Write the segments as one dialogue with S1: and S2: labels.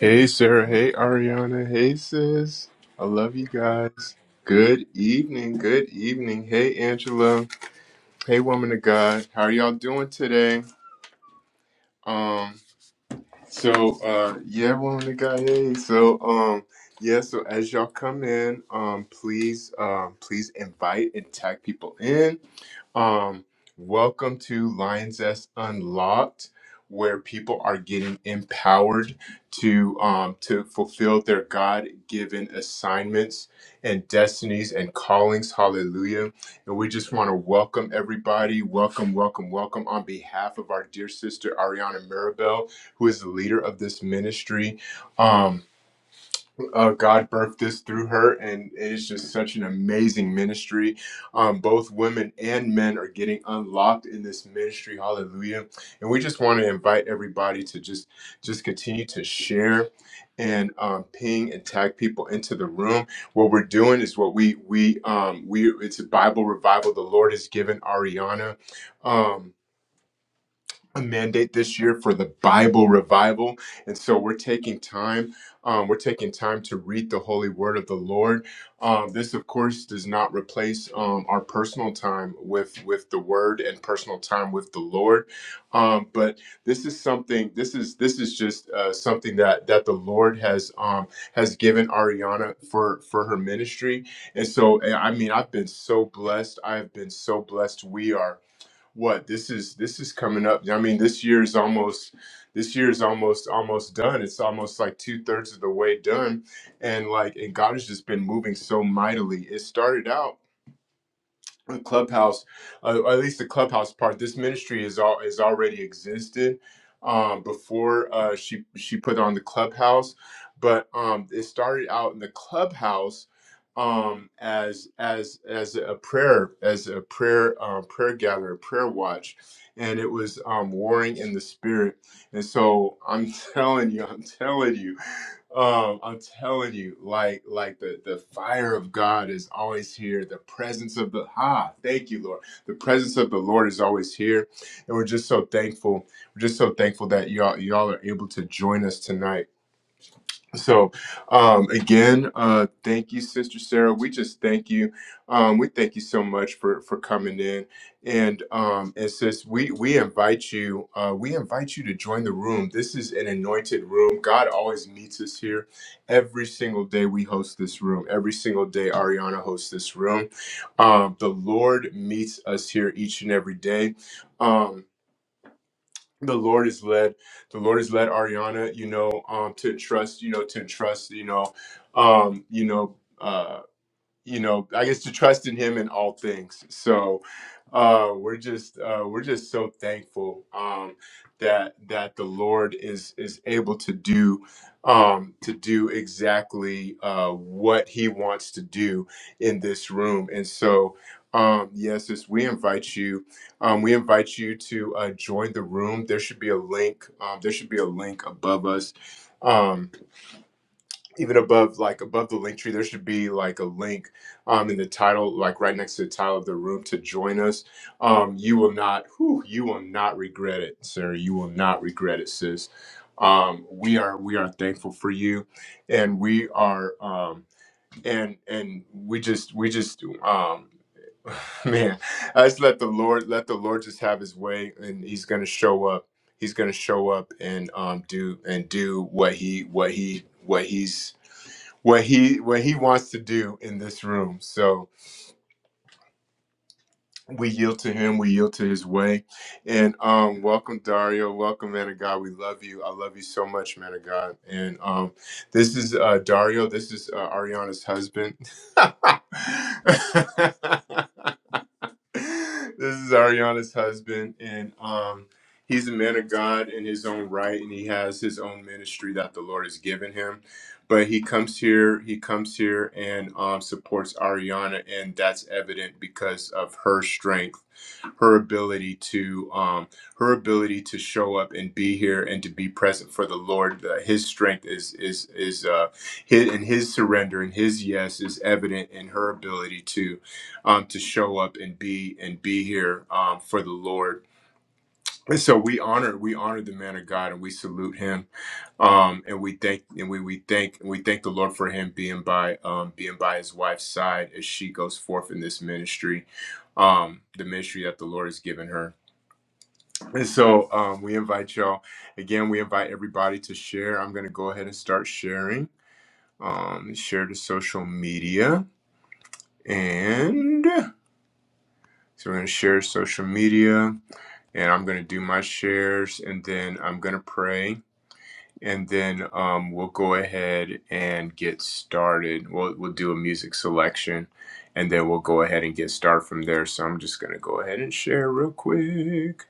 S1: Hey Sarah, hey Ariana, hey sis. I love you guys. Good evening, good evening. Hey Angela, hey woman of God. How are y'all doing today? Um, so uh yeah, woman of God. Hey. So um yeah, so as y'all come in, um please um please invite and tag people in. Um welcome to Lions S Unlocked where people are getting empowered to um to fulfill their God-given assignments and destinies and callings. Hallelujah. And we just want to welcome everybody. Welcome, welcome, welcome on behalf of our dear sister Ariana Mirabel who is the leader of this ministry. Um, uh, God birthed this through her, and it is just such an amazing ministry. Um, both women and men are getting unlocked in this ministry. Hallelujah! And we just want to invite everybody to just just continue to share and um, ping and tag people into the room. What we're doing is what we we um, we it's a Bible revival. The Lord has given Ariana. Um, a mandate this year for the Bible revival, and so we're taking time. Um, we're taking time to read the Holy Word of the Lord. Um, this, of course, does not replace um, our personal time with with the Word and personal time with the Lord. Um, but this is something. This is this is just uh, something that that the Lord has um, has given Ariana for for her ministry. And so, I I mean, I've been so blessed. I've been so blessed. We are what this is this is coming up i mean this year's almost this year's almost almost done it's almost like two-thirds of the way done and like and god has just been moving so mightily it started out the clubhouse uh, or at least the clubhouse part this ministry is all is already existed um before uh she she put on the clubhouse but um it started out in the clubhouse um as as as a prayer as a prayer um prayer gatherer prayer watch and it was um warring in the spirit and so i'm telling you i'm telling you um, I'm telling you, like like the the fire of God is always here. The presence of the ah, thank you, Lord. The presence of the Lord is always here, and we're just so thankful. We're just so thankful that y'all y'all are able to join us tonight so, um, again, uh, thank you, Sister Sarah. We just thank you. Um, we thank you so much for for coming in, and um, and sis, we we invite you. Uh, we invite you to join the room. This is an anointed room. God always meets us here every single day. We host this room every single day. Ariana hosts this room. Um, the Lord meets us here each and every day. Um, the Lord has led the Lord has led Ariana, you know, um, to trust, you know, to trust, you know, um, you know, uh, you know i guess to trust in him in all things so uh we're just uh we're just so thankful um that that the lord is is able to do um to do exactly uh what he wants to do in this room and so um yes as we invite you um we invite you to uh join the room there should be a link um there should be a link above us um even above like above the link tree there should be like a link um in the title like right next to the title of the room to join us um you will not whew, you will not regret it sir you will not regret it sis um we are we are thankful for you and we are um and and we just we just um man i just let the lord let the lord just have his way and he's gonna show up he's gonna show up and um do and do what he what he what he's what he what he wants to do in this room. So we yield to him, we yield to his way. And um welcome Dario, welcome man of God. We love you. I love you so much, man of God. And um this is uh Dario, this is uh, Ariana's husband. this is Ariana's husband, and um, he's a man of God in his own right, and he has his own ministry that the Lord has given him. But he comes here, he comes here and um, supports Ariana, and that's evident because of her strength, her ability to, um, her ability to show up and be here and to be present for the Lord. Uh, his strength is is is uh, his, and his surrender and his yes is evident in her ability to um, to show up and be and be here um, for the Lord. And so we honor we honor the man of God and we salute him um, and we thank and we we thank and we thank the Lord for him being by um, being by his wife's side as she goes forth in this ministry. Um, the ministry that the Lord has given her. And so um, we invite y'all, again, we invite everybody to share. I'm going to go ahead and start sharing. Um, share to social media. And so we're going to share social media. and I'm going to do my shares and then I'm going to pray and then um, we'll go ahead and get started. We'll, we'll do a music selection and then we'll go ahead and get started from there. So I'm just going to go ahead and share real quick.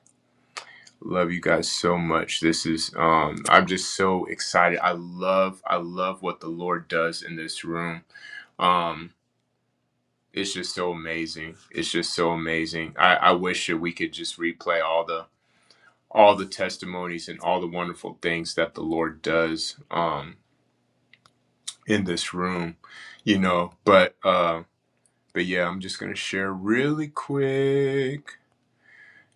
S1: Love you guys so much. This is um I'm just so excited. I love I love what the Lord does in this room. Um it's just so amazing. It's just so amazing. I, I wish that we could just replay all the all the testimonies and all the wonderful things that the Lord does um, in this room, you know. But uh, but yeah, I'm just gonna share really quick,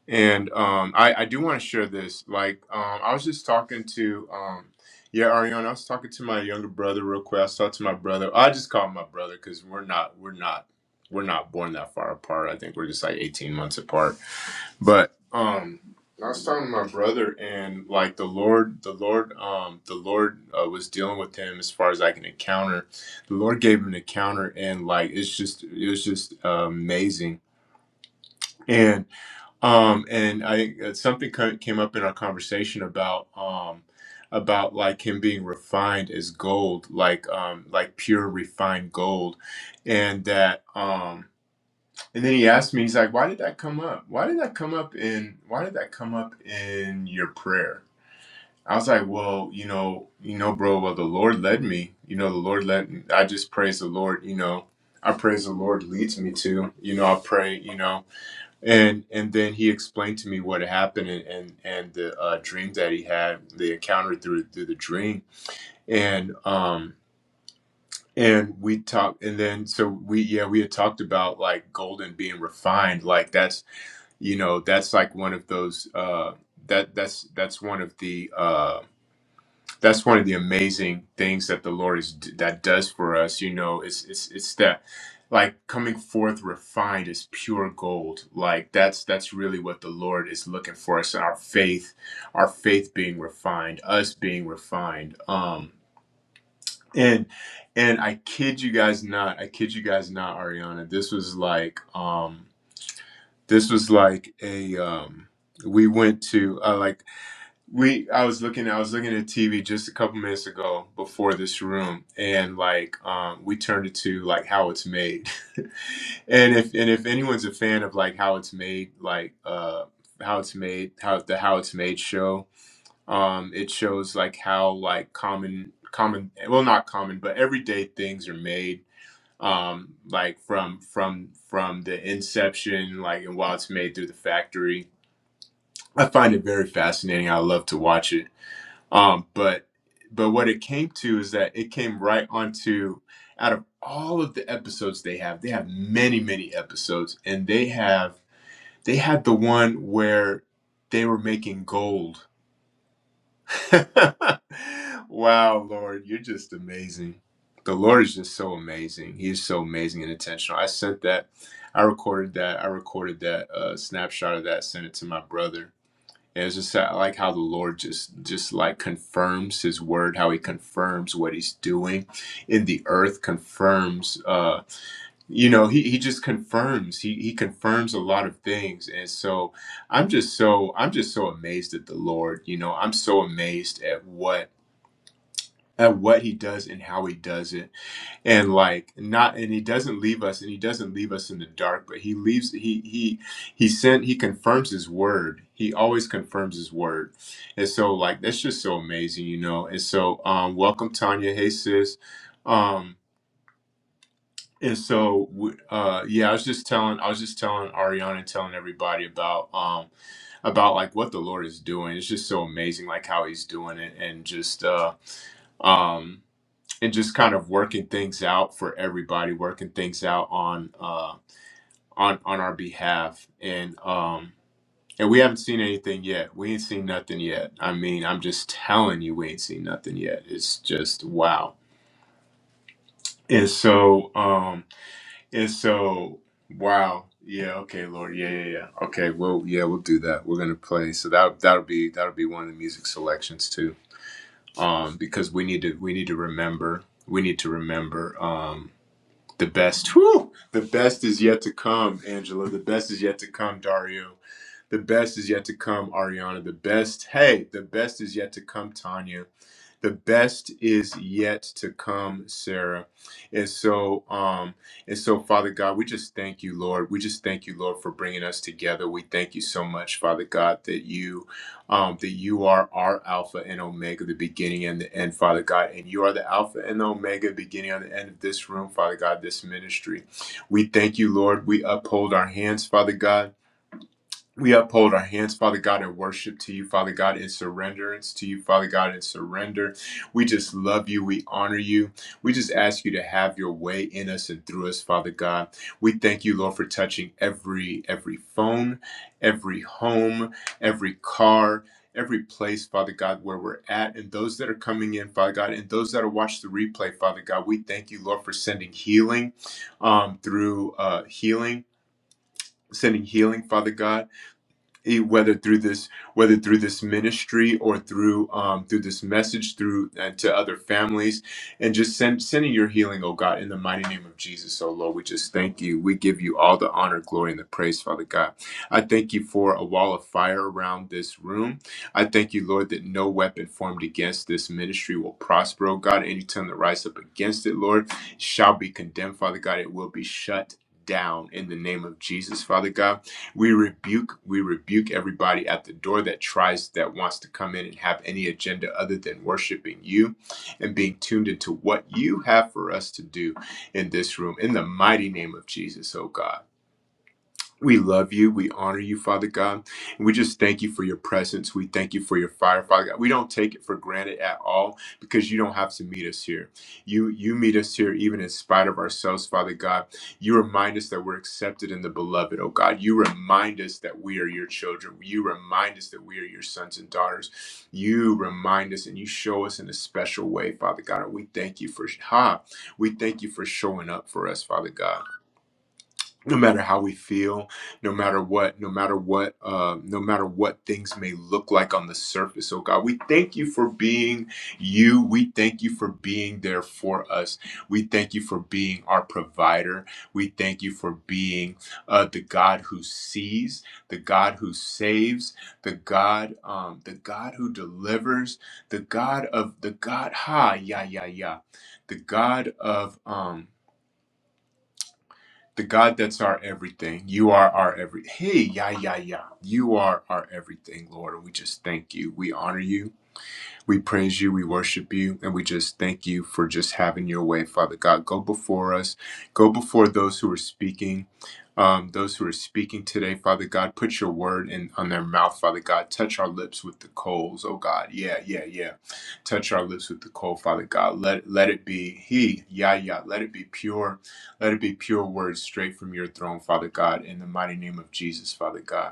S1: and um, I I do want to share this. Like um, I was just talking to um, yeah, Ariana. I was talking to my younger brother real quick. I was talking to my brother. I just call him my brother because we're not we're not we're not born that far apart. I think we're just like 18 months apart but um, I was talking to my brother, and like the Lord, the Lord, um, the Lord uh, was dealing with him as far as like an encounter. The Lord gave him an encounter, and like it's just, it was just uh, amazing. And um, and I think that something co- came up in our conversation about um, about like him being refined as gold, like um, like pure refined gold, and that um. And then he asked me, he's like, why did that come up? Why did that come up in why did that come up in your prayer? I was like, well, you know, you know, bro, well the Lord led me. You know, the Lord led I just praise the Lord, you know. I praise the Lord leads me to, you know, I pray, you know. And and then he explained to me what happened and and, and the uh, dream that he had, the encounter through through the dream. And um and we talked and then so we yeah, we had talked about like golden being refined, like that's you know that's like one of those uh that that's that's one of the uh that's one of the amazing things that the lord is that does for us you know it's it's it's that like coming forth refined as pure gold like that's that's really what the lord is looking for us our faith our faith being refined us being refined um and and i kid you guys not i kid you guys not ariana this was like um this was like a um we went to uh, like we i was looking i was looking at tv just a couple minutes ago before this room and like um we turned it to like how it's made and if and if anyone's a fan of like how it's made like uh how it's made how the how it's made show um it shows like how like common common well not common but everyday things are made um like from from from the inception like and while it's made through the factory i find it very fascinating i love to watch it um but but what it came to is that it came right onto out of all of the episodes they have they have many many episodes and they have they had the one where they were making gold wow, Lord, you're just amazing. The Lord is just so amazing. He is so amazing and intentional. I sent that. I recorded that. I recorded that uh, snapshot of that. Sent it to my brother. And it's just I like how the Lord just just like confirms His word, how He confirms what He's doing in the earth, confirms. uh, you know he, he just confirms he he confirms a lot of things and so i'm just so i'm just so amazed at the lord you know i'm so amazed at what at what he does and how he does it and like not and he doesn't leave us and he doesn't leave us in the dark but he leaves he he he sent he confirms his word he always confirms his word and so like that's just so amazing you know and so um welcome tanya hey sis Um, and so, w- uh, yeah, I was just telling, I was just telling Ariana, telling everybody about, um, about like what the Lord is doing. It's just so amazing, like how He's doing it, and just, uh, um, and just kind of working things out for everybody, working things out on, uh, on, on our behalf. And, um, and we haven't seen anything yet. We ain't seen nothing yet. I mean, I'm just telling you, we ain't seen nothing yet. It's just wow. And so, um, And so, wow, yeah, okay, Lord, yeah, yeah, yeah. Okay, well, yeah, we'll do that. We're gonna play. So that that'll be that'll be one of the music selections too, um, because we need to we need to remember we need to remember um the best. Whew, the best is yet to come, Angela. The best is yet to come, Dario. The best is yet to come, Ariana. The best, hey, the best is yet to come, Tanya. The best is yet to come, Sarah. And so, um, and so, Father God, we just thank you, Lord. We just thank you, Lord, for bringing us together. We thank you so much, Father God, that you, um, that you are our Alpha and Omega, the beginning and the end, Father God, and you are the Alpha and the Omega, beginning and the end of this room, Father God, this ministry. We thank you, Lord. We uphold our hands, Father God. We uphold our hands, Father God, in worship to you, Father God, in surrenderance to you, Father God, in surrender. We just love you. We honor you. We just ask you to have your way in us and through us, Father God. We thank you, Lord, for touching every every phone, every home, every car. Every place, Father God, where we're at, and those that are coming in, Father God, and those that are watching the replay, Father God, we thank you, Lord, for sending healing um, through uh, healing, sending healing, Father God he, whether through this whether through this ministry or through um, through this message through uh, to other families and just send sending your healing oh god in the mighty name of jesus oh lord we just thank you we give you all the honor glory and the praise father god i thank you for a wall of fire around this room i thank you lord that no weapon formed against this ministry will prosper oh god any tongue that rise up against it lord shall be condemned father god it will be shut down in the name of jesus father god we rebuke, we rebuke everybody at the door that tries, that wants to come in and have any agenda other than worshiping you and being tuned into what you have for us to do in this room. In the mighty name of Jesus, oh God. We love you. We honor you, Father God. And we just thank you for your presence. We thank you for your fire, Father God. We don't take it for granted at all because you don't have to meet us here. You you meet us here even in spite of ourselves, Father God. You remind us that we're accepted in the beloved, oh God. You remind us that we are your children. You remind us that we are your sons and daughters. You remind us and you show us in a special way, Father God. And we thank you for ha. We thank you for showing up for us, Father God no matter how we feel no matter what no matter what uh, no matter what things may look like on the surface oh god we thank you for being you we thank you for being there for us we thank you for being our provider we thank you for being uh, the god who sees the god who saves the god um, the god who delivers the god of the god ha yeah yeah yeah the god of um the God that's our everything. You are our every. Hey, yeah, yeah, yeah. You are our everything, Lord. And we just thank you. We honor you. We praise you, we worship you, and we just thank you for just having your way, Father God. Go before us, go before those who are speaking. Um, those who are speaking today, Father God, put your word in on their mouth, Father God. Touch our lips with the coals, oh God. Yeah, yeah, yeah. Touch our lips with the coal, Father God. Let let it be He, yeah, yeah. Let it be pure. Let it be pure words straight from your throne, Father God. In the mighty name of Jesus, Father God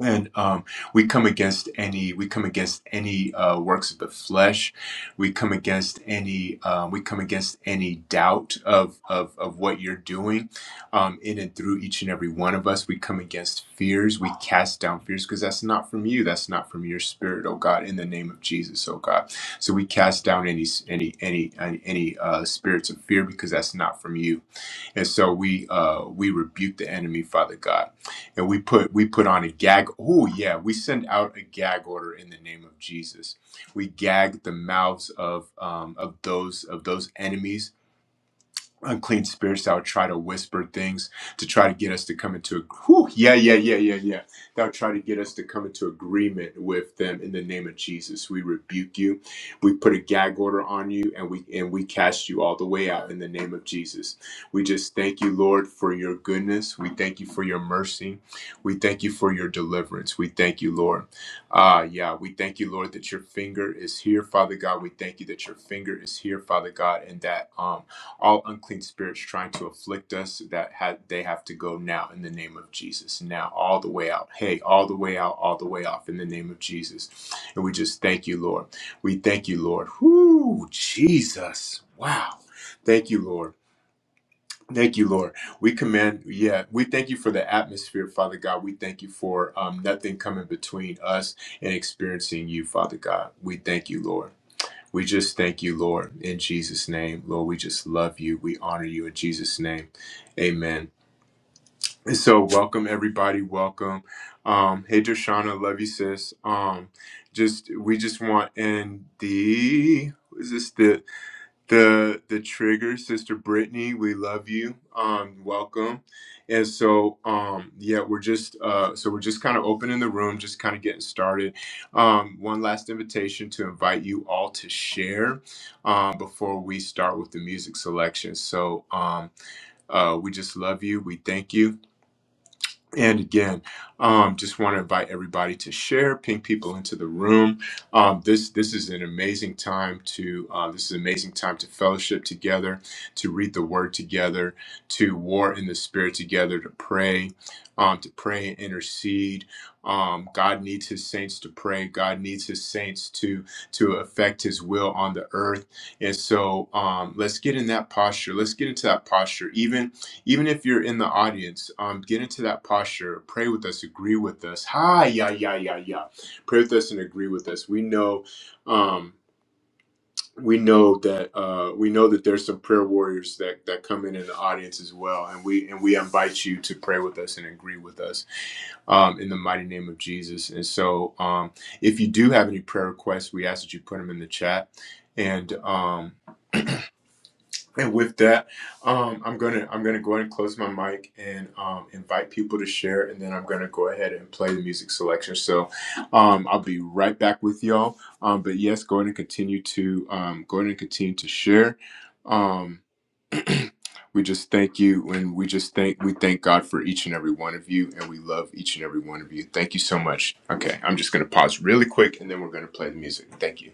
S1: and um, we come against any we come against any uh, works of the flesh we come against any uh, we come against any doubt of of, of what you're doing um, in and through each and every one of us we come against fears we cast down fears because that's not from you that's not from your spirit oh god in the name of jesus oh god so we cast down any any any any uh, spirits of fear because that's not from you and so we uh, we rebuke the enemy, Father God, and we put we put on a gag. Oh yeah, we send out a gag order in the name of Jesus. We gag the mouths of um, of those of those enemies unclean spirits that would try to whisper things to try to get us to come into a whew, yeah yeah yeah yeah yeah that would try to get us to come into agreement with them in the name of jesus we rebuke you we put a gag order on you and we and we cast you all the way out in the name of jesus we just thank you lord for your goodness we thank you for your mercy we thank you for your deliverance we thank you lord ah yeah we thank you lord that your finger is here father god we thank you that your finger is here father god and that um all unclean spirits trying to afflict us that had they have to go now in the name of Jesus now all the way out hey all the way out all the way off in the name of Jesus and we just thank you Lord we thank you Lord whoo Jesus wow thank you Lord Thank you, Lord. We command, yeah, we thank you for the atmosphere, Father God. We thank you for um, nothing coming between us and experiencing you, Father God. We thank you, Lord. We just thank you, Lord, in Jesus' name. Lord, we just love you. We honor you in Jesus' name. Amen. And so, welcome, everybody. Welcome. Um, hey, Dershana, love you, sis. Um, just we just want in the what is this? the the trigger sister brittany we love you um welcome and so um yeah we're just uh so we're just kind of opening the room just kind of getting started um one last invitation to invite you all to share um before we start with the music selection so um uh we just love you we thank you and again, um, just want to invite everybody to share, ping people into the room. Um, this this is an amazing time to uh, this is an amazing time to fellowship together, to read the Word together, to war in the Spirit together, to pray, um, to pray and intercede. Um, God needs His saints to pray. God needs His saints to to affect His will on the earth. And so um, let's get in that posture. Let's get into that posture, even even if you're in the audience, um, get into that posture. Pray with us. Agree with us. Hi, yeah, yeah, yeah, yeah. Pray with us and agree with us. We know, um, we know that uh, we know that there's some prayer warriors that that come in in the audience as well, and we and we invite you to pray with us and agree with us um, in the mighty name of Jesus. And so, um, if you do have any prayer requests, we ask that you put them in the chat, and. Um, and with that, um, I'm gonna I'm gonna go ahead and close my mic and um, invite people to share, and then I'm gonna go ahead and play the music selection. So um, I'll be right back with y'all. Um, but yes, go ahead and continue to um, go ahead and continue to share. Um, we just thank you, and we just thank we thank God for each and every one of you, and we love each and every one of you. Thank you so much. Okay, I'm just gonna pause really quick, and then we're gonna play the music. Thank you.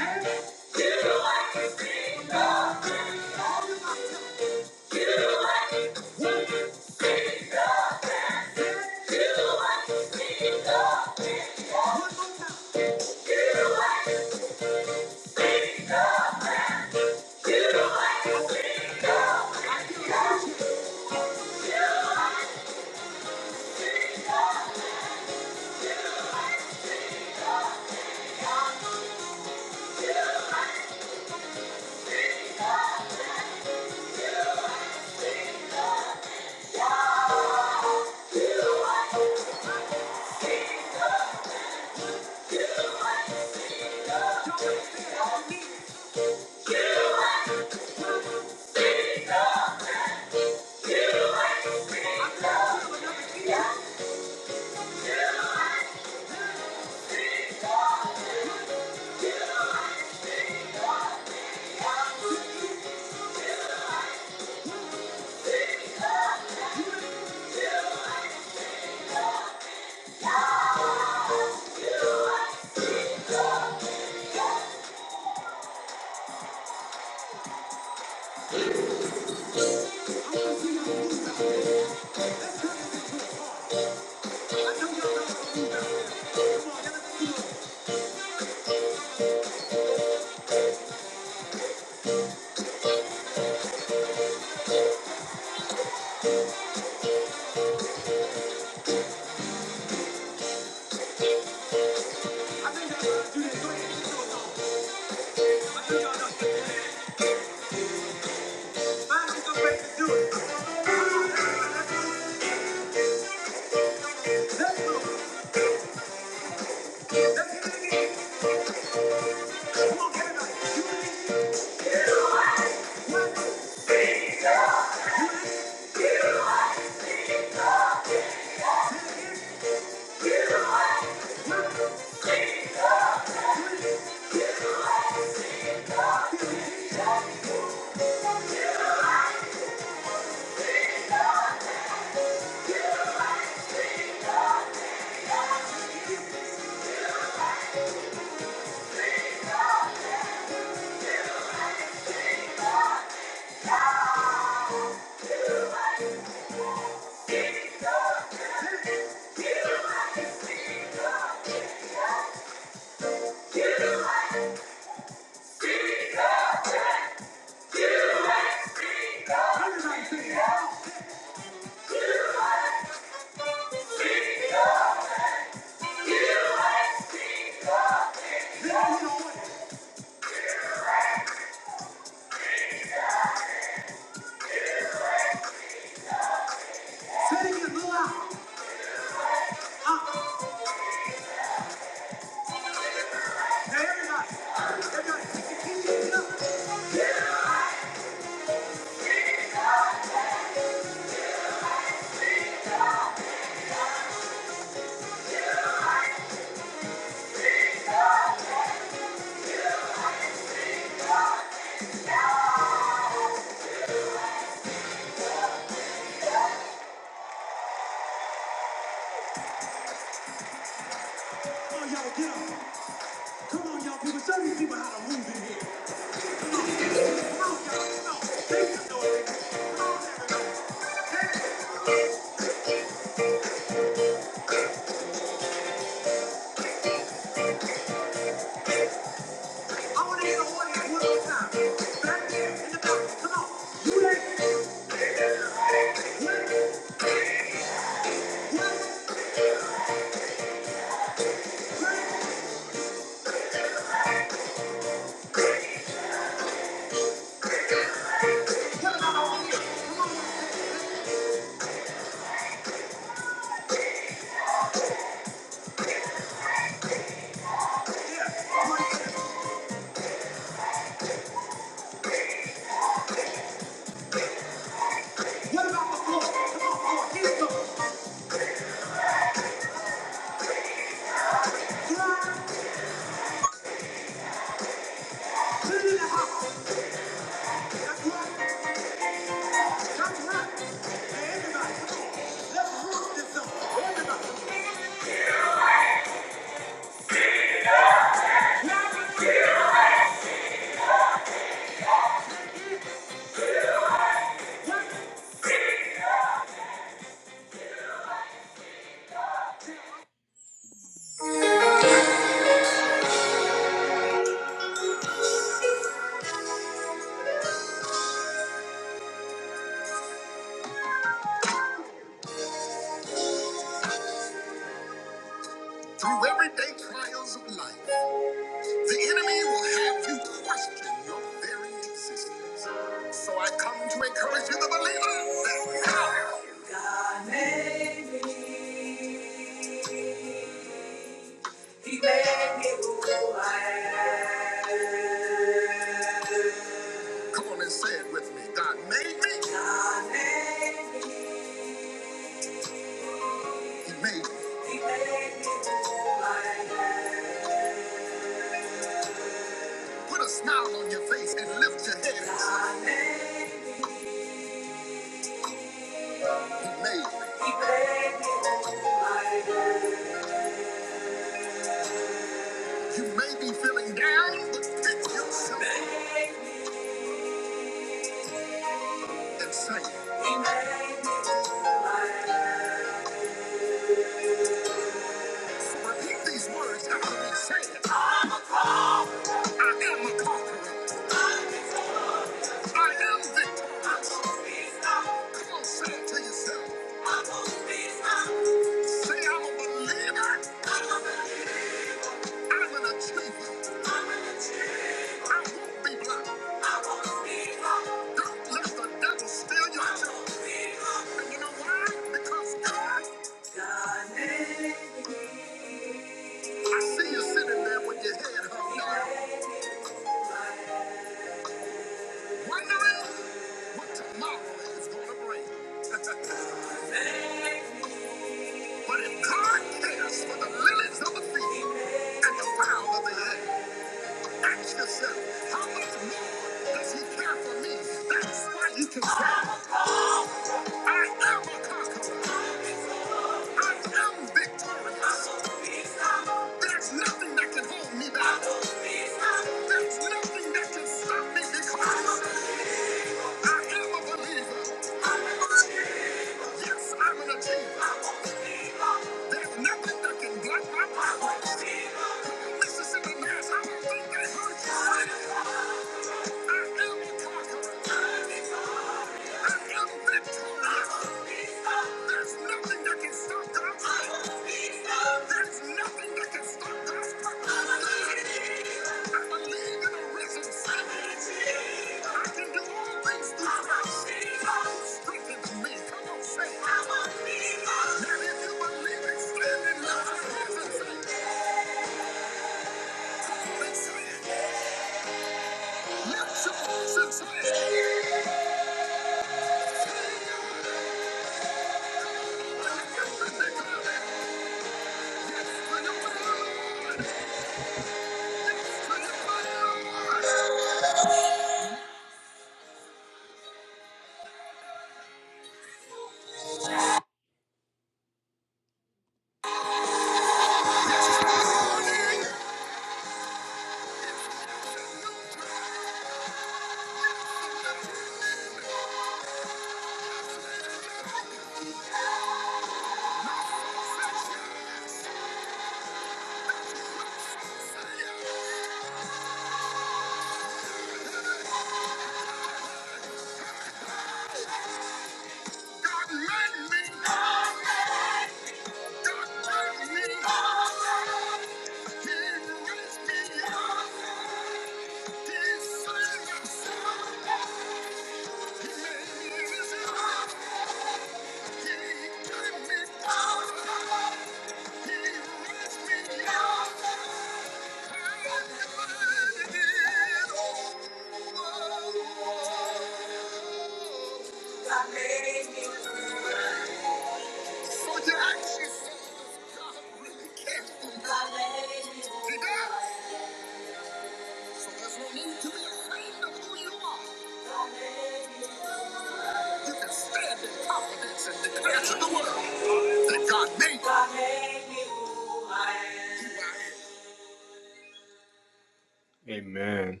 S1: Amen.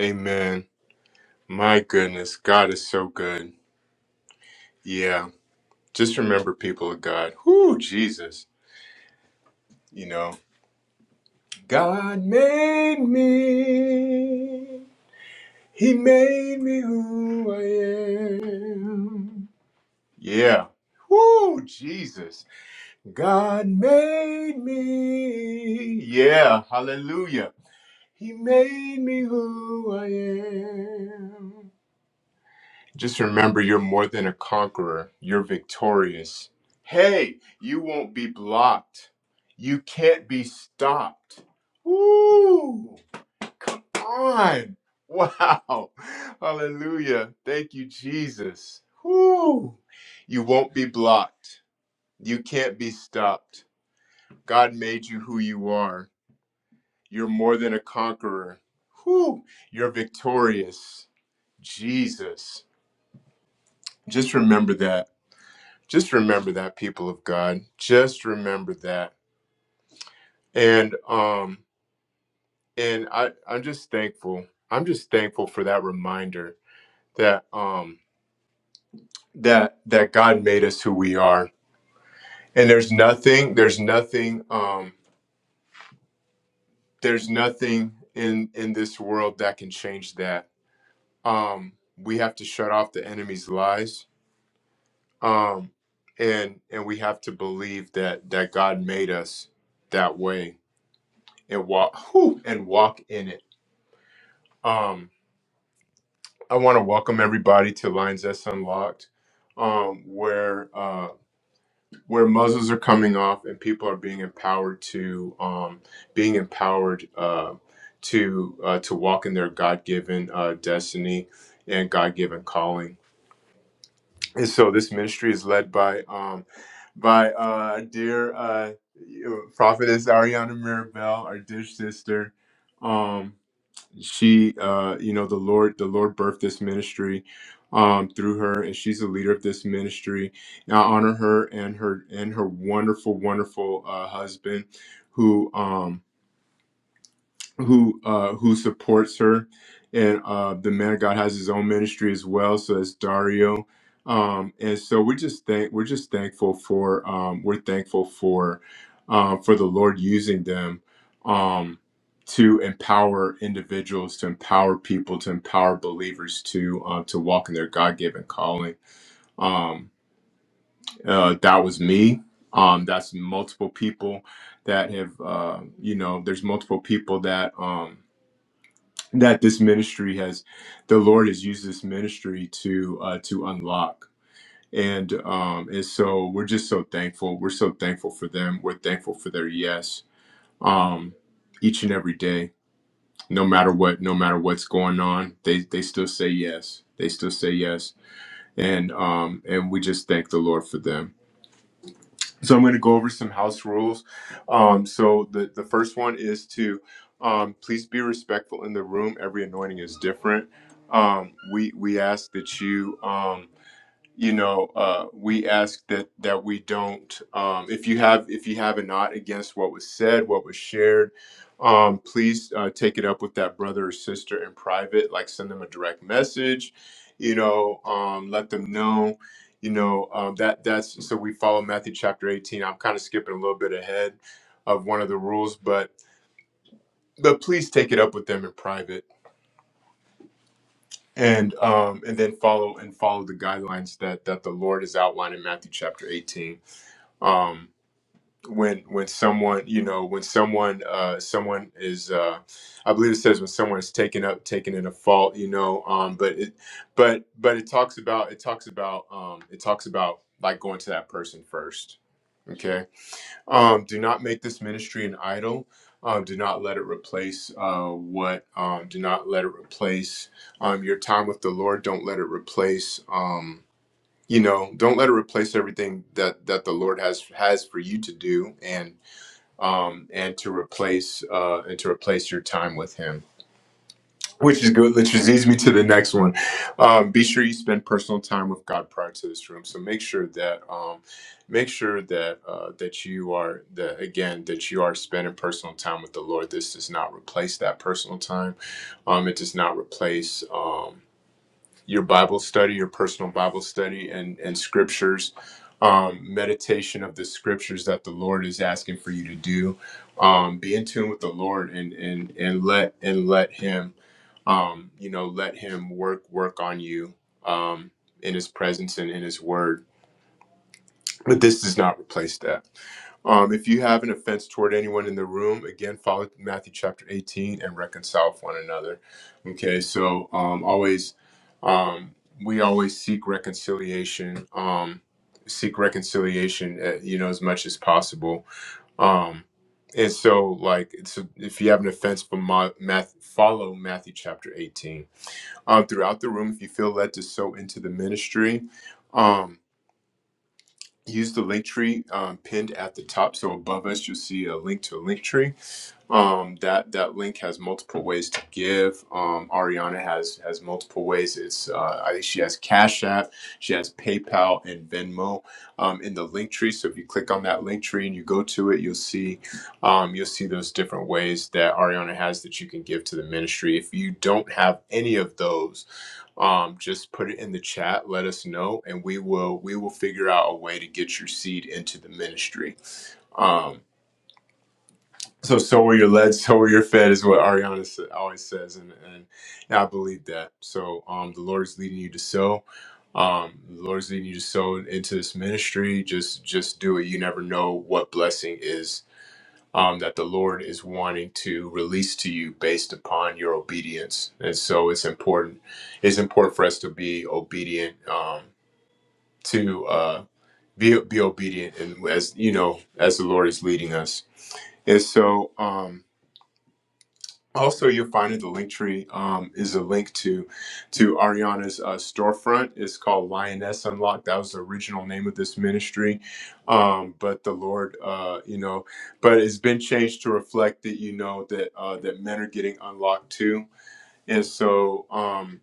S1: Amen. My goodness, God is so good. Yeah. Just remember, people of God. Whoo, Jesus. You know, God made me. He made me who I am. Yeah. Whoo, Jesus. God made me. Yeah. Hallelujah. He made me who I am. Just remember you're more than a conqueror, you're victorious. Hey, you won't be blocked. You can't be stopped. Woo! On! Wow! Hallelujah. Thank you, Jesus. Woo! You won't be blocked. You can't be stopped. God made you who you are. You're more than a conqueror. Woo! You're victorious. Jesus. Just remember that. just remember that people of god just remember that and um and i i'm just thankful i'm just thankful for that reminder that um that that god made us who we are and there's nothing there's nothing um there's nothing in in this world that can change that um we have to shut off the enemy's lies um and and we have to believe that that god made us that way and walk whew, and walk in it Um, I want to welcome everybody to Lines That's Unlocked, um, where uh, where muzzles are coming off and people are being empowered to um, being empowered uh, to uh, to walk in their God given uh, destiny and God given calling. And so this ministry is led by um, by uh, dear uh, you know, prophetess Ariana Mirabel, our dear sister. Um, she uh you know the lord the lord birthed this ministry um through her and she's the leader of this ministry and i honor her and her and her wonderful wonderful uh husband who um who uh, who supports her, and uh, the man of God has his own ministry as well. So that's Dario, um, and so we're just thank we're just thankful for um, we're thankful for uh, for the Lord using them um, to empower individuals, to empower people, to empower believers to uh, to walk in their God given calling. Um, uh, that was me. Um, that's multiple people that have uh, you know. There's multiple people that. Um, that this ministry has the lord has used this ministry to uh to unlock and um and so we're just so thankful we're so thankful for them we're thankful for their yes um each and every day no matter what no matter what's going on they they still say yes they still say yes and um and we just thank the lord for them so I'm going to go over some house rules. Um, so the, the first one is to um, please be respectful in the room. Every anointing is different. Um, we we ask that you. Um, you know uh we ask that that we don't um if you have if you have a not against what was said what was shared um please uh, take it up with that brother or sister in private like send them a direct message you know um let them know you know um that that's so we follow matthew chapter 18 i'm kind of skipping a little bit ahead of one of the rules but but please take it up with them in private and um and then follow and follow the guidelines that that the lord has outlined in matthew chapter 18 um when when someone you know when someone uh someone is uh i believe it says when someone is taken up taken in a fault you know um but it but but it talks about it talks about um it talks about like going to that person first okay um do not make this ministry an idol um do not let it replace uh what um do not let it replace um your time with the lord don't let it replace um you know don't let it replace everything that that the lord has has for you to do and um and to replace uh and to replace your time with him which is good which leads me to the next one um be sure you spend personal time with god prior to this room so make sure that um make sure that uh that you are that again that you are spending personal time with the lord this does not replace that personal time um it does not replace um your Bible study, your personal Bible study, and and scriptures, um, meditation of the scriptures that the Lord is asking for you to do. Um, be in tune with the Lord and and and let and let Him, um, you know, let Him work work on you um, in His presence and in His Word. But this does not replace that. Um, if you have an offense toward anyone in the room, again, follow Matthew chapter 18 and reconcile with one another. Okay, so um, always, um, we always seek reconciliation, um, seek reconciliation, uh, you know, as much as possible. Um, and so, like, it's a, if you have an offense, for Ma- Math, follow Matthew chapter 18. Um, throughout the room, if you feel led to sow into the ministry, um, use the link tree um, pinned at the top. So above us, you'll see a link to a link tree. Um, that that link has multiple ways to give. Um, Ariana has has multiple ways. It's uh, I think she has Cash App, she has PayPal and Venmo um, in the link tree. So if you click on that link tree and you go to it, you'll see um, you'll see those different ways that Ariana has that you can give to the ministry. If you don't have any of those um, just put it in the chat let us know and we will we will figure out a way to get your seed into the ministry um, so so were your led so were your fed is what ariana sa- always says and, and yeah, i believe that so um, the lord is leading you to sow um, the lord is leading you to sow into this ministry just just do it you never know what blessing is um, that the Lord is wanting to release to you based upon your obedience. And so it's important. It's important for us to be obedient, um, to uh, be be obedient, and as you know, as the Lord is leading us. And so. Um, also, you'll find in the link tree um, is a link to to Ariana's uh, storefront. It's called Lioness Unlocked. That was the original name of this ministry, um, but the Lord, uh, you know, but it's been changed to reflect that you know that uh, that men are getting unlocked too. And so, um,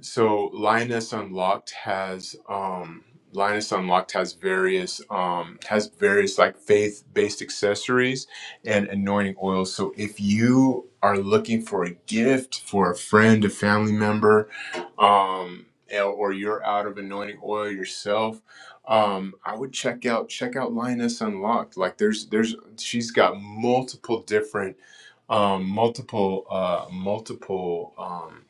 S1: so Linus Unlocked has um Linus Unlocked has various um has various like faith based accessories and anointing oils. So if you are looking for a gift for a friend, a family member, um and- or you're out of anointing oil yourself, um I would check out check out Linus Unlocked. Like there's there's she's got multiple different um multiple uh multiple Um,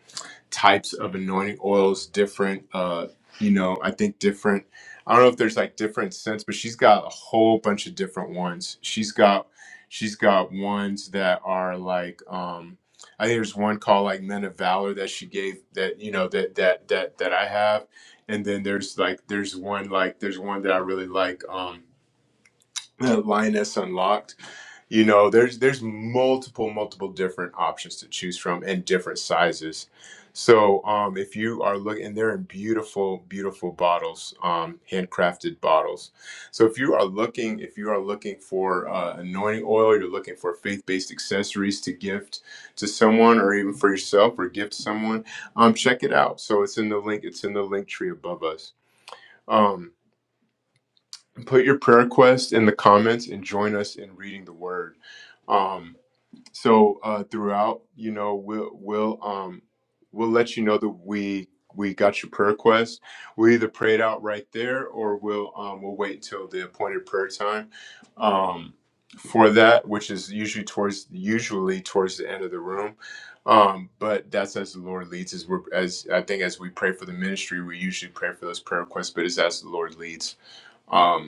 S1: types of anointing oils, different, uh, you know, I think different. I don't know if there's like different scents, but she's got a whole bunch of different ones. She's got she's got ones that are like um I think there's one called like Men of Valor that she gave that you know that that that that I have. And then there's like there's one like there's one that I really like um Lioness Unlocked you know, there's there's multiple multiple different options to choose from and different sizes. So um, if you are looking, and they're in beautiful beautiful bottles, um, handcrafted bottles. So if you are looking, if you are looking for uh, anointing oil, you're looking for faith based accessories to gift to someone, or even for yourself, or gift someone. Um, check it out. So it's in the link. It's in the link tree above us. Um, put your prayer request in the comments and join us in reading the word. Um, so uh throughout you know we'll we'll um we'll let you know that we we got your prayer request we either pray it out right there or we'll um we'll wait until the appointed prayer time um for that which is usually towards usually towards the end of the room um but that's as the lord leads as we're as i think as we pray for the ministry we usually pray for those prayer requests but it's as the lord leads Um,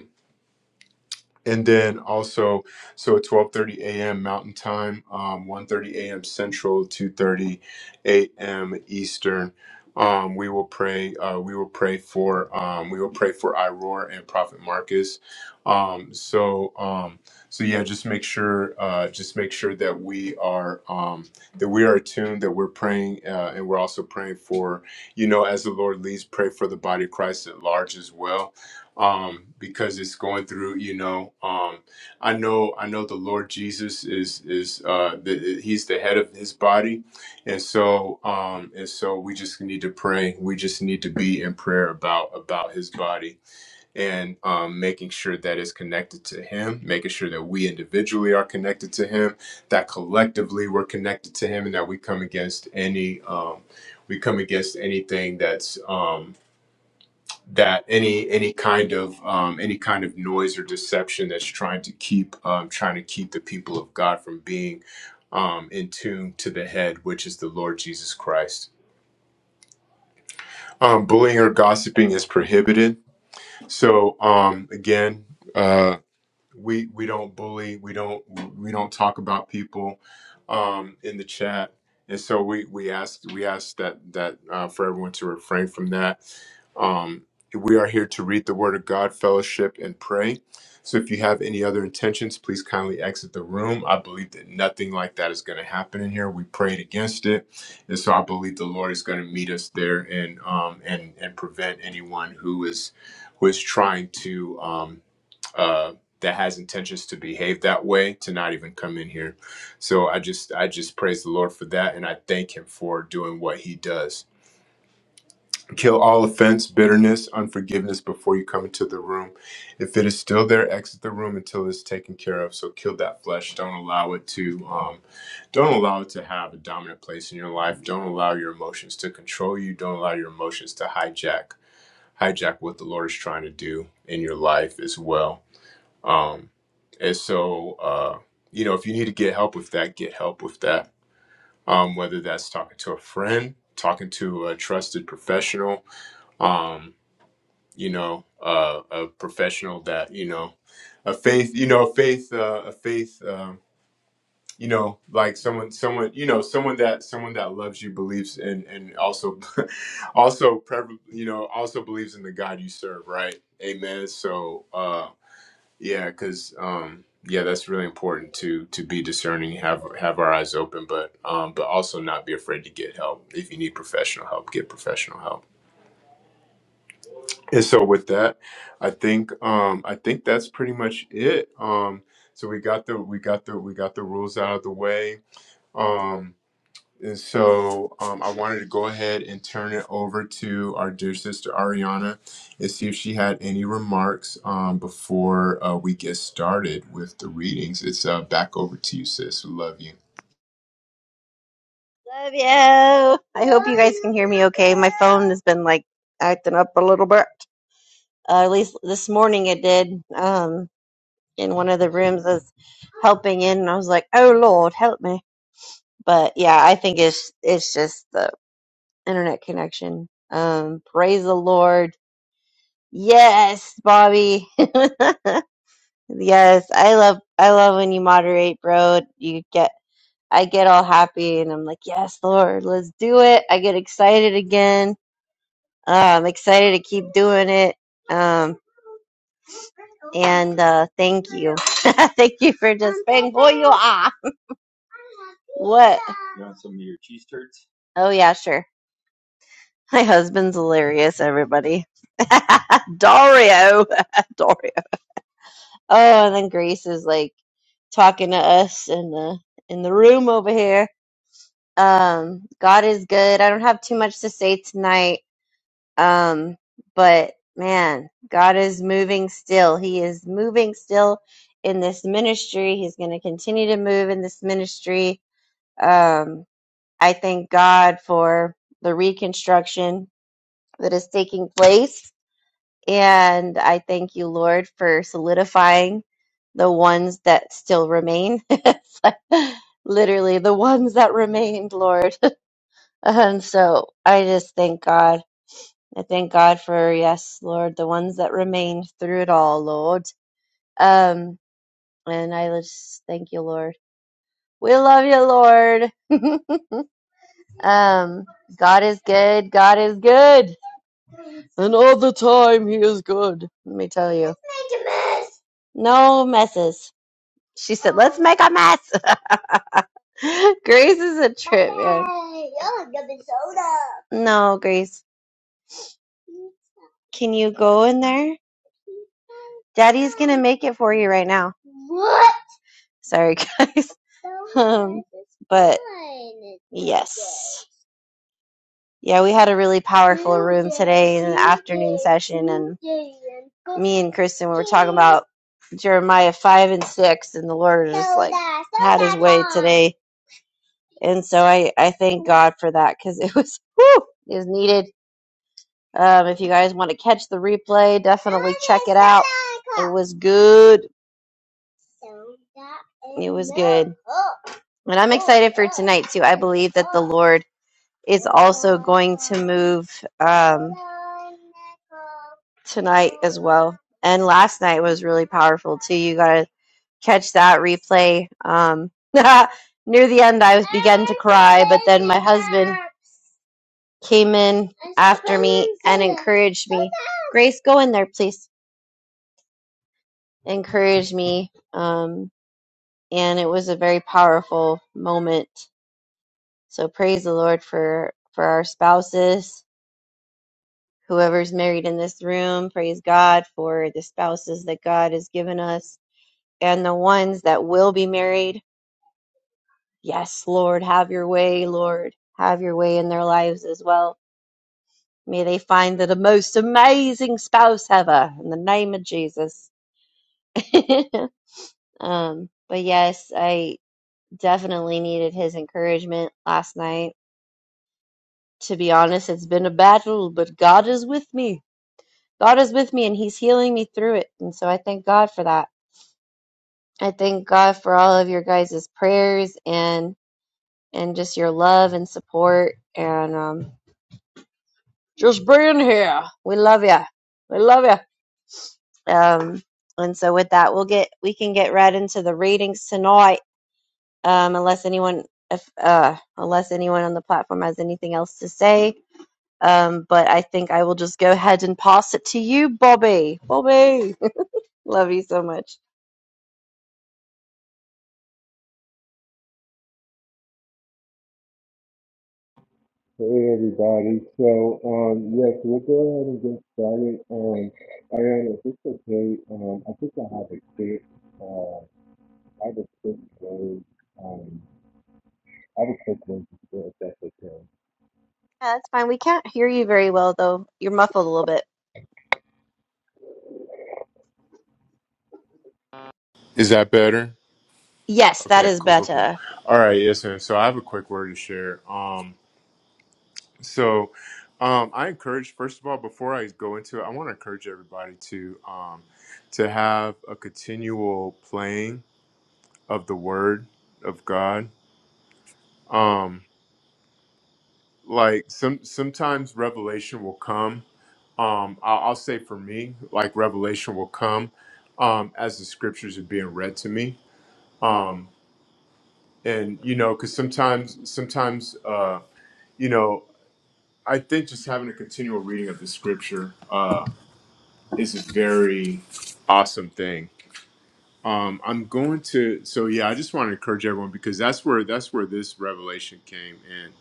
S1: and then also so at 12.30 a.m mountain time um, 1.30 a.m central 2.30 a.m eastern um, we will pray uh, we will pray for um, we will pray for iroar and prophet marcus um, so um, so yeah just make sure uh, just make sure that we are um, that we are attuned that we're praying uh, and we're also praying for you know as the lord leads pray for the body of christ at large as well um because it's going through you know um i know i know the lord jesus is is uh the, he's the head of his body and so um and so we just need to pray we just need to be in prayer about about his body and um making sure that it's connected to him making sure that we individually are connected to him that collectively we're connected to him and that we come against any um we come against anything that's um that any any kind of um, any kind of noise or deception that's trying to keep um, trying to keep the people of God from being um, in tune to the head, which is the Lord Jesus Christ. Um, bullying or gossiping is prohibited. So um, again. uh, we we don't bully we don't we don't talk about people um in the chat and so we we ask we ask that that uh, for everyone to refrain from that um we are here to read the word of god fellowship and pray so if you have any other intentions please kindly exit the room i believe that nothing like that is going to happen in here we prayed against it and so i believe the lord is going to meet us there and um and and prevent anyone who is who is trying to um uh, that has intentions to behave that way to not even come in here. So I just I just praise the Lord for that and I thank him for doing what he does. Kill all offense, bitterness, unforgiveness before you come into the room. If it is still there, exit the room until it's taken care of. So kill that flesh. Don't allow it to um, don't allow it to have a dominant place in your life. Don't allow your emotions to control you. Don't allow your emotions to hijack hijack what the Lord is trying to do in your life as well um, and so, uh, you know, if you need to get help with that, get help with that. Um, whether that's talking to a friend, talking to a trusted professional, um, you know, uh, a professional that you know, a faith, you know, a faith, uh, a faith, um, you know, like someone, someone, you know, someone that someone that loves you, believes, and and also, also, prev- you know, also believes in the God you serve, right? Amen. So. uh yeah, because um, yeah, that's really important to to be discerning, have have our eyes open, but um, but also not be afraid to get help. If you need professional help, get professional help. And so with that, I think um, I think that's pretty much it. Um, so we got the we got the we got the rules out of the way. Um, and so um, I wanted to go ahead and turn it over to our dear sister Ariana and see if she had any remarks um, before uh, we get started with the readings. It's uh, back over to you, sis. We Love you.
S2: Love you. I hope you guys can hear me okay. My phone has been like acting up a little bit. Uh, at least this morning it did. Um, in one of the rooms I was helping in, and I was like, "Oh Lord, help me!" But yeah, I think it's it's just the internet connection. Um, praise the Lord. Yes, Bobby. yes, I love I love when you moderate, bro. You get I get all happy, and I'm like, "Yes, Lord, let's do it." I get excited again I'm excited to keep doing it. Um, and uh, thank you. thank you for just being who you are. What? Oh, yeah, sure. My husband's hilarious, everybody. Dario. Dario. Oh, and then Grace is like talking to us in the in the room over here. Um, God is good. I don't have too much to say tonight Um, but man, God is moving still. He is moving still in this ministry. He's going to continue to move in this ministry. Um, I thank God for the reconstruction that is taking place. And I thank you, Lord, for solidifying the ones that still remain. Literally, the ones that remained, Lord. And so I just thank God. I thank God for yes, Lord, the ones that remain through it all, Lord. Um, and I just thank you, Lord. We love you, Lord. um, God is good. God is good, and all the time He is good. Let me tell you, no messes. She said, "Let's make a mess." Grace is a trip, man. No, Grace. Can you go in there? Daddy's gonna make it for you right now. Sorry, guys. Um, but yes. Yeah, we had a really powerful room today in the afternoon session, and me and Kristen we were talking about Jeremiah 5 and 6, and the Lord just like had his way today. And so I, I thank God for that because it was, whew, it was needed. Um, if you guys want to catch the replay, definitely check it out. It was good. It was good. And I'm excited for tonight too. I believe that the Lord is also going to move um, tonight as well. And last night was really powerful too. You got to catch that replay. Um, near the end, I was began to cry, but then my husband came in after me and encouraged me. Grace, go in there, please. Encouraged me. Um, and it was a very powerful moment. So praise the Lord for for our spouses, whoever's married in this room. Praise God for the spouses that God has given us and the ones that will be married. Yes, Lord, have your way, Lord. Have your way in their lives as well. May they find the most amazing spouse ever in the name of Jesus. um, but yes, I definitely needed his encouragement last night. To be honest, it's been a battle, but God is with me. God is with me and He's healing me through it. And so I thank God for that. I thank God for all of your guys' prayers and and just your love and support and um just being here. We love you. We love you. Um and so with that we'll get we can get right into the readings tonight. Um unless anyone if uh unless anyone on the platform has anything else to say. Um but I think I will just go ahead and pass it to you, Bobby. Bobby. love you so much.
S1: Hey everybody. So um yes, we'll go ahead and get started. Um Ariana, if it's okay, um I think I have a quick uh I have a quick word. Um I have a quick word to share if that's okay.
S2: Yeah, that's fine. We can't hear you very well, though. You're muffled a little bit.
S1: Is that better?
S2: Yes, that
S1: Okay,
S2: is
S1: cool, cool, cool.
S2: better.
S1: All right, yes, and so I have a quick word to share. Um, so, um, I encourage first of all, before I go into it, I want to encourage everybody to, um, to have a continual playing of the Word of God. Um, like some sometimes revelation will come. Um, I'll, I'll say for me, like revelation will come, um, as the scriptures are being read to me. Um, and you know, because sometimes, sometimes, uh you know. I think just having a continual reading of the scripture uh, is a very awesome thing. Um, I'm going to so yeah, I just want to encourage everyone because that's where that's where this revelation came in.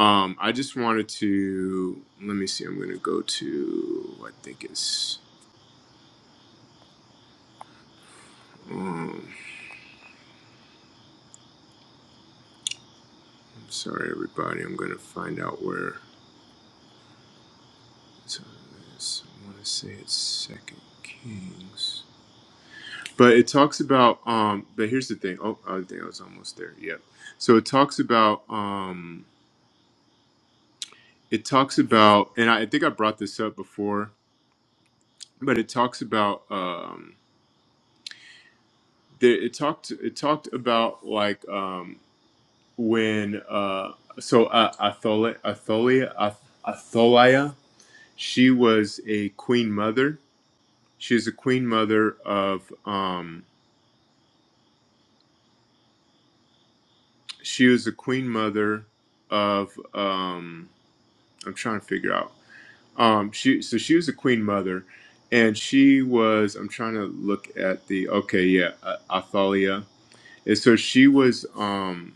S1: Um, I just wanted to let me see. I'm going to go to I think it's. Um, I'm sorry, everybody. I'm going to find out where. So it's I want to say it's Second Kings. But it talks about um but here's the thing. Oh, I think I was almost there. Yep. So it talks about um it talks about and I, I think I brought this up before, but it talks about um there it talked it talked about like um when uh so uh, Atholia Atholia Ath- Atholiah she was a queen mother. She is a queen mother of um she was a queen mother of um I'm trying to figure out Um, she so she was a queen mother, and she was. I'm trying to look at the okay, yeah, uh, Athalia. And so she was. Um,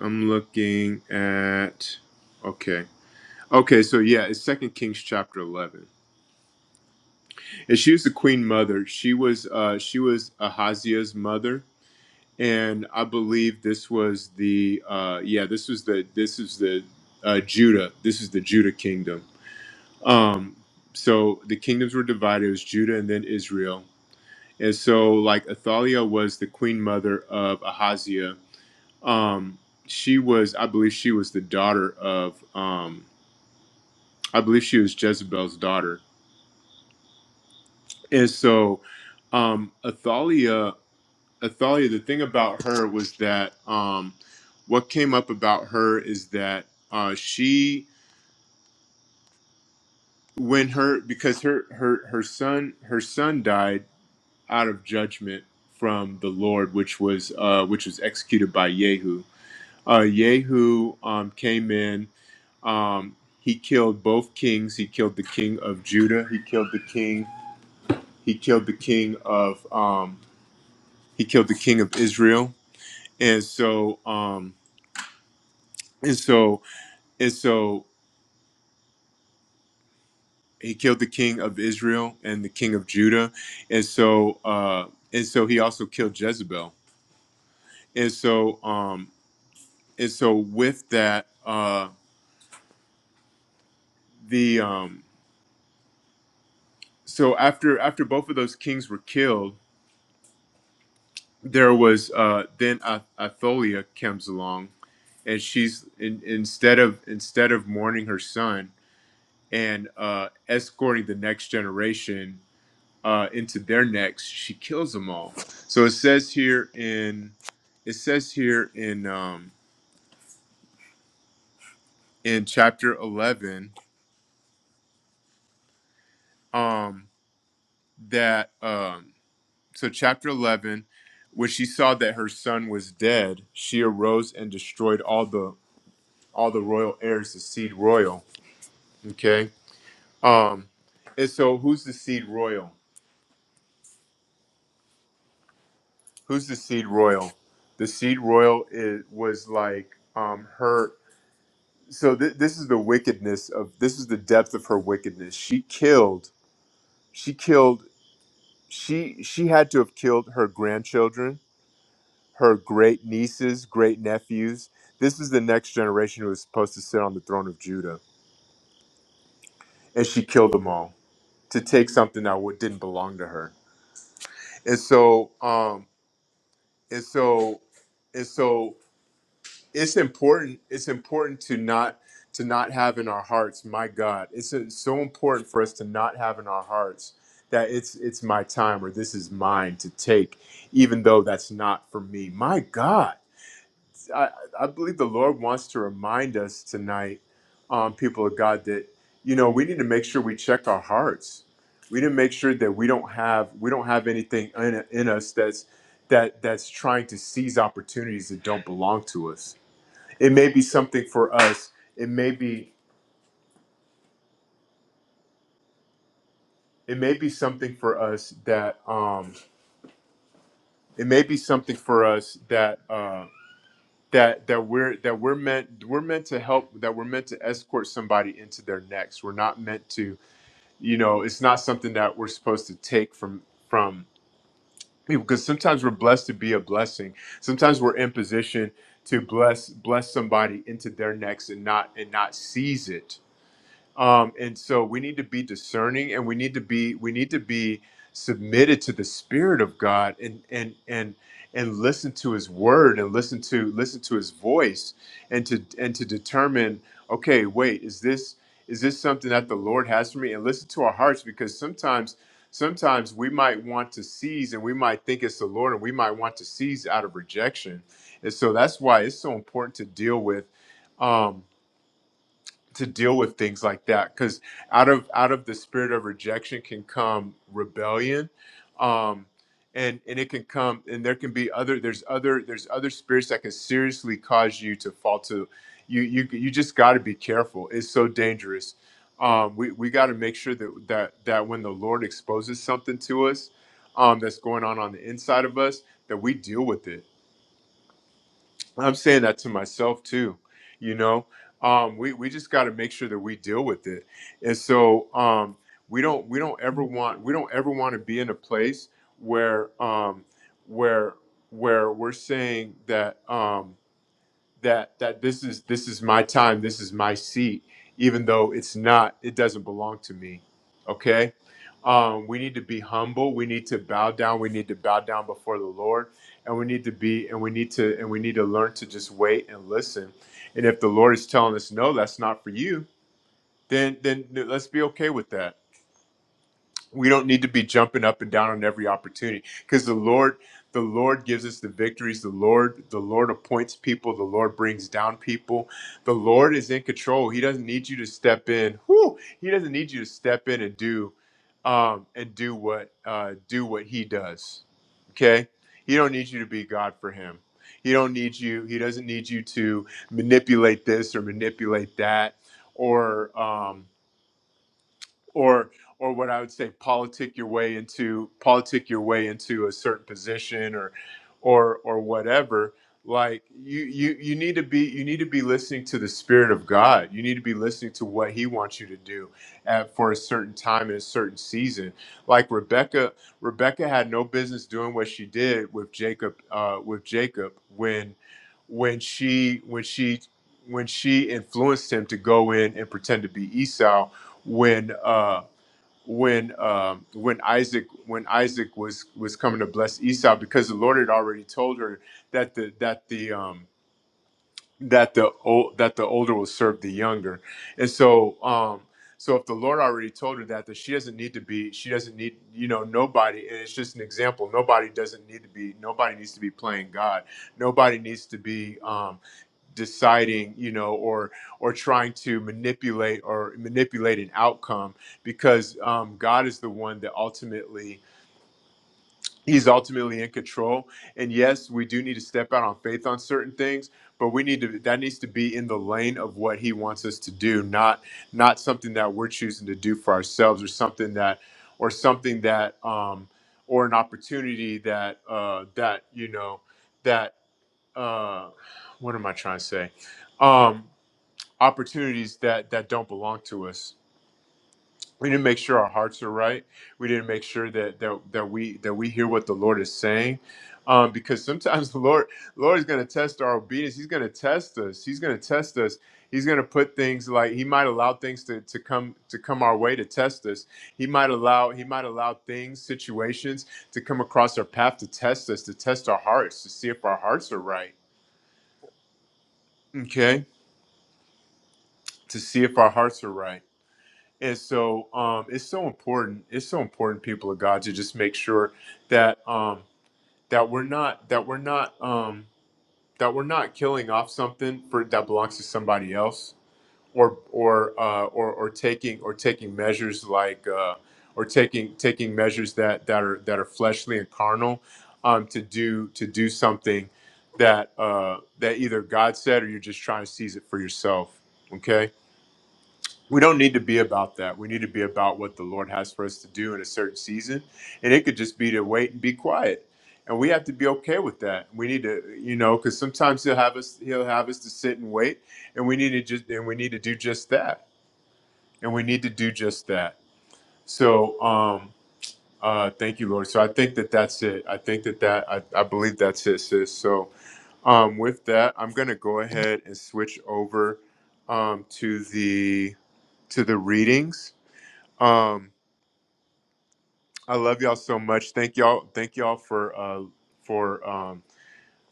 S1: I'm looking at okay, okay. So yeah, it's Second Kings chapter 11, and she was the queen mother. She was. Uh, she was Ahaziah's mother, and I believe this was the. Uh, yeah, this was the. This is the. Uh, Judah. This is the Judah kingdom Um, so the kingdoms were divided. It was Judah and then Israel. And so, like Athaliah was the queen mother of Ahaziah. Um, she was, I believe, she was the daughter of, um, I believe, she was Jezebel's daughter. And so, um, Athaliah, Athaliah, the thing about her was that um, what came up about her is that uh, she, when her, because her her her son her son died out of judgment from the Lord, which was uh, which was executed by Jehu. Uh, Yehu um, came in. Um, he killed both kings. He killed the king of Judah. He killed the king. He killed the king of. Um, he killed the king of Israel. And so. Um, and so. And so. He killed the king of Israel and the king of Judah, and so. Uh, and so he also killed Jezebel. And so. Um, and so with that uh the um so after after both of those kings were killed there was uh then Ath- Athaliah comes along and she's in, instead of instead of mourning her son and uh escorting the next generation uh into their necks she kills them all so it says here in it says here in um in chapter 11 um that um so chapter 11 when she saw that her son was dead she arose and destroyed all the all the royal heirs the seed royal okay um and so who's the seed royal who's the seed royal the seed royal is, was like um her so th- this is the wickedness of this is the depth of her wickedness she killed she killed she she had to have killed her grandchildren her great nieces, great nephews. This is the next generation who was supposed to sit on the throne of Judah. And she killed them all to take something that wa- didn't belong to her. And so, um, and so, and so it's important, it's important to not, to not have in our hearts, my God, it's uh, so important for us to not have in our hearts that it's, it's my time or this is mine to take, even though that's not for me. My God I, I believe the Lord wants to remind us tonight, um, people of God, that you know we need to make sure we check our hearts. We need to make sure that we don't have we don't have anything in, in us that's that that's trying to seize opportunities that don't belong to us. It may be something for us. It may be it may be something for us that um, it may be something for us that. Uh, that that we're that we're meant we're meant to help that we're meant to escort somebody into their next we're not meant to you know it's not something that we're supposed to take from from people because sometimes we're blessed to be a blessing sometimes we're in position to bless bless somebody into their next and not and not seize it um, and so we need to be discerning and we need to be we need to be submitted to the spirit of god and and and and listen to his word and listen to listen to his voice and to and to determine okay wait is this is this something that the lord has for me and listen to our hearts because sometimes sometimes we might want to seize and we might think it's the lord and we might want to seize out of rejection and so that's why it's so important to deal with Um, to deal with things like that because out of out of the spirit of rejection can come rebellion um and and it can come and there can be other there's other there's other spirits that can seriously cause you to fall to you you you just got to be careful it's so dangerous um we we got to make sure that that that when the lord exposes something to us um that's going on on the inside of us that we deal with it I'm saying that to myself too, you know. Um, we, we just got to make sure that we deal with it, and so um, we don't we don't ever want we don't ever want to be in a place where um, where where we're saying that. Um, that that this is this is my time this is my seat even though it's not it doesn't belong to me okay um, we need to be humble we need to bow down we need to bow down before the lord and we need to be and we need to and we need to learn to just wait and listen and if the lord is telling us no that's not for you then then let's be okay with that we don't need to be jumping up and down on every opportunity because the lord the lord gives us the victories the lord the lord appoints people the lord brings down people the lord is in control he doesn't need you to step in whew, he doesn't need you to step in and do um and do what uh do what he does okay he don't need you to be god for him he don't need you he doesn't need you to manipulate this or manipulate that or um or or what I would say politic your way into politic your way into a certain position or or or whatever like you you you need to be you need to be listening to the spirit of God you need to be listening to what he wants you to do at, for a certain time in a certain season like Rebecca Rebecca had no business doing what she did with Jacob uh, with Jacob when when she when she when she influenced him to go in and pretend to be Esau when uh when um when Isaac when Isaac was was coming to bless Esau because the Lord had already told her that the that the um that the old that the older will serve the younger. And so um so if the Lord already told her that that she doesn't need to be she doesn't need you know nobody and it's just an example nobody doesn't need to be nobody needs to be playing God. Nobody needs to be um deciding you know or or trying to manipulate or manipulate an outcome because um, god is the one that ultimately he's ultimately in control and yes we do need to step out on faith on certain things but we need to that needs to be in the lane of what he wants us to do not not something that we're choosing to do for ourselves or something that or something that um or an opportunity that uh that you know that uh what am i trying to say Um, opportunities that that don't belong to us. We didn't make sure our hearts are right. We didn't make sure that that that we that we hear what the Lord is saying, um, because sometimes the Lord Lord is going to test our obedience. He's going to test us. He's going to test us. He's going to put things like He might allow things to, to come to come our way to test us. He might allow He might allow things situations to come across our path to test us, to test our hearts, to see if our hearts are right. Okay, to see if our hearts are right. And so um, it's so important. It's so important, people of God, to just make sure that um, that we're not that we're not um, that we're not killing off something for that belongs to somebody else, or or uh, or or taking or taking measures like uh, or taking taking measures that that are that are fleshly and carnal um, to do to do something that uh, that either God said or you're just trying to seize it for yourself. Okay we don't need to be about that. We need to be about what the Lord has for us to do in a certain season. And it could just be to wait and be quiet. And we have to be okay with that. We need to, you know, because sometimes he'll have us he'll have us to sit and wait. And we need to just and we need to do just that. And we need to do just that. So um uh thank you, Lord. So I think that that's it. I think that that I, I believe that's it, sis. So um with that, I'm gonna go ahead and switch over um to the to the readings um, I love y'all so much. Thank y'all. Thank y'all for uh for um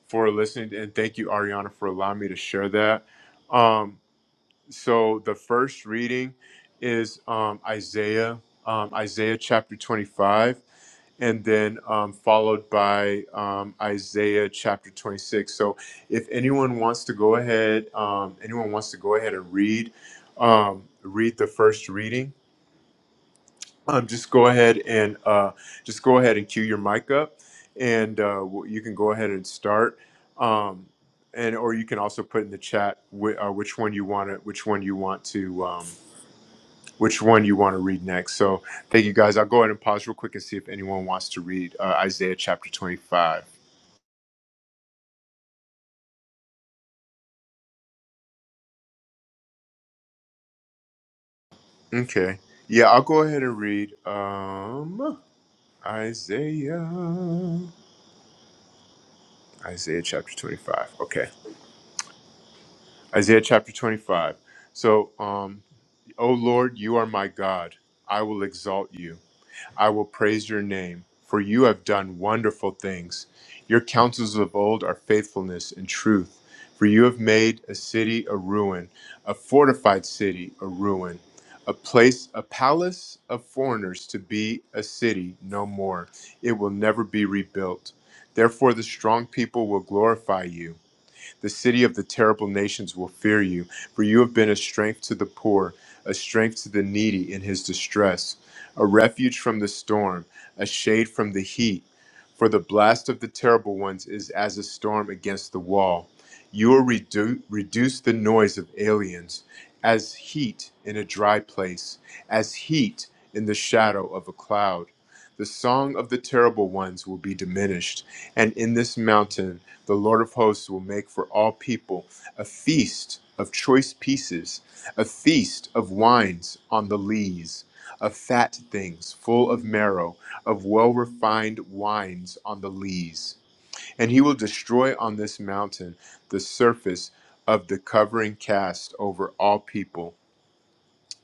S1: for listening and thank you Ariana for allowing me to share that. Um, so the first reading is um Isaiah um Isaiah chapter 25 and then um, followed by um, Isaiah chapter 26. So if anyone wants to go ahead, um, anyone wants to go ahead and read um read the first reading um, just go ahead and uh, just go ahead and cue your mic up, and uh, w- you can go ahead and start. Um, and or you can also put in the chat whi- uh, which one you want to which one you want to um, which one you want to read next. So thank you guys. I'll go ahead and pause real quick and see if anyone wants to read uh, Isaiah chapter twenty five. Okay, yeah, I'll go ahead and read um, Isaiah Isaiah chapter twenty five. Okay. Isaiah chapter 25. So, um, O Lord, you are my God. I will exalt you. I will praise your name, for you have done wonderful things. Your counsels of old are faithfulness and truth. For you have made a city a ruin, a fortified city a ruin, a place, a palace of foreigners to be a city no more. It will never be rebuilt. Therefore, the strong people will glorify you. The city of the terrible nations will fear you, for you have been a strength to the poor, a strength to the needy in his distress, a refuge from the storm, a shade from the heat. For the blast of the terrible ones is as a storm against the wall. You will redu- reduce the noise of aliens as heat in a dry place, as heat in the shadow of a cloud. The song of the terrible ones will be diminished, and in this mountain the Lord of hosts will make for all people a feast of choice pieces, a feast of wines on the lees, of fat things full of marrow, of well refined wines on the lees. And he will destroy on this mountain the surface of the covering cast over all people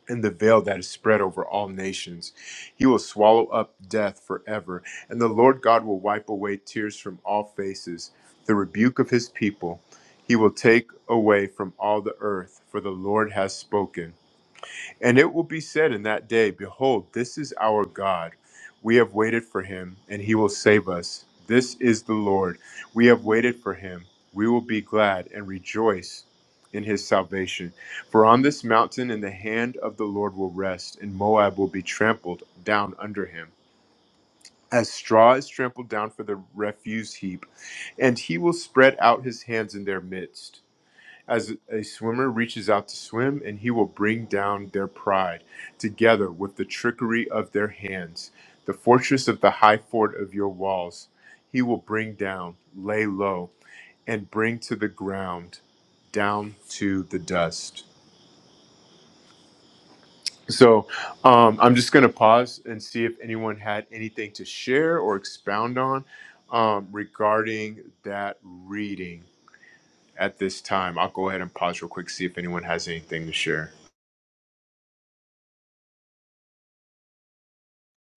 S1: and the veil that is spread over all nations. He will swallow up death forever, and the Lord God will wipe away tears from all faces, the rebuke of his people. He will take away from all the earth, for the Lord has spoken. And it will be said in that day, Behold, this is our God. We have waited for him, and he will save us. This is the Lord. We have waited for him. We will be glad and rejoice in his salvation. For on this mountain, in the hand of the Lord will rest, and Moab will be trampled down under him. As straw is trampled down for the refuse heap, and he will spread out his hands in their midst as a swimmer reaches out to swim, and he will bring down their pride together with the trickery of their hands. The fortress of the high fort of your walls, he will bring down, lay low, and bring to the ground, down to the dust. So um, I'm just going to pause and see if anyone had anything to share or expound on um, regarding that reading at this time. I'll go ahead and pause real quick, see if anyone has anything to share.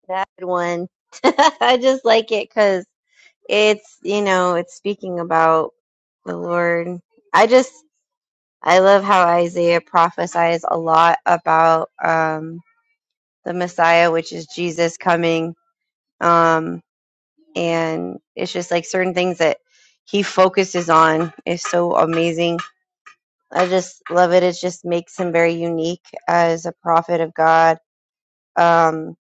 S2: That one. I just like it because it's, you know, it's speaking about the Lord. I just, I love how Isaiah prophesies a lot about um, the Messiah, which is Jesus coming. Um, and it's just like certain things that he focuses on is so amazing. I just love it. It just makes him very unique as a prophet of God Um,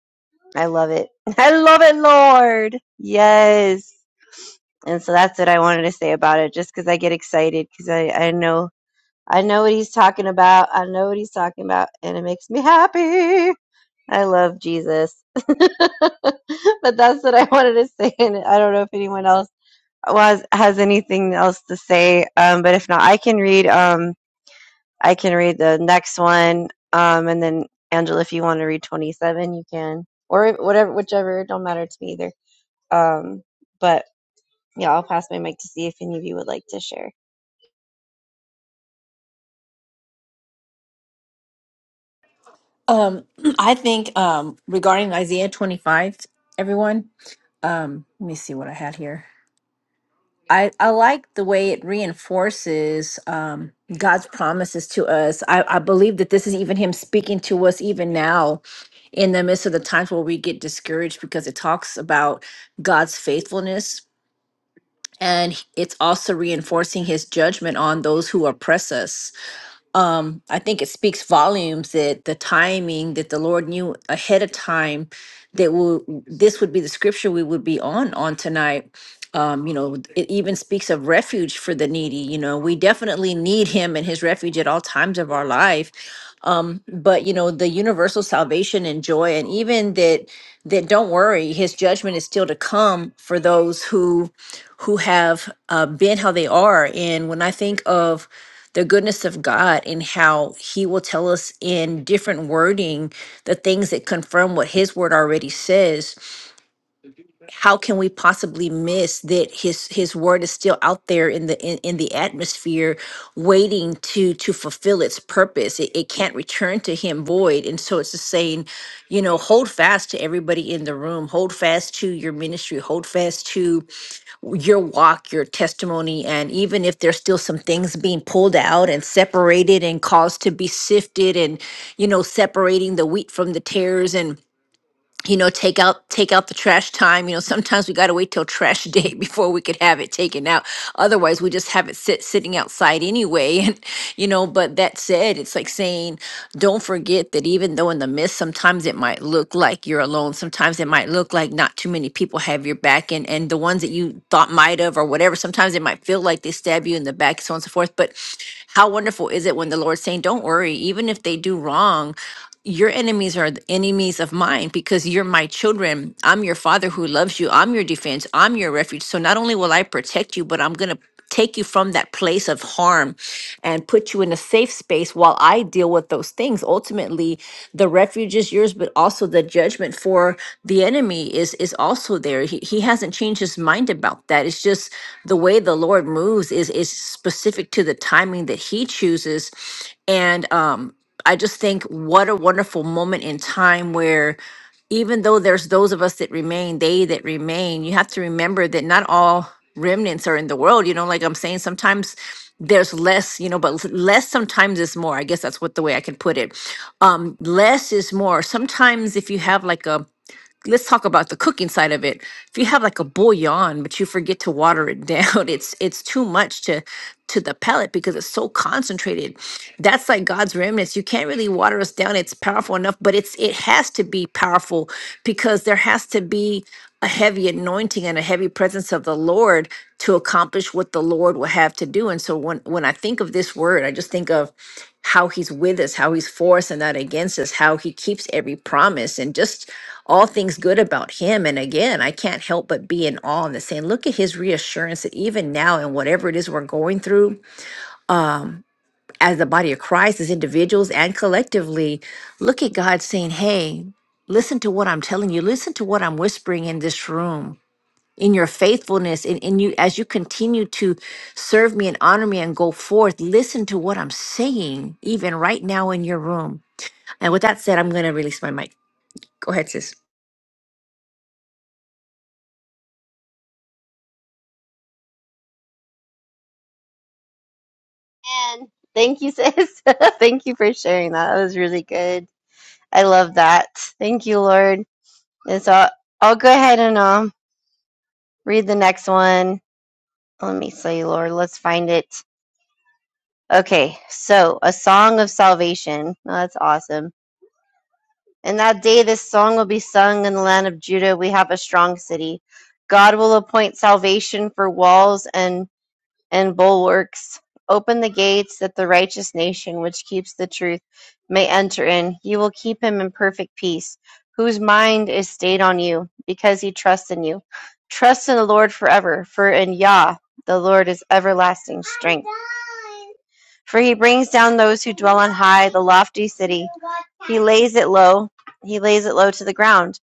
S2: I love it. I love it, Lord. Yes. And so that's what I wanted to say about it, just because I get excited, because I, I know I know what he's talking about. I know what he's talking about, and it makes me happy. I love Jesus. but that's what I wanted to say, and I don't know if anyone else was has anything else to say. Um, but if not, I can read. Um, I can read the next one. Um, and then Angela, if you want to read 27, you can, or whatever, whichever, it don't matter to me either. Um, but yeah, I'll pass my mic to see if any of you would like to share.
S3: Um, I think um, regarding Isaiah 25, everyone, um, let me see what I had here. I, I like the way it reinforces um, God's promises to us. I, I believe that this is even Him speaking to us even now in the midst of the times where we get discouraged because it talks about God's faithfulness and it's also reinforcing His judgment on those who oppress us um, I think it speaks volumes that the timing that the Lord knew ahead of time that will this would be the scripture we would be on on tonight. Um, you know, it even speaks of refuge for the needy. You know, we definitely need Him and His refuge at all times of our life. Um, but you know, the universal salvation and joy, and even that that don't worry, His judgment is still to come for those who who have uh, been how they are. And when I think of the goodness of God and how He will tell us in different wording the things that confirm what His word already says how can we possibly miss that his his word is still out there in the in, in the atmosphere waiting to to fulfill its purpose it, it can't return to him void and so it's just saying you know hold fast to everybody in the room hold fast to your ministry hold fast to your walk, your testimony, and even if there's still some things being pulled out and separated and caused to be sifted and, you know, separating the wheat from the tares. And you know take out take out the trash time you know sometimes we got to wait till trash day before we could have it taken out otherwise we just have it sit sitting outside anyway and you know but that said it's like saying don't forget that even though in the midst sometimes it might look like you're alone sometimes it might look like not too many people have your back and and the ones that you thought might have or whatever sometimes it might feel like they stab you in the back so on and so forth but how wonderful is it when the lord's saying don't worry even if they do wrong your enemies are the enemies of mine because you're my children. I'm your father who loves you. I'm your defense. I'm your refuge. So not only will I protect you, but I'm going to take you from that place of harm and put you in a safe space while I deal with those things. Ultimately, the refuge is yours, but also the judgment for the enemy is is also there. He, he hasn't changed his mind about that. It's just the way the Lord moves is is specific to the timing that he chooses and um I just think what a wonderful moment in time where even though there's those of us that remain, they that remain, you have to remember that not all remnants are in the world. You know, like I'm saying, sometimes there's less, you know, but l- less sometimes is more. I guess that's what the way I can put it. Um, less is more. Sometimes if you have like a let's talk about the cooking side of it. If you have like a bouillon, but you forget to water it down, it's it's too much to to the pellet because it's so concentrated. That's like God's remnants. You can't really water us down. It's powerful enough, but it's it has to be powerful because there has to be a heavy anointing and a heavy presence of the Lord to accomplish what the Lord will have to do. And so when when I think of this word, I just think of how he's with us, how he's for us and not against us, how he keeps every promise and just all things good about him. And again, I can't help but be in awe and the saying, look at his reassurance that even now in whatever it is we're going through as the body of Christ, as individuals and collectively, look at God saying, Hey, listen to what I'm telling you, listen to what I'm whispering in this room in your faithfulness and, and you as you continue to serve me and honor me and go forth listen to what i'm saying even right now in your room and with that said i'm going to release my mic go ahead sis
S2: Thank you, sis. Thank you for sharing that. That was really good. I love that. Thank you, Lord. And so I'll, I'll go ahead and um read the next one. Let me see, Lord. Let's find it. Okay, so a song of salvation. Oh, that's awesome. In that day, this song will be sung in the land of Judah. We have a strong city. God will appoint salvation for walls and and bulwarks. Open the gates that the righteous nation which keeps the truth may enter in. You will keep him in perfect peace, whose mind is stayed on you, because he trusts in you. Trust in the Lord forever, for in Yah the Lord is everlasting strength. For he brings down those who dwell on high, the lofty city. He lays it low, he lays it low to the ground.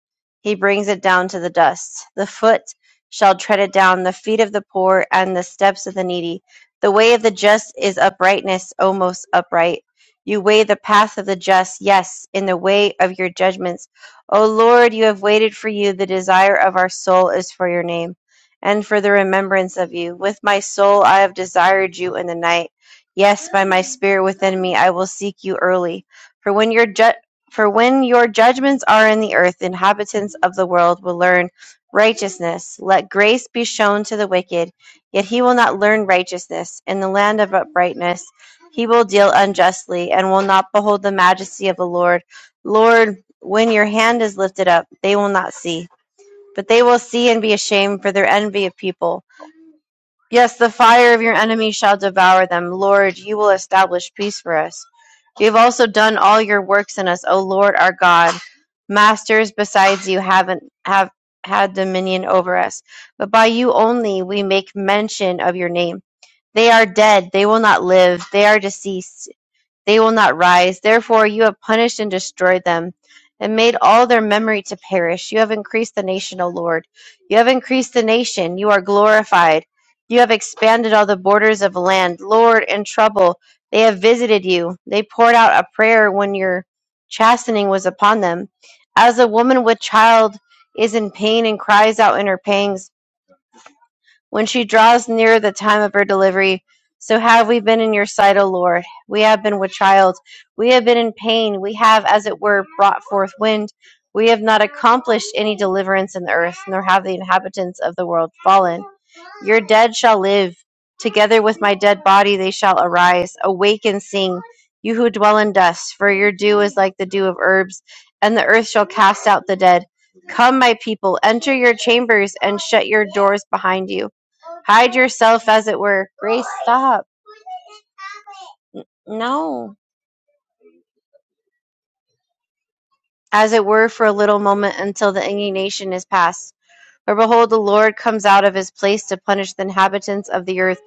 S2: He brings it down to the dust. The foot shall tread it down, the feet of the poor and the steps of the needy. The way of the just is uprightness, O most upright. You weigh the path of the just, yes, in the way of your judgments. O Lord, you have waited for you. The desire of our soul is for your name and for the remembrance of you. With my soul I have desired you in the night. Yes, by my spirit within me I will seek you early. For when your ju- for when your judgments are in the earth, the inhabitants of the world will learn righteousness. Let grace be shown to the wicked, yet he will not learn righteousness. In the land of uprightness, he will deal unjustly and will not behold the majesty of the Lord. Lord, when your hand is lifted up, they will not see, but they will see and be ashamed for their envy of people. Yes, the fire of your enemies shall devour them. Lord, you will establish peace for us. You have also done all your works in us, O Lord our God. Masters besides you haven't have had dominion over us, but by you only we make mention of your name. They are dead, they will not live, they are deceased. They will not rise. Therefore, you have punished and destroyed them, and made all their memory to perish. You have increased the nation, O Lord. You have increased the nation. You are glorified. You have expanded all the borders of land. Lord, in trouble, they have visited you. They poured out a prayer when your chastening was upon them. As a woman with child is in pain and cries out in her pangs when she draws near the time of her delivery. So have we been in your sight, O Lord. We have been with child. We have been in pain. We have, as it were, brought forth wind. We have not accomplished any deliverance in the earth, nor have the inhabitants of the world fallen. Your dead shall live. Together with my dead body they shall arise. Awake and sing, you who dwell in dust, for your dew is like the dew of herbs, and the earth shall cast out the dead. Come, my people, enter your chambers and shut your doors behind you Hide yourself, as it were. Grace, stop. No. As it were, for a little moment until the indignation is past. For behold, the Lord comes out of his place to punish the inhabitants of the earth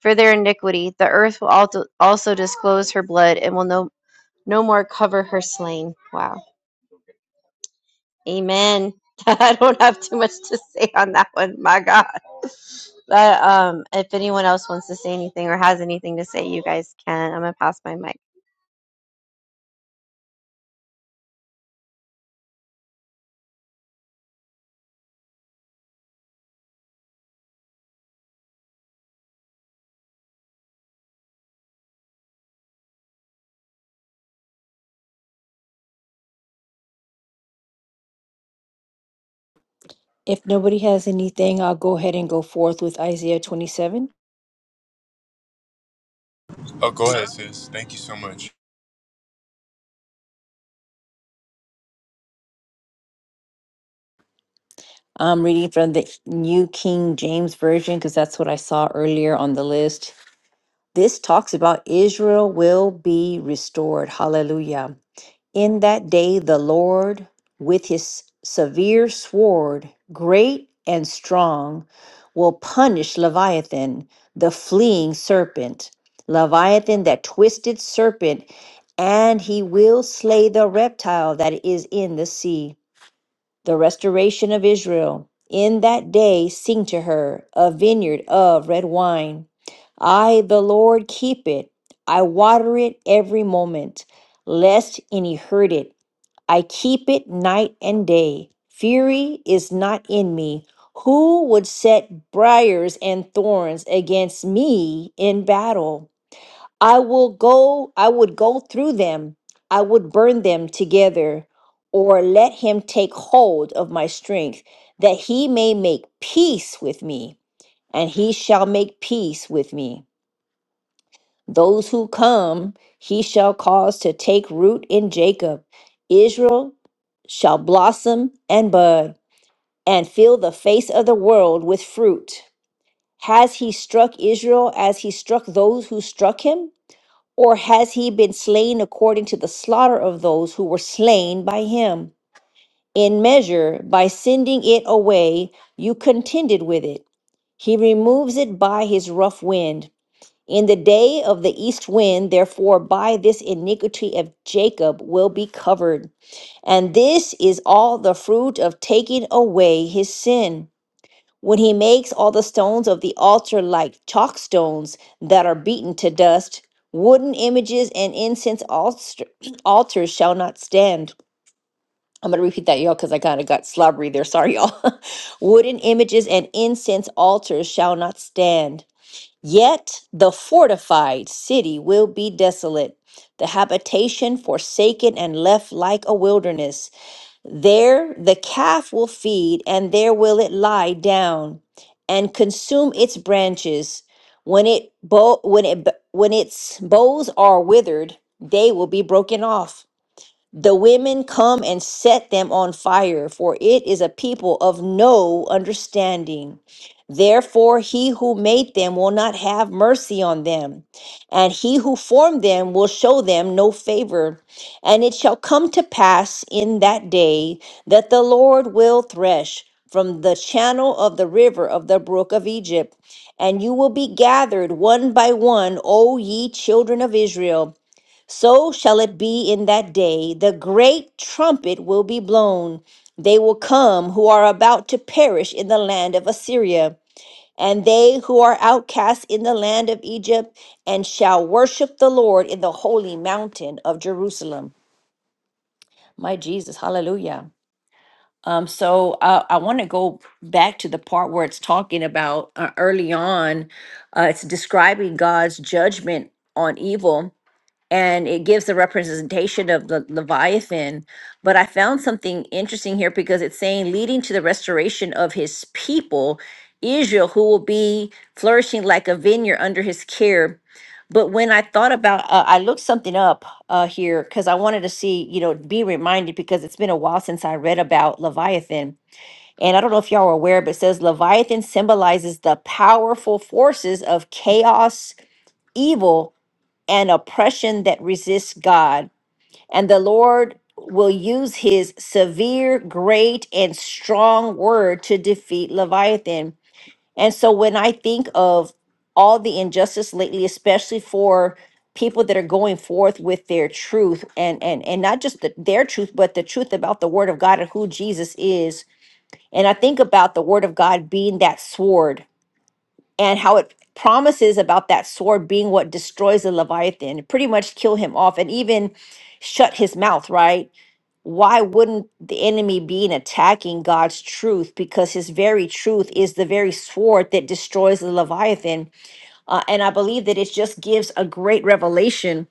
S2: for their iniquity. The earth will alto- also disclose her blood and will no, no more cover her slain. Wow. Amen. I don't have too much to say on that one. My God. But um, if anyone else wants to say anything or has anything to say, you guys can. I'm going to pass my mic.
S3: If nobody has anything, I'll go ahead and go forth with Isaiah 27.
S1: Oh, go ahead, sis. Thank you so much.
S3: I'm reading from the New King James Version because that's what I saw earlier on the list. This talks about Israel will be restored. Hallelujah. In that day, the Lord, with his severe sword, great and strong, will punish Leviathan, the fleeing serpent, Leviathan, that twisted serpent, and he will slay the reptile that is in the sea. The restoration of Israel. In that day, sing to her a vineyard of red wine. I, the Lord, keep it. I water it every moment, lest any hurt it. I keep it night and day. Fury is not in me. Who would set briars and thorns against me in battle? I will go, I would go through them. I would burn them together, or let him take hold of my strength, that he may make peace with me, and he shall make peace with me. Those who come, he shall cause to take root in Jacob. Israel shall blossom and bud, and fill the face of the world with fruit. Has he struck Israel as he struck those who struck him? Or has he been slain according to the slaughter of those who were slain by him? In measure, by sending it away, you contended with it. He removes it by his rough wind. In the day of the east wind, therefore, by this iniquity of Jacob will be covered. And this is all the fruit of taking away his sin. When he makes all the stones of the altar like chalk stones that are beaten to dust, wooden images and incense alst- altars shall not stand. I'm going to repeat that, y'all, because I kind of got slobbery there. Sorry, y'all. wooden images and incense altars shall not stand Yet the fortified city will be desolate, the habitation forsaken and left like a wilderness. There the calf will feed, and there will it lie down and consume its branches. When it bow, when it when its boughs are withered, they will be broken off the women come and set them on fire, for it is a people of no understanding. Therefore, he who made them will not have mercy on them, and he who formed them will show them no favor. And it shall come to pass in that day that the Lord will thresh from the channel of the river of the brook of Egypt, and you will be gathered one by one, O ye children of Israel. So shall it be in that day. The great trumpet will be blown. They will come who are about to perish in the land of Assyria, and they who are outcast in the land of Egypt, and shall worship the Lord in the holy mountain of Jerusalem. My Jesus, hallelujah. Um, so uh, I want to go back to the part where it's talking about uh, early on, uh, it's describing God's judgment on evil and it gives the representation of the Leviathan. But I found something interesting here because it's saying leading to the restoration of his people, Israel, who will be flourishing like a vineyard under his care. But when I thought about, uh, I looked something up uh, here because I wanted to see, you know, be reminded because it's been a while since I read about Leviathan. And I don't know if y'all are aware, but it says Leviathan symbolizes the powerful forces of chaos, evil, and oppression that resists God. And the Lord will use his severe, great, and strong word to defeat Leviathan. And so when I think of all the injustice lately, especially for people that are going forth with their truth and and and not just the, their truth but the truth about the word of God and who Jesus is and I think about the word of God being that sword and how it promises about that sword being what destroys the Leviathan, pretty much kill him off and even shut his mouth, right? Why wouldn't the enemy be in attacking God's truth? Because his very truth is the very sword that destroys the Leviathan. Uh, and I believe that it just gives a great revelation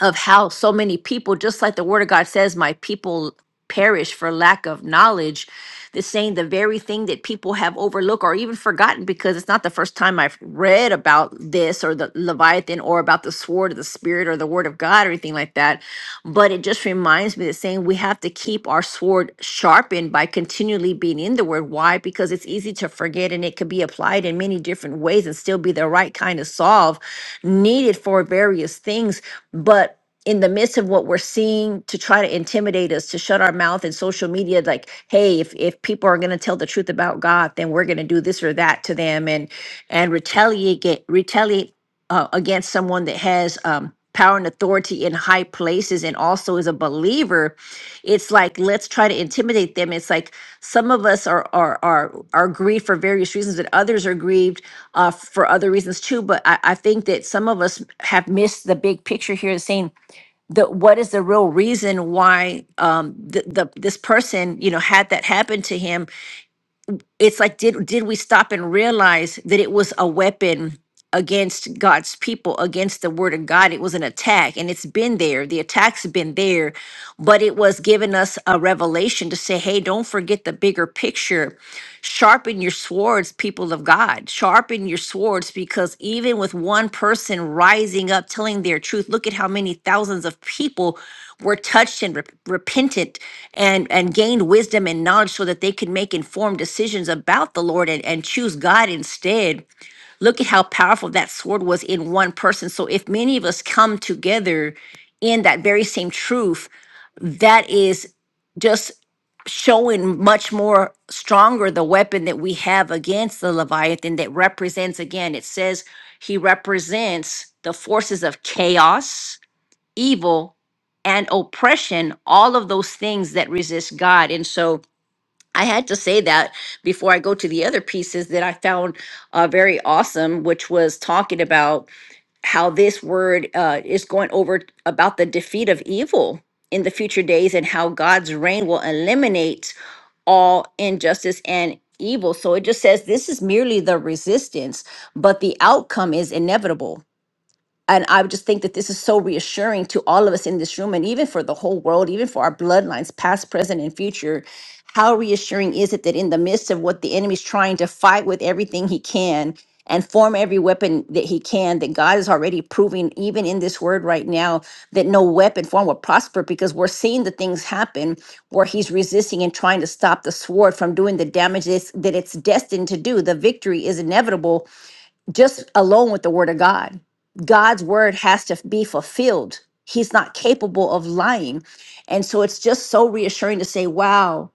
S3: of how so many people, just like the word of God says, my people perish for lack of knowledge. This saying the very thing that people have overlooked or even forgotten because it's not the first time I've read about this or the Leviathan or about the sword of the spirit or the word of God or anything like that. But it just reminds me that saying we have to keep our sword sharpened by continually being in the word. Why? Because it's easy to forget and it can be applied in many different ways and still be the right kind of solve needed for various things. But in the midst of what we're seeing to try to intimidate us to shut our mouth in social media like hey if, if people are going to tell the truth about god then we're going to do this or that to them and and retaliate get, retaliate uh, against someone that has um, power and authority in high places and also is a believer it's like let's try to intimidate them it's like some of us are are are, are grieved for various reasons and others are grieved uh, for other reasons too but I, I think that some of us have missed the big picture here saying the what is the real reason why um the, the this person you know had that happen to him it's like did did we stop and realize that it was a weapon against God's people against the word of God it was an attack and it's been there the attacks have been there but it was giving us a revelation to say hey don't forget the bigger picture sharpen your swords people of God sharpen your swords because even with one person rising up telling their truth look at how many thousands of people were touched and rep- repented and and gained wisdom and knowledge so that they could make informed decisions about the lord and, and choose god instead look at how powerful that sword was in one person so if many of us come together in that very same truth that is just showing much more stronger the weapon that we have against the leviathan that represents again it says he represents the forces of chaos evil and oppression, all of those things that resist God. And so I had to say that before I go to the other pieces that I found uh, very awesome, which was talking about how this word uh, is going over about the defeat of evil in the future days and how God's reign will eliminate all injustice and evil. So it just says this is merely the resistance, but the outcome is inevitable and I would just think that this is so reassuring to all of us in this room and even for the whole world, even for our bloodlines, past, present, and future. How reassuring is it that in the midst of what the enemy's trying to fight with everything he can and form every weapon that he can, that God is already proving, even in this word right now, that no weapon form will prosper because we're seeing the things happen where he's resisting and trying to stop the sword from doing the damage that's- that it's destined to do. The victory is inevitable just alone with the word of God. God's word has to be fulfilled. He's not capable of lying. And so it's just so reassuring to say, wow,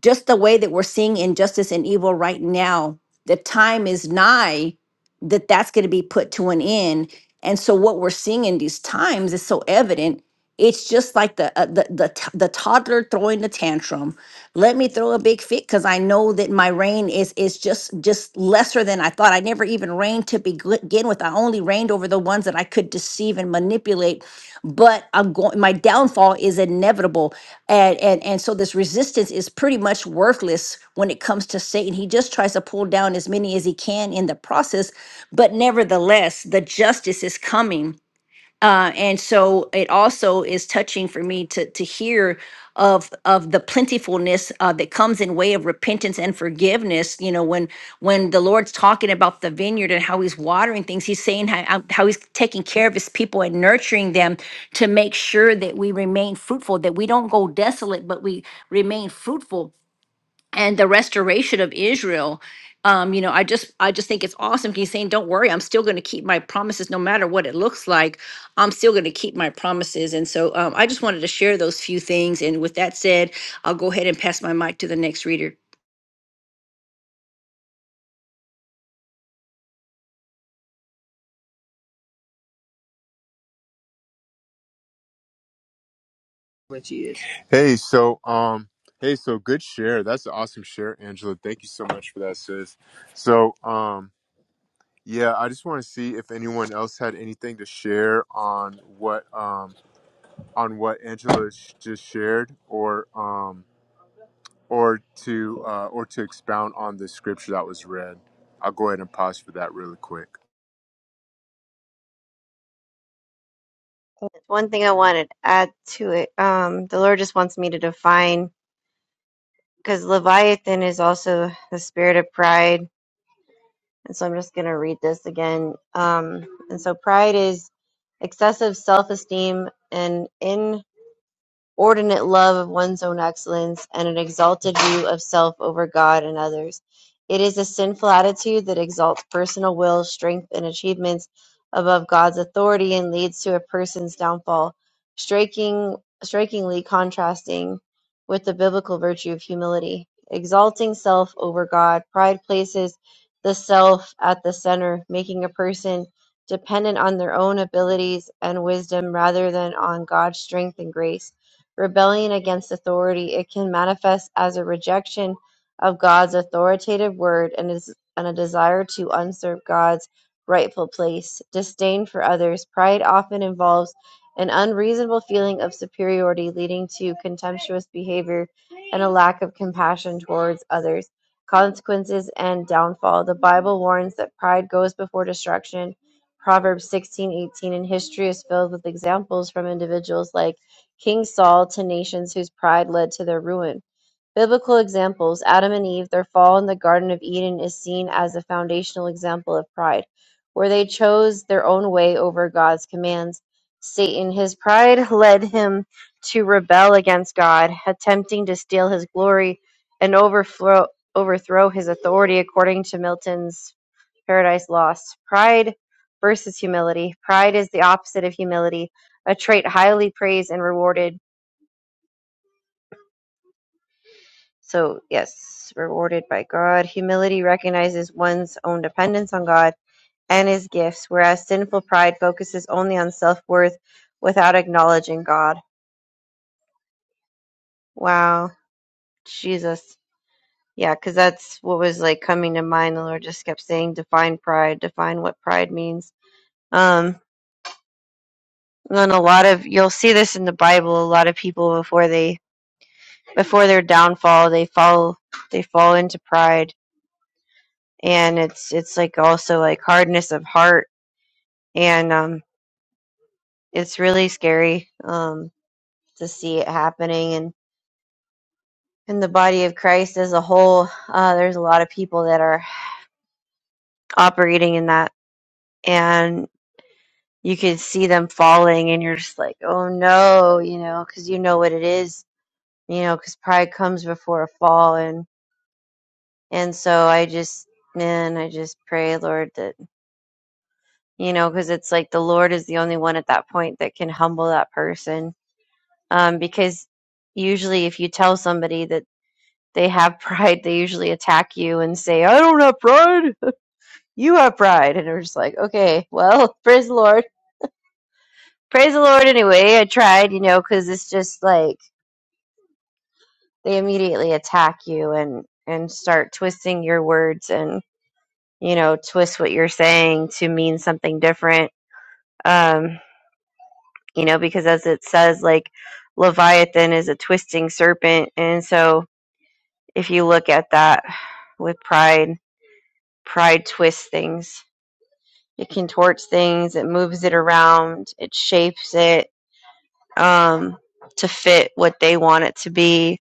S3: just the way that we're seeing injustice and evil right now, the time is nigh that that's going to be put to an end. And so what we're seeing in these times is so evident. It's just like the uh, the, the t- the toddler throwing the tantrum let me throw a big fit because i know that my reign is is just just lesser than i thought i never even reigned to begin with i only reigned over the ones that i could deceive and manipulate but i'm going my downfall is inevitable and and and so this resistance is pretty much worthless when it comes to satan he just tries to pull down as many as he can in the process but nevertheless the justice is coming uh, and so it also is touching for me to to hear of of the plentifulness uh, that comes in way of repentance and forgiveness. You know, when when the Lord's talking about the vineyard and how He's watering things, He's saying how, how how He's taking care of His people and nurturing them to make sure that we remain fruitful, that we don't go desolate, but we remain fruitful and the restoration of Israel. Um, you know, I just I just think it's awesome. He's saying, "Don't worry, I'm still going to keep my promises, no matter what it looks like. I'm still going to keep my promises." And so, um, I just wanted to share those few things. And with that said, I'll go ahead and pass my mic to the next reader.
S1: Hey, so um, hey, so good share. That's an awesome share, Angela. Thank you so much for that, sis. So um, yeah, I just want to see if anyone else had anything to share on what um on what Angela sh- just shared, or um or to uh, or to expound on the scripture that was read. I'll go ahead and pause for that really quick.
S2: one thing I want to add to it. Um, the Lord just wants me to define because Leviathan is also the spirit of pride. And so I'm just going to read this again. Um, and so pride is excessive self esteem and ordinate love of one's own excellence, and an exalted view of self over God and others. It is a sinful attitude that exalts personal will, strength, and achievements above God's authority and leads to a person's downfall, striking, strikingly contrasting with the biblical virtue of humility. Exalting self over God, pride places the self at the center, making a person dependent on their own abilities and wisdom rather than on God's strength and grace rebellion against authority, it can manifest as a rejection of God's authoritative word and, is, and a desire to usurp God's rightful place. Disdain for others. Pride often involves an unreasonable feeling of superiority, leading to contemptuous behavior and a lack of compassion towards others. Consequences and downfall. The Bible warns that pride goes before destruction. Proverbs 16:18 and history is filled with examples from individuals like King Saul to nations whose pride led to their ruin. Biblical examples Adam and Eve, their fall in the Garden of Eden is seen as a foundational example of pride, where they chose their own way over God's commands. Satan, his pride led him to rebel against God, attempting to steal his glory and overthrow, overthrow his authority, according to Milton's Paradise Lost. Pride versus humility. Pride is the opposite of humility, a trait highly praised and rewarded So, yes, rewarded by God. Humility recognizes one's own dependence on God and his gifts, whereas sinful pride focuses only on self worth without acknowledging God. Wow. Jesus. Yeah, because that's what was like coming to mind. The Lord just kept saying, define pride, define what pride means. Um, and a lot of you'll see this in the Bible. A lot of people before they before their downfall, they fall they fall into pride, and it's it's like also like hardness of heart and um, it's really scary um, to see it happening and in the body of christ as a whole uh, there's a lot of people that are operating in that and you can see them falling and you're just like oh no you know because you know what it is you know because pride comes before a fall and and so i just man i just pray lord that you know because it's like the lord is the only one at that point that can humble that person um, because usually if you tell somebody that they have pride, they usually attack you and say, I don't have pride. You have pride. And we're just like, okay, well, praise the Lord. Praise the Lord anyway. I tried, you know, because it's just like they immediately attack you and, and start twisting your words and, you know, twist what you're saying to mean something different. Um, you know, because as it says, like, Leviathan is a twisting serpent. And so if you look at that with pride, pride twists things It contorts things, it moves it around, it shapes it um, to fit what they want it to be.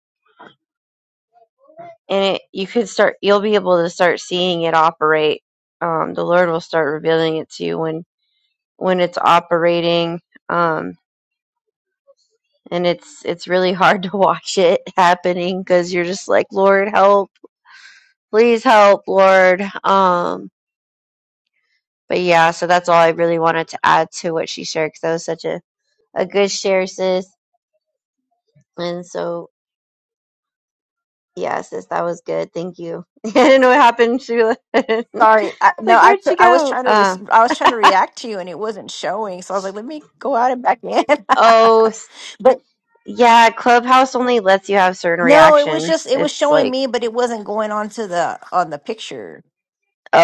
S2: And it, you could start, you'll be able to start seeing it operate. Um, the Lord will start revealing it to you when when it's operating. Um, and it's it's really hard to watch it happening because you're just like, Lord, help, please help, Lord. Um, but yeah, so that's all I really wanted to add to what she shared because that was such a, a good share, sis. And so Yeah, sis, that was good. Thank you. I didn't know what happened, Sheila. it's
S3: Sorry, I, no,
S2: like,
S3: I
S2: where'd
S3: cou-
S2: she
S3: I was
S2: go?
S3: trying to res-
S2: Uh,
S3: I was trying to react to you and it wasn't showing, so I was like, let me go out and back in.
S2: oh, s-
S3: but
S2: yeah, Clubhouse only lets you have certain
S3: no, it was just
S2: reactions.
S3: it was
S2: It's
S3: showing
S2: like,
S3: me, but it wasn't going on to the on the picture.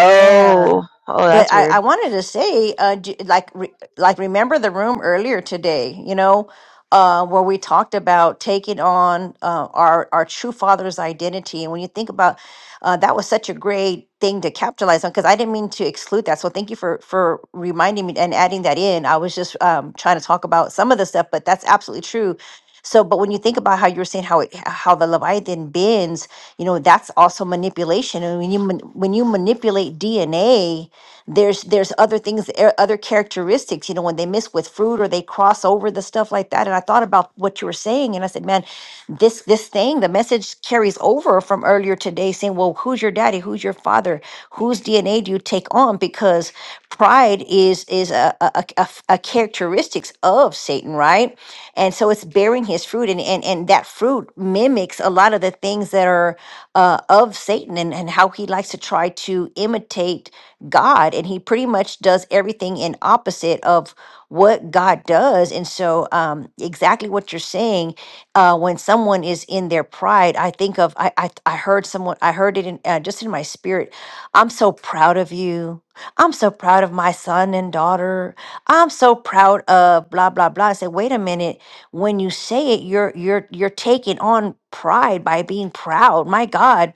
S3: Yeah.
S2: oh,
S3: But
S2: that's
S3: I,
S2: weird.
S3: I wanted to say, uh, d like, re, like remember the room earlier today, you know, uh, where we talked about taking on uh, our our true father's identity, and when you think about uh, that, was such a great thing to capitalize on because I didn't mean to exclude that. So thank you for for reminding me and adding that in. I was just um, trying to talk about some of the stuff, but that's absolutely true. So, but when you think about how you were saying how it, how the Leviathan bends, you know, that's also manipulation. And when you man- when you manipulate DNA there's there's other things er, other characteristics you know when they miss with fruit or they cross over the stuff like that and i thought about what you were saying and i said man this this thing the message carries over from earlier today saying well who's your daddy who's your father whose dna do you take on because pride is is a a, a, a f- a characteristics of satan right and so it's bearing his fruit and and, and that fruit mimics a lot of the things that are uh, of satan and, and how he likes to try to imitate God and he pretty much does everything in opposite of what God does. And so um exactly what you're saying, uh when someone is in their pride, I think of I I, I heard someone I heard it in uh, just in my spirit. I'm so proud of you. I'm so proud of my son and daughter. I'm so proud of blah blah blah. I said, wait a minute. When you say it, you're you're you're taking on pride by being proud. My God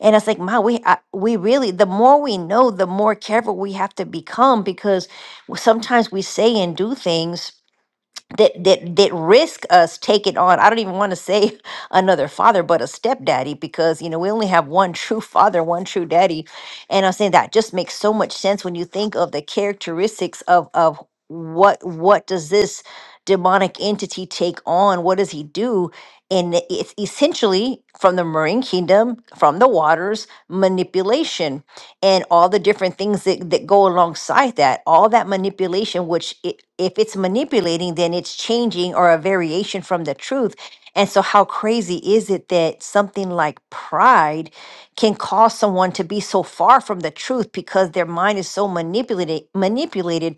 S3: and it's like, wow, we I, we really the more we know, the more careful we have to become because sometimes we say and do things that that that risk us taking on i don't even want to say another father but a stepdaddy because you know we only have one true father one true daddy and i'm saying that just makes so much sense when you think of the characteristics of of what what does this demonic entity take on what does he do and it- it's essentially from the marine kingdom from the waters manipulation and all the different things that, that go alongside that all that manipulation which it, if it's manipulating then it's changing or a variation from the truth and so how crazy is it that something like pride can cause someone to be so far from the truth because their mind is so manipulated manipulated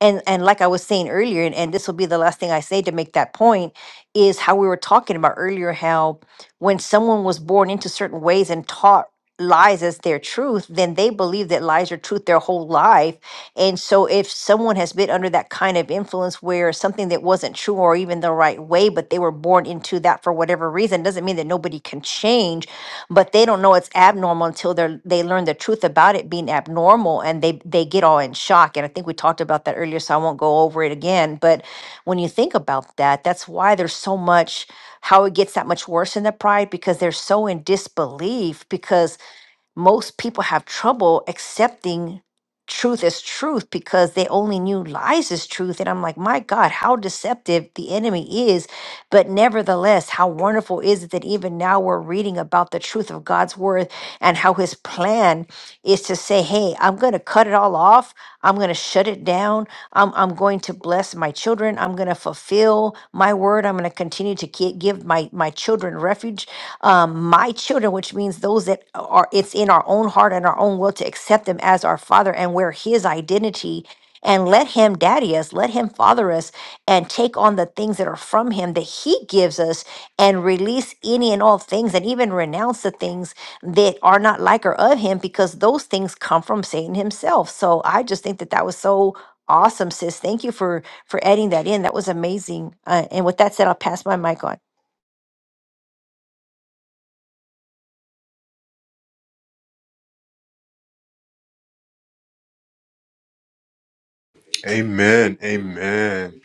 S3: and and like i was saying earlier and, and this will be the last thing i say to make that point is how we were talking about earlier how when someone was born into certain ways and taught lies as their truth, then they believe that lies are truth their whole life. And so, if someone has been under that kind of influence where something that wasn't true or even the right way, but they were born into that for whatever reason, doesn't mean that nobody can change, but they don't know it's abnormal until they are they learn the truth about it being abnormal and they they get all in shock. And I think we talked about that earlier, so I won't go over it again. But when you think about that, that's why there's so much how it gets that much worse in the pride because they're so in disbelief because most people have trouble accepting truth as truth because they only knew lies as truth. And I'm like, my God, how deceptive the enemy is. But nevertheless, how wonderful is it that even now we're reading about the truth of God's word and how his plan is to say, hey, I'm going to cut it all off. I'm going to shut it down. I'm, I'm going to bless my children. I'm going to fulfill my word. I'm going to continue to ki- give my, my children refuge. Um, my children, which means those that are, it's in our own heart and our own will to accept them as our father and we his identity. And let him daddy us, let him father us, and take on the things that are from him that he gives us and release any and all things and even renounce the things that are not like or of him because those things come from Satan himself. So I just think that that was so Awesome, sis. Thank you for for adding that in. That was amazing. Uh, and with that said, I'll pass my mic on.
S1: Amen. Amen.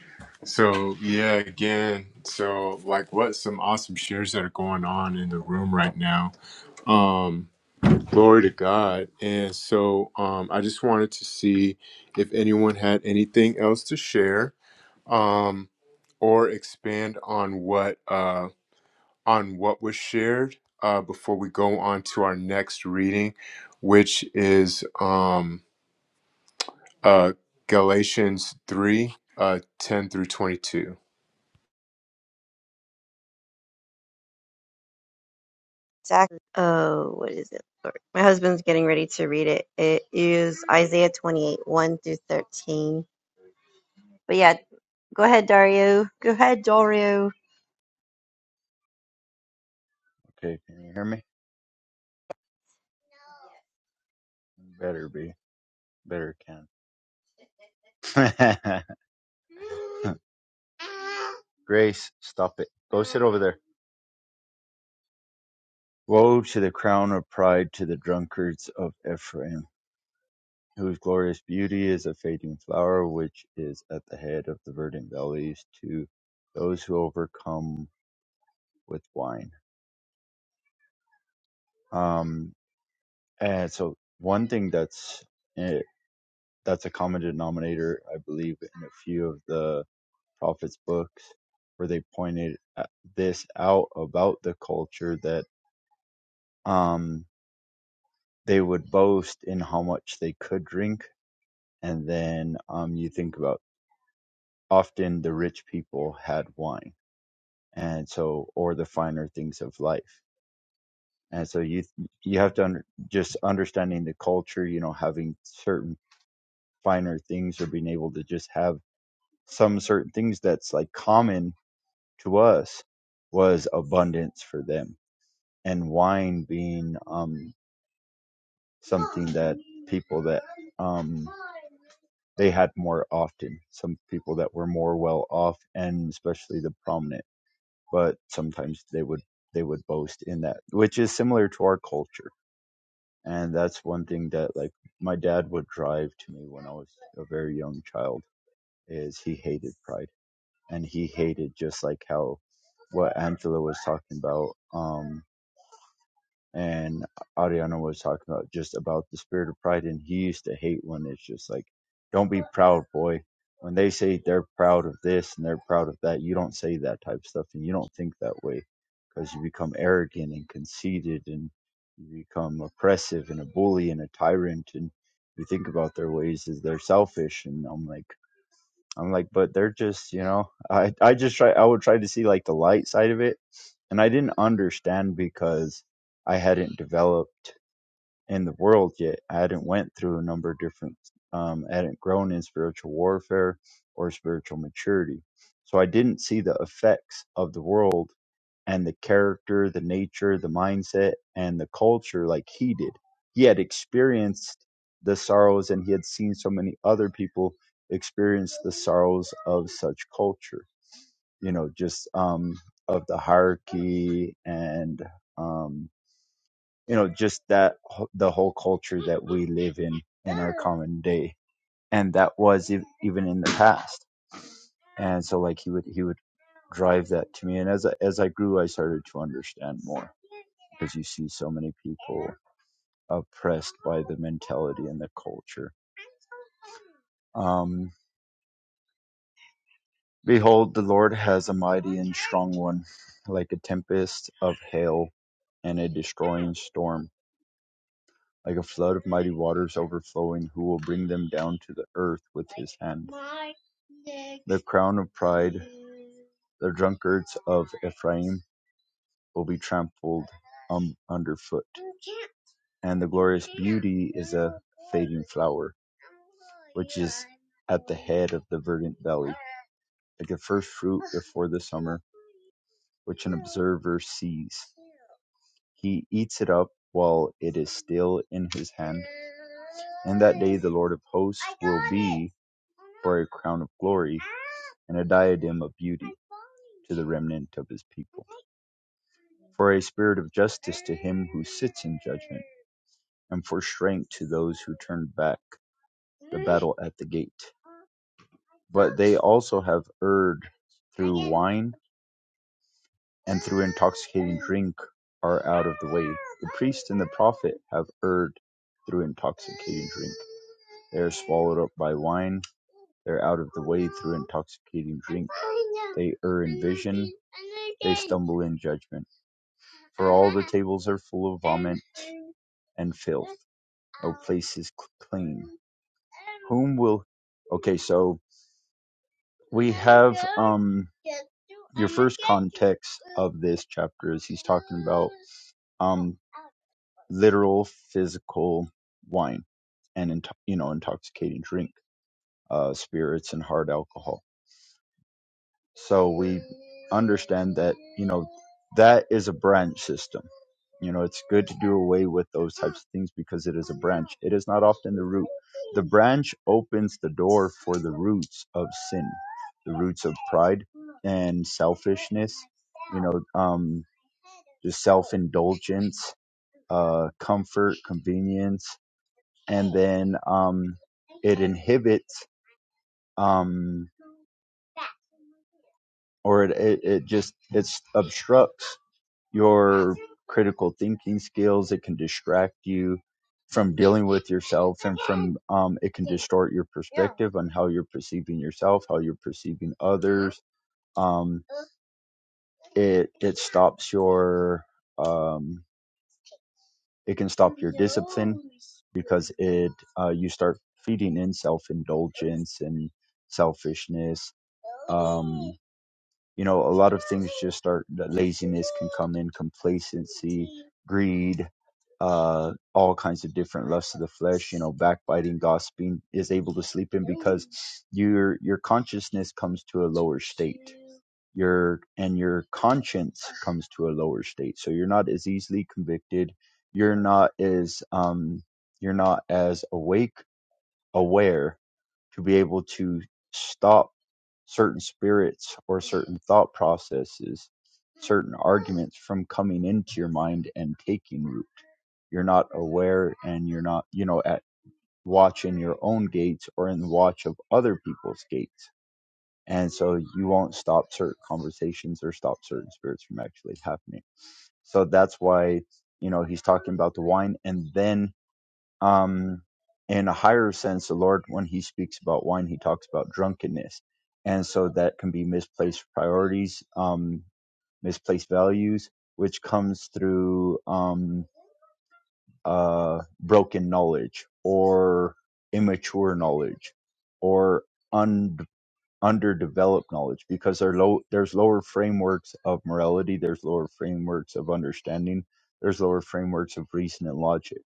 S1: So, yeah, again, so like what some awesome shares that are going on in the room right now. Um, glory to God. And so, um, I just wanted to see if anyone had anything else to share, um, or expand on what, uh, on what was shared, uh, before we go on to our next reading, which is, Um, uh, Galatians 3 uh, 10 through 22.
S2: Exactly. Oh, what is it? Sorry. My husband's getting ready to read it. It is Isaiah 28, 1 through 13. But yeah, go ahead, Dario. Go ahead, Dario.
S4: Okay, can you hear me? Better be. Better can. Grace, stop it. Go sit over there. Woe to the crown of pride to the drunkards of Ephraim, whose glorious beauty is a fading flower which is at the head of the verdant valleys to those who overcome with wine. Um, and so one thing that's eh, that's a common denominator, I believe, in a few of the prophets' books where they pointed at- this out about the culture that um, they would boast in how much they could drink. And then um, you think about often the rich people had wine and so or the finer things of life. And so you you have to under, just understanding the culture, you know, having certain finer things or being able to just have some certain things that's like common to us was abundance for them and wine being um, something that people that um, they had more often. Some people that were more well off, and especially the prominent, but sometimes they would they would boast in that, which is similar to our culture. And that's one thing that like my dad would drive to me when I was a very young child is he hated pride and he hated just like how what Angela was talking about. Um, and Ariana was talking about just about the spirit of pride, and he used to hate when it's just like, "Don't be proud, boy." When they say they're proud of this and they're proud of that, you don't say that type of stuff, and you don't think that way, because you become arrogant and conceited, and you become oppressive and a bully and a tyrant, and you think about their ways as they're selfish, and I'm like, I'm like, but they're just, you know, I I just try, I would try to see like the light side of it and I didn't understand because I hadn't developed in the world yet. I hadn't went through a number of different, um, I hadn't grown in spiritual warfare or spiritual maturity. So I didn't see the effects of the world and the character, the nature, the mindset, and the culture like he did. He had experienced the sorrows and he had seen so many other people experience the sorrows of such culture you know just um of the hierarchy and um you know just that wh- the whole culture that we live in in our common day and that was ev- even in the past and so like he would he would drive that to me and as I, as I grew I started to understand more because you see so many people oppressed by the mentality and the culture um behold the lord has a mighty and strong one like a tempest of hail and a destroying storm like a flood of mighty waters overflowing, who will bring them down to the earth with his hand. The crown of pride, the drunkards of Ephraim will be trampled um, underfoot, and the glorious beauty is a fading flower, which is at the head of the verdant valley, like the first fruit before the summer, which an observer sees. He eats it up while it is still in his hand. And that day the Lord of hosts will be for a crown of glory and a diadem of beauty to the remnant of his people. For a spirit of justice to him who sits in judgment, and for strength to those who turn back the battle at the gate. But they also have erred through wine. and through intoxicating drink are out of the way. The priest and the prophet have erred through intoxicating drink. They are swallowed up by wine. They are out of the way through intoxicating drink. They err in vision. They stumble in judgment. For all the tables are full of vomit and filth. No place is clean. Whom will. Okay, so we have. um your first context of this chapter is he's talking about um literal physical wine and into- you know intoxicating drink uh spirits and hard alcohol so we understand that, you know, that is a branch system. You know, it's good to do away with those types of things because it is a branch. It is not often the root. The branch opens the door for the roots of sin, the roots of pride and selfishness, you know, um, just self indulgence, uh, comfort, convenience, and then um, it inhibits um, or it, it, it just it obstructs your critical thinking skills. It can distract you from dealing with yourself and from um, it can distort your perspective on how you're perceiving yourself, how you're perceiving others. Um, it it stops your um, it can stop your discipline because it uh, you start feeding in self indulgence and selfishness. Um, you know, a lot of things just start. Laziness can come in, complacency, greed, uh, all kinds of different lusts of the flesh, you know, backbiting, gossiping, is able to sleep in because your your consciousness comes to a lower state. Your and your conscience comes to a lower state, so you're not as easily convicted. You're not as um, you're not as awake, aware to be able to stop certain spirits or certain thought processes, certain arguments from coming into your mind and taking root you're not aware and you're not you know at watch in your own gates or in watch of other people's gates and so you won't stop certain conversations or stop certain spirits from actually happening so that's why you know he's talking about the wine and then um in a higher sense the lord when he speaks about wine he talks about drunkenness and so that can be misplaced priorities um misplaced values which comes through um, uh, broken knowledge or immature knowledge or un- underdeveloped knowledge because there are low, there's lower frameworks of morality, there's lower frameworks of understanding, there's lower frameworks of reason and logic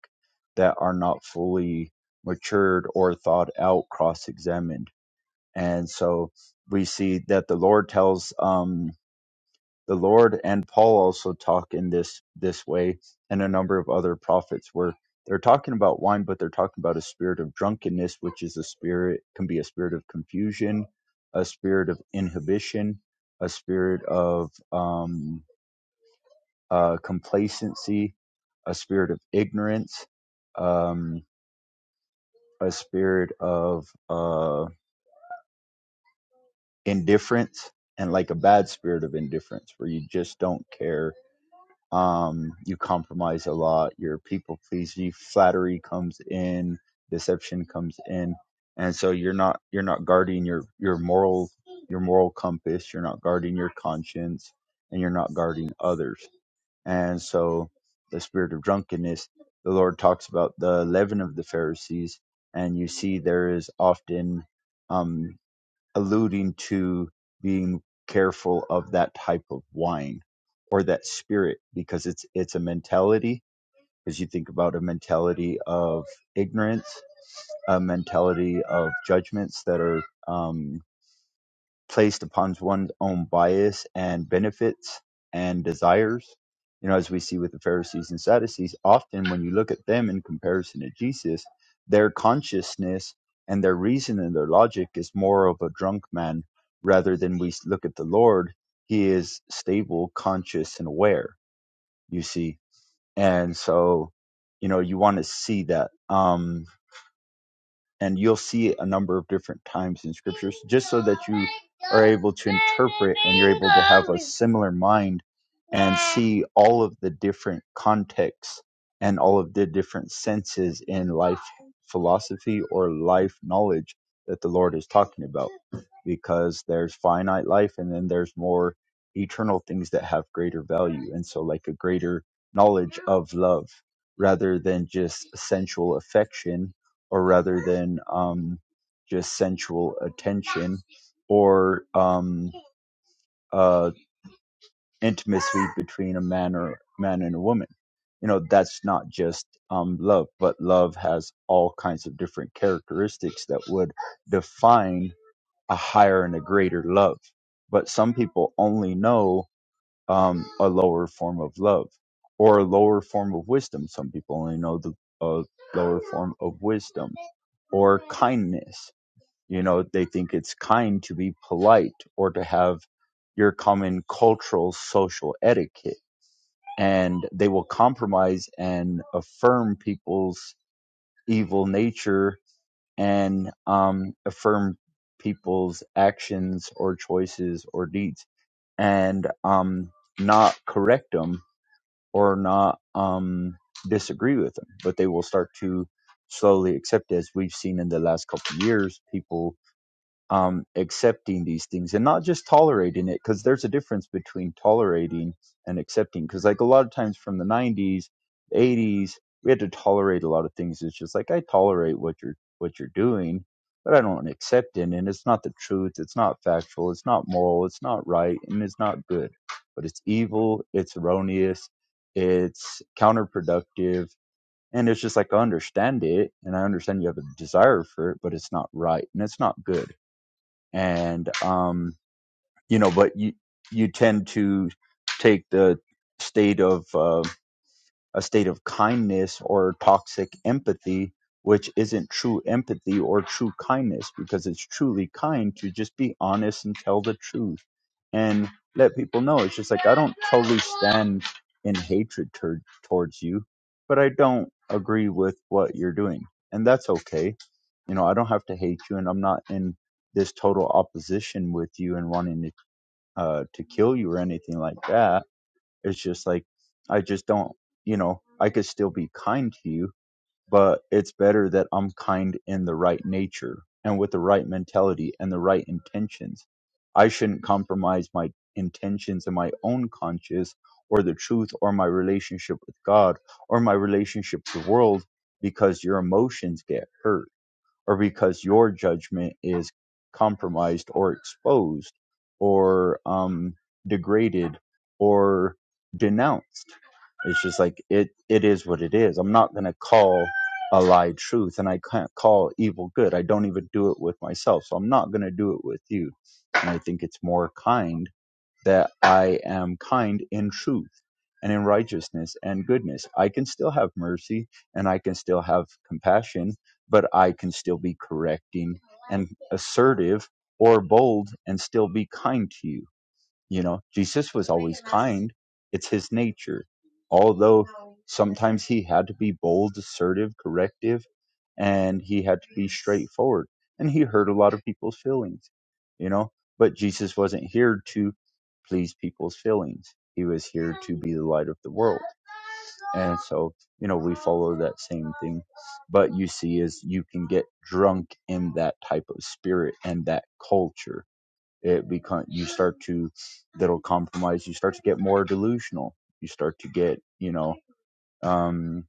S4: that are not fully matured or thought out, cross examined. And so we see that the Lord tells um, the Lord and Paul also talk in this this way, and a number of other prophets where they're talking about wine, but they're talking about a spirit of drunkenness, which is a spirit can be a spirit of confusion, a spirit of inhibition, a spirit of um, uh, complacency, a spirit of ignorance, um, a spirit of uh, indifference, and like a bad spirit of indifference where you just don't care um, you compromise a lot, you're people pleasing, flattery comes in, deception comes in, and so you're not you're not guarding your your moral your moral compass, you're not guarding your conscience, and you're not guarding others. And so the spirit of drunkenness, the Lord talks about the leaven of the Pharisees, and you see there is often um alluding to being careful of that type of wine or that spirit because it's it's a mentality because you think about a mentality of ignorance a mentality of judgments that are um, placed upon one's own bias and benefits and desires. You know, as we see with the Pharisees and Sadducees, often when you look at them in comparison to Jesus, their consciousness and their reason and their logic is more of a drunk man rather than we look at the Lord. He is stable, conscious, and aware, you see. And so, you know, you want to see that. Um, and you'll see it a number of different times in scriptures just so that you are able to interpret and you're able to have a similar mind and see all of the different contexts and all of the different senses in life philosophy or life knowledge that the Lord is talking about because there's finite life and then there's more eternal things that have greater value and so like a greater knowledge of love rather than just sensual affection or rather than um, just sensual attention or um, uh, intimacy between a man or man and a woman. You know, that's not just um, love, but love has all kinds of different characteristics that would define a higher and a greater love. But some people only know um, a lower form of love or a lower form of wisdom. Some people only know the uh, lower form of wisdom or kindness you know, they think it's kind to be polite or to have your common cultural social etiquette. And they will compromise and affirm people's evil nature and um, affirm people's actions or choices or deeds and um, not correct them or not um, disagree with them. But they will start to slowly accept, it, as we've seen in the last couple of years, people um, accepting these things and not just tolerating it because there's a difference between tolerating and accepting because like a lot of times from the 90s 80s we had to tolerate a lot of things it's just like i tolerate what you're what you're doing but i don't accept it and it's not the truth it's not factual it's not moral it's not right and it's not good but it's evil it's erroneous it's counterproductive and it's just like i understand it and i understand you have a desire for it but it's not right and it's not good and um, you know, but you you tend to take the state of uh, a state of kindness or toxic empathy, which isn't true empathy or true kindness, because it's truly kind to just be honest and tell the truth and let people know. It's just like I don't totally stand in hatred tur towards you, but I don't agree with what you're doing, and that's okay you know i don't have to hate you and i'm not in this total opposition with you and wanting to uh to kill you or anything like that it's just like i just don't you know i could still be kind to you but it's better that i'm kind in the right nature and with the right mentality and the right intentions i shouldn't compromise my intentions and my own conscience or the truth or my relationship with god or my relationship to the world because your emotions get hurt or because your judgment is compromised or exposed or um, degraded or denounced. It's just like it it is what it is. I'm not gonna call a lie truth and I can't call evil good. I don't even do it with myself. So I'm not gonna do it with you. And I think it's more kind that I am kind in truth and in righteousness and goodness. I can still have mercy and I can still have compassion, but I can still be correcting and assertive or bold and still be kind to you. You know, Jesus was always kind. It's his nature. Although sometimes he had to be bold, assertive, corrective, and he had to be straightforward. And he hurt a lot of people's feelings, you know. But Jesus wasn't here to please people's feelings. He was here to be the light of the world. And so, you know, we follow that same thing. But you see, is you can get drunk in that type of spirit and that culture it become you start to that'll compromise you start to get more delusional you start to get you know um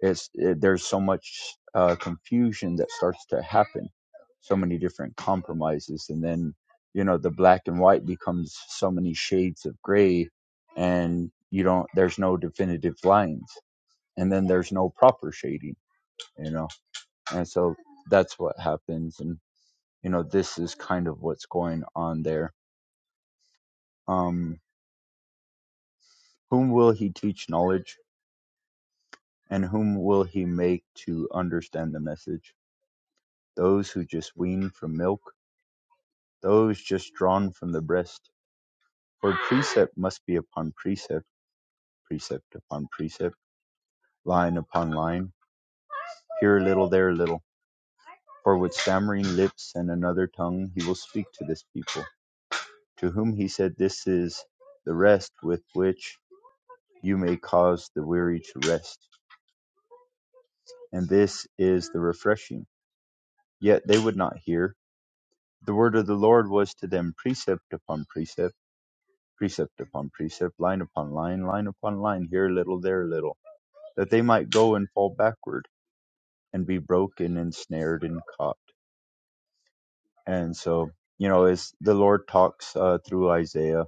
S4: it's it, there's so much uh confusion that starts to happen so many different compromises and then you know the black and white becomes so many shades of gray and you don't there's no definitive lines and then there's no proper shading you know and so that's what happens and you know this is kind of what's going on there um Whom will he teach knowledge, and whom will he make to understand the message? Those who just wean from milk, those just drawn from the breast. For precept must be upon precept, precept upon precept, line upon line, here a little, there a little. For with stammering lips and another tongue he will speak to this people, to whom he said, This is the rest with which you may cause the weary to rest, and this is the refreshing. Yet they would not hear The word of the Lord was to them precept upon precept, precept upon precept, line upon line, line upon line, here a little, there a little, that they might go and fall backward and be broken and snared and caught. And so, you know, as the Lord talks uh, through Isaiah,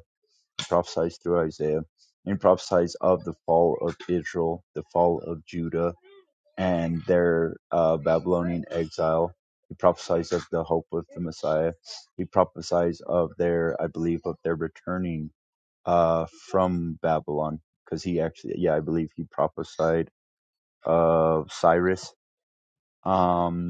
S4: prophesies through Isaiah, and prophesies of the fall of Israel, the fall of Judah, and their uh, Babylonian exile. He prophesies of the hope of the Messiah. He prophesies of their, I believe, of their returning uh, from Babylon, because he actually, yeah, I believe he prophesied of Cyrus. Um,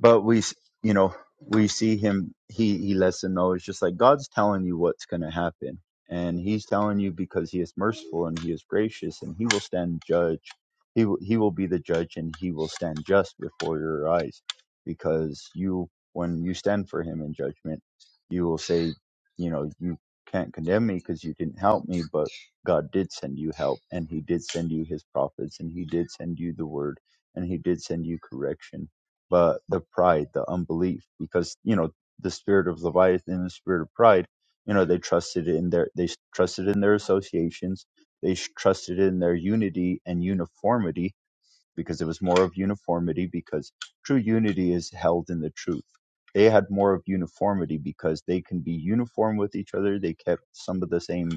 S4: but we s- you know we see him he he lets them know it's just like god's telling you what's going to happen and he's telling you because he is merciful and he is gracious and he will stand judge he will, he will be the judge and he will stand just before your eyes because you when you stand for him in judgment you will say you know you can't condemn me because you didn't help me but god did send you help and he did send you his prophets and he did send you the word and he did send you correction but the pride, the unbelief, because you know the spirit of Leviathan and the spirit of pride, you know they trusted in their they trusted in their associations, they trusted in their unity and uniformity, because there was more of uniformity because true unity is held in the truth. They had more of uniformity because they can be uniform with each other. They kept some of the same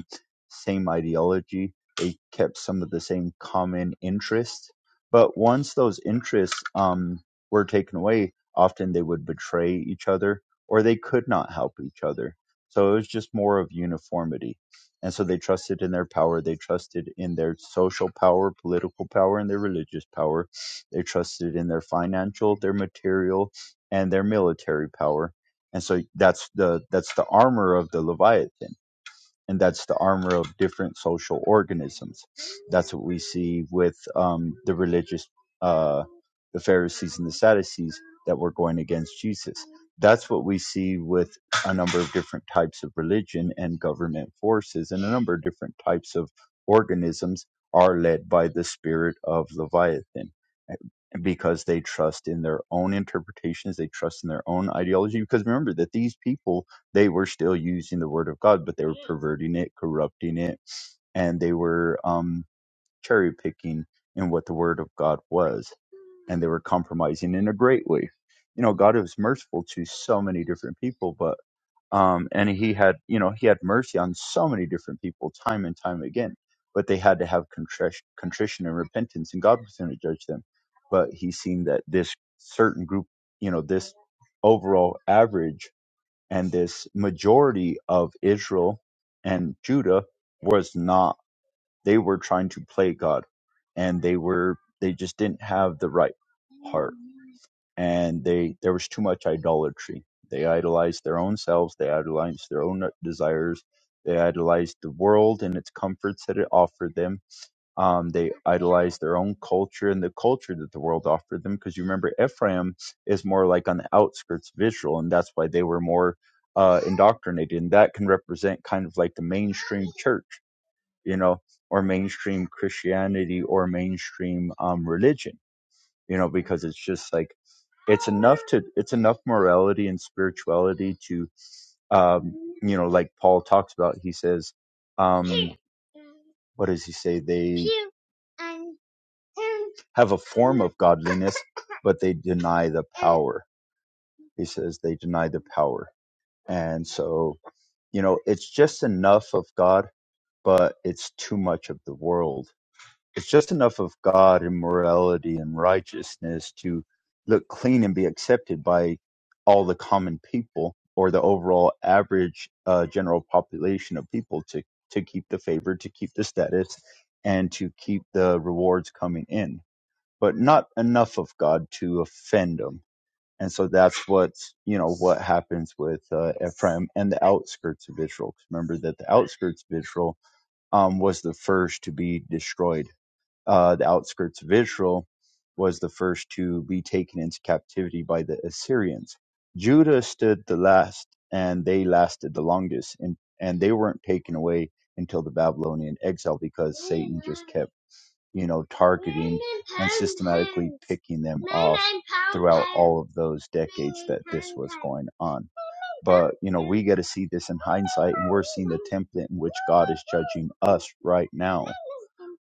S4: same ideology. They kept some of the same common interests. But once those interests um, were taken away, often they would betray each other or they could not help each other. So it was just more of uniformity and so they trusted in their power. They trusted in their social power, political power, and their religious power. They trusted in their financial, their material, and their military power. And so that's the that's the armor of the Leviathan and that's the armor of different social organisms. That's what we see with um, the religious, uh, the Pharisees and the Sadducees that were going against Jesus. That's what we see with a number of different types of religion and government forces, and a number of different types of organisms are led by the spirit of Leviathan eh, because they trust in their own interpretations, they trust in their own ideology. Because remember that these people they were still using the word of God, but they were perverting it, corrupting it, and they were um, cherry picking in what the word of God was, and they were compromising in a great way. You know, God was merciful to so many different people, but um, and He had, you know, He had mercy on so many different people, time and time again. But they had to have contrition, contrition and repentance, and God was going to judge them. But He seen that this certain group, you know, this overall average and this majority of Israel and Judah was not they were trying to play God and they were they just didn't have the right heart and they there was too much idolatry they idolized their own selves they idolized their own desires they idolized the world and its comforts that it offered them um, they idolize their own culture and the culture that the world offered them. Because you remember, Ephraim is more like on the outskirts of Israel, and that's why they were more uh, indoctrinated. And that can represent kind of like the mainstream church, you know, or mainstream Christianity or mainstream um, religion, you know, because it's just like it's enough to it's enough morality and spirituality to um, you know, like Paul talks about. He says, um, what does he say? They have a form of godliness, but they deny the power. He says they deny the power. And so, you know, it's just enough of God, but it's too much of the world. It's just enough of God and morality and righteousness to look clean and be accepted by all the common people or the overall average uh, general population of people to, to keep the favor, to keep the status, and to keep the rewards coming in but not enough of God to offend them. And so that's what's you know what happens with uh, Ephraim and the outskirts of Israel. 'Cause Remember that the outskirts of Israel um, was the first to be destroyed. Uh, the outskirts of Israel was the first to be taken into captivity by the Assyrians. Judah stood the last, and they lasted the longest, and and they weren't taken away until the Babylonian exile because Satan just kept you know, targeting and systematically picking them off throughout all of those decades that this was going on. But, you know, we get to see this in hindsight and we're seeing the template in which God is judging us right now.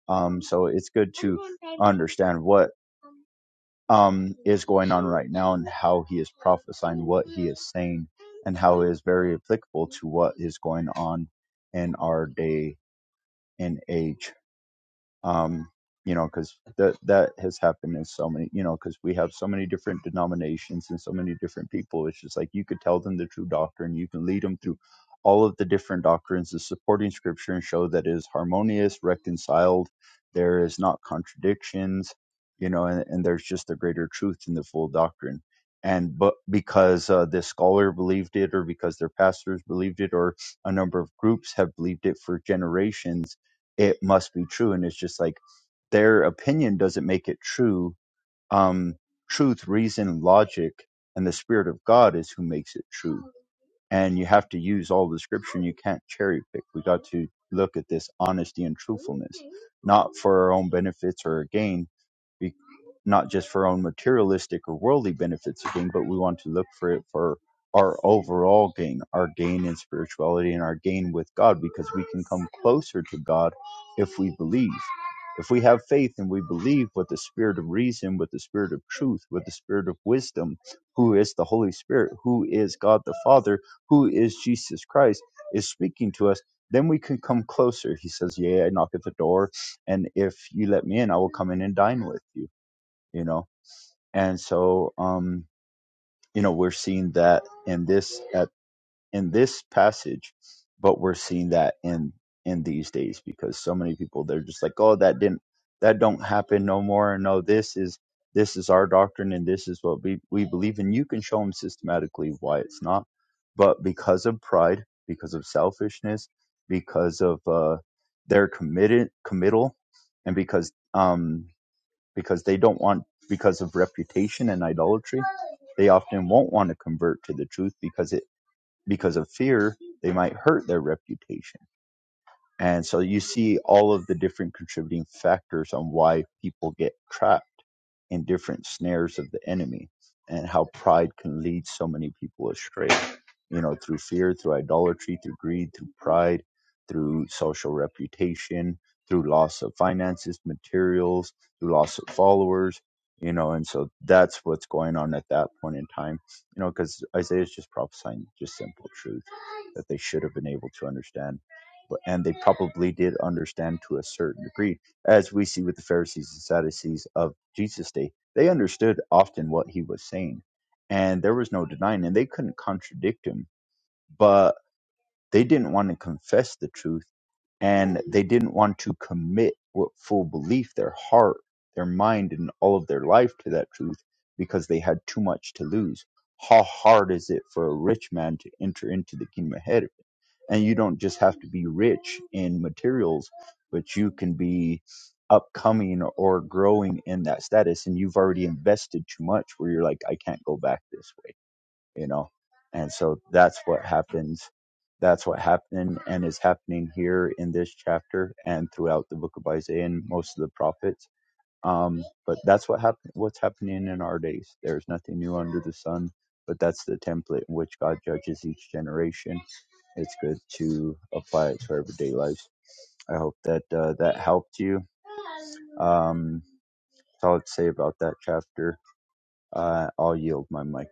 S4: Um, so it's good to understand what um, is going on right now and how he is prophesying what he is saying and how it is very applicable to what is going on in our day and age um, you know, because that that has happened in so many, you know, because we have so many different denominations and so many different people. It's just like you could tell them the true doctrine, you can lead them through all of the different doctrines, the supporting scripture, and show that it is harmonious, reconciled. There is not contradictions, you know, and, and there's just a greater truth in the full doctrine. And but because uh, this scholar believed it, or because their pastors believed it, or a number of groups have believed it for generations it must be true and it's just like their opinion doesn't make it true um truth reason logic and the spirit of god is who makes it true and you have to use all the scripture and you can't cherry pick we got to look at this honesty and truthfulness not for our own benefits or our gain not just for our own materialistic or worldly benefits of gain, but we want to look for it for our overall gain, our gain in spirituality and our gain with God, because we can come closer to God if we believe. If we have faith and we believe with the spirit of reason, with the spirit of truth, with the spirit of wisdom, who is the Holy Spirit, who is God the Father, who is Jesus Christ, is speaking to us, then we can come closer. He says, Yea, I knock at the door, and if you let me in, I will come in and dine with you. You know, and so um you know we're seeing that in this at in this passage but we're seeing that in in these days because so many people they're just like oh that didn't that don't happen no more and no this is this is our doctrine and this is what we we believe and you can show them systematically why it's not but because of pride because of selfishness because of uh their committed committal and because um because they don't want because of reputation and idolatry they often won't want to convert to the truth because it because of fear they might hurt their reputation and so you see all of the different contributing factors on why people get trapped in different snares of the enemy and how pride can lead so many people astray you know through fear through idolatry through greed through pride through social reputation through loss of finances materials through loss of followers you know and so that's what's going on at that point in time you know because isaiah is just prophesying just simple truth that they should have been able to understand. But, and they probably did understand to a certain degree, as we see with the Pharisees and Sadducees of Jesus' day. They understood often what he was saying, and there was no denying, and they couldn't contradict him. but. They didn't want to confess the truth and they didn't want to commit with full belief their heart, their mind, and all of their life to that truth because they had too much to lose. How hard is it for a rich man to enter into the kingdom of heaven? And you don't just have to be rich in materials, but you can be upcoming or growing in that status. And you've already invested too much where you're like, I can't go back this way you know and so that's what happens that's what happened and is happening here in this chapter and throughout the book of isaiah and most of the prophets um but that's what happened what's happening in our days there's nothing new under the sun but that's the template in which god judges each generation it's good to apply it to our everyday lives i hope that uh, that helped you um that's all i'd say about that chapter uh, i'll yield my mic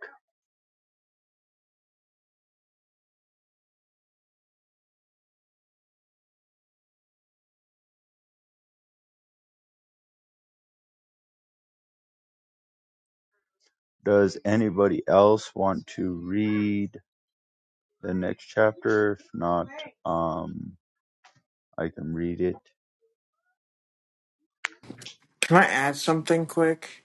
S4: Does anybody else want to read the next chapter? If not, um, I can read it.
S5: Can I add something quick?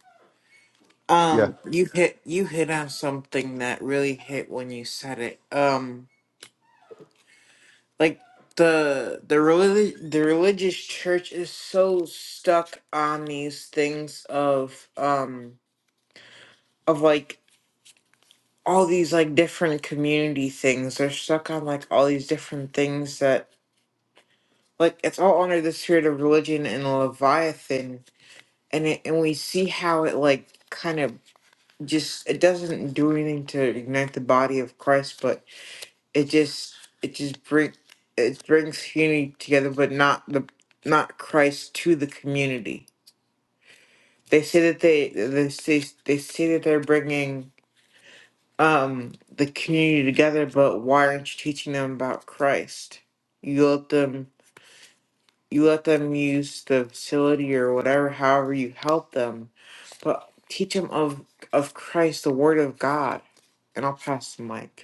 S4: Yeah,
S5: Um, you hit you hit on something that really hit when you said it. Um, like the the relig- the religious church is so stuck on these things of um of like all these like different community things. They're stuck on like all these different things that like it's all under the spirit of religion and Leviathan, and it, and we see how it like kind of just it doesn't do anything to ignite the body of Christ, but it just it just bring it brings unity together, but not the not Christ to the community. They say that they they say they say that they're bringing um the community together, but why aren't you teaching them about Christ? You let them you let them use the facility or whatever, however you help them, but teach them of of Christ, the Word of God, and I'll pass the mic.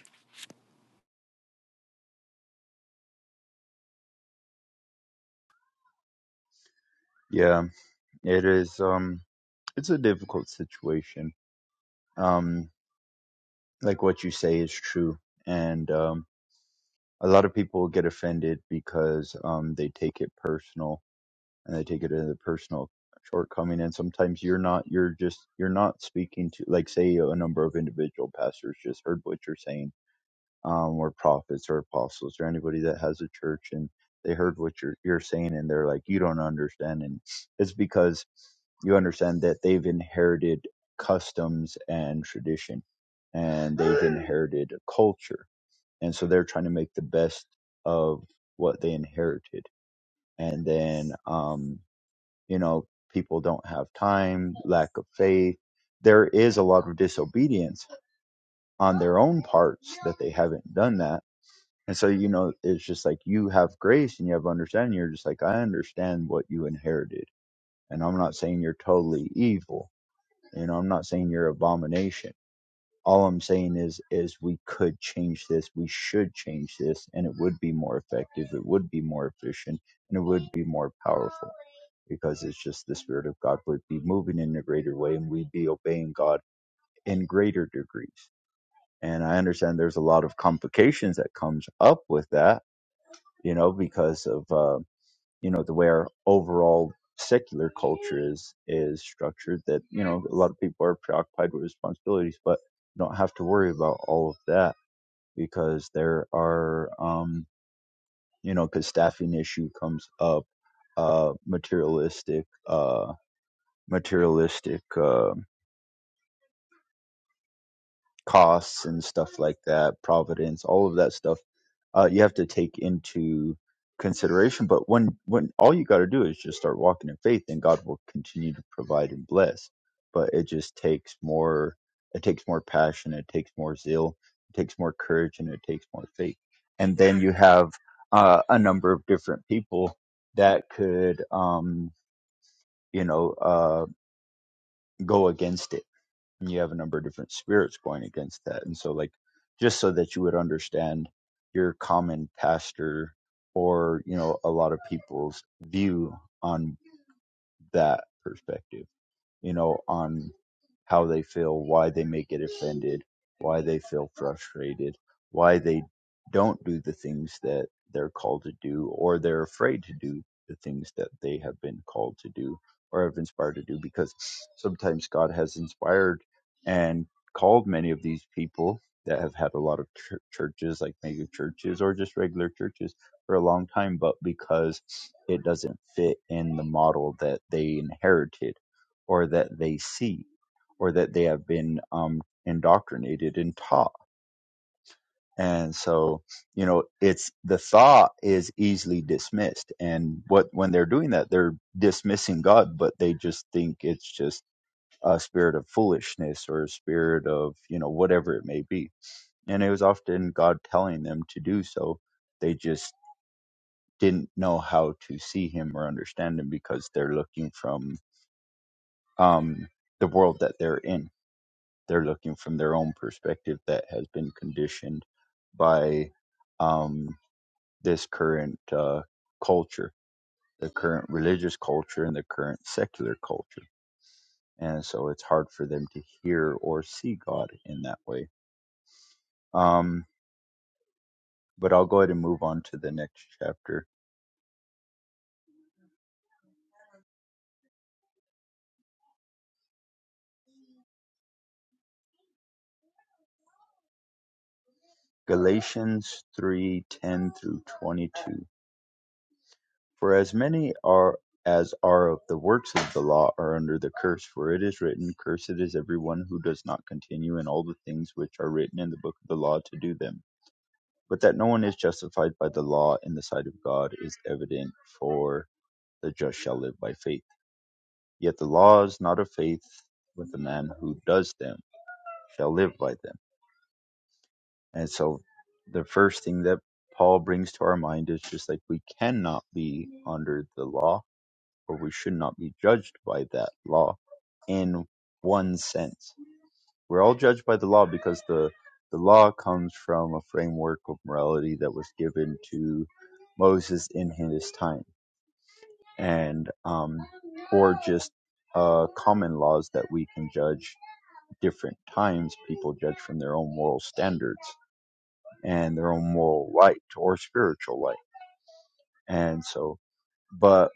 S4: yeah. It is. Um, it's a difficult situation. Um, like what you say is true, and um, a lot of people get offended because um they take it personal and they take it as a personal shortcoming. And sometimes you're not. You're just. You're not speaking to. Like, say, a number of individual pastors just heard what you're saying um, or prophets or apostles or anybody that has a church and they heard what you're, you're saying and they're like, you don't understand. And it's because you understand that they've inherited customs and tradition and they've inherited a culture. And so they're trying to make the best of what they inherited. And then, um, you know, people don't have time, lack of faith. There is a lot of disobedience on their own parts that they haven't done that and so, you know, it's just like you have grace and you have understanding. You're just like, I understand what you inherited. And I'm not saying you're totally evil. You know, I'm not saying you're abomination. All I'm saying is, is we could change this. We should change this. And it would be more effective. It would be more efficient and it would be more powerful because it's just the spirit of God would be moving in a greater way and we'd be obeying God in greater degrees. And I understand there's a lot of complications that comes up with that you know, because of uh, you know the way our overall secular culture is is structured. That you know a lot of people are preoccupied with responsibilities, but don't have to worry about all of that because there are um, you know because staffing issue comes up, uh, materialistic uh, materialistic. uh, costs and stuff like that, providence, all of that stuff, uh, you have to take into consideration. But when when all you got to do is just start walking in faith, and God will continue to provide and bless. But it just takes more. It takes more passion. It takes more zeal. It takes more courage, and it takes more faith. And then you have uh, a number of different people that could, um, you know, uh, go against it and you have a number of different spirits going against that and so like just so that you would understand your common pastor or you know a lot of people's view on that perspective you know, on how they feel, why they may get offended, why they feel frustrated, why they don't do the things that they're called to do, or they're afraid to do the things that they have been called to do or have inspired to do, because sometimes God has inspired and called many of these people that have had a lot of chur churches, like mega churches or just regular churches, for a long time, but because it doesn't fit in the model that they inherited or that they see or that they have been um, indoctrinated and taught. And so, you know, it's the thought is easily dismissed. And what when they're doing that, they're dismissing God, but they just think it's just a spirit of foolishness or a spirit of, you know, whatever it may be. And it was often God telling them to do so. They just didn't know how to see him or understand him because they're looking from um, the world that they're in They're looking from their own perspective that has been conditioned by um, this current uh, culture, the current religious culture, and the current secular culture. And so it's hard for them to hear or see God in that way. Um, but I'll go ahead and move on to the next chapter. Galatians three ten through 22. For as many are as are of the works of the law are under the curse, for it is written, Cursed is everyone who does not continue in all the things which are written in the book of the law to do them. But that no one is justified by the law in the sight of God is evident, for the just shall live by faith. Yet the law is not of faith, but the man who does them shall live by them. And so the first thing that Paul brings to our mind is just like we cannot be under the law or we should not be judged by that law in one sense. We're all judged by the law because the the law comes from a framework of morality that was given to Moses in his time, and um, or just uh, common laws that we can judge different times. People judge from their own moral standards and their own moral light or spiritual light, and so. But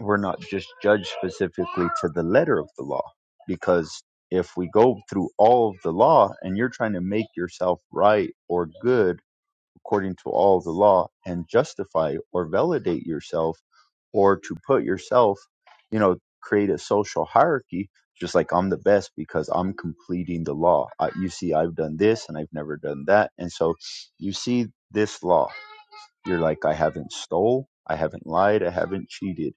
S4: we're not just judged specifically to the letter of the law because if we go through all of the law and you're trying to make yourself right or good according to all the law and justify or validate yourself or to put yourself you know create a social hierarchy just like I'm the best because I'm completing the law I, you see I've done this and I've never done that and so you see this law you're like, I haven't stole, I haven't lied, I haven't cheated,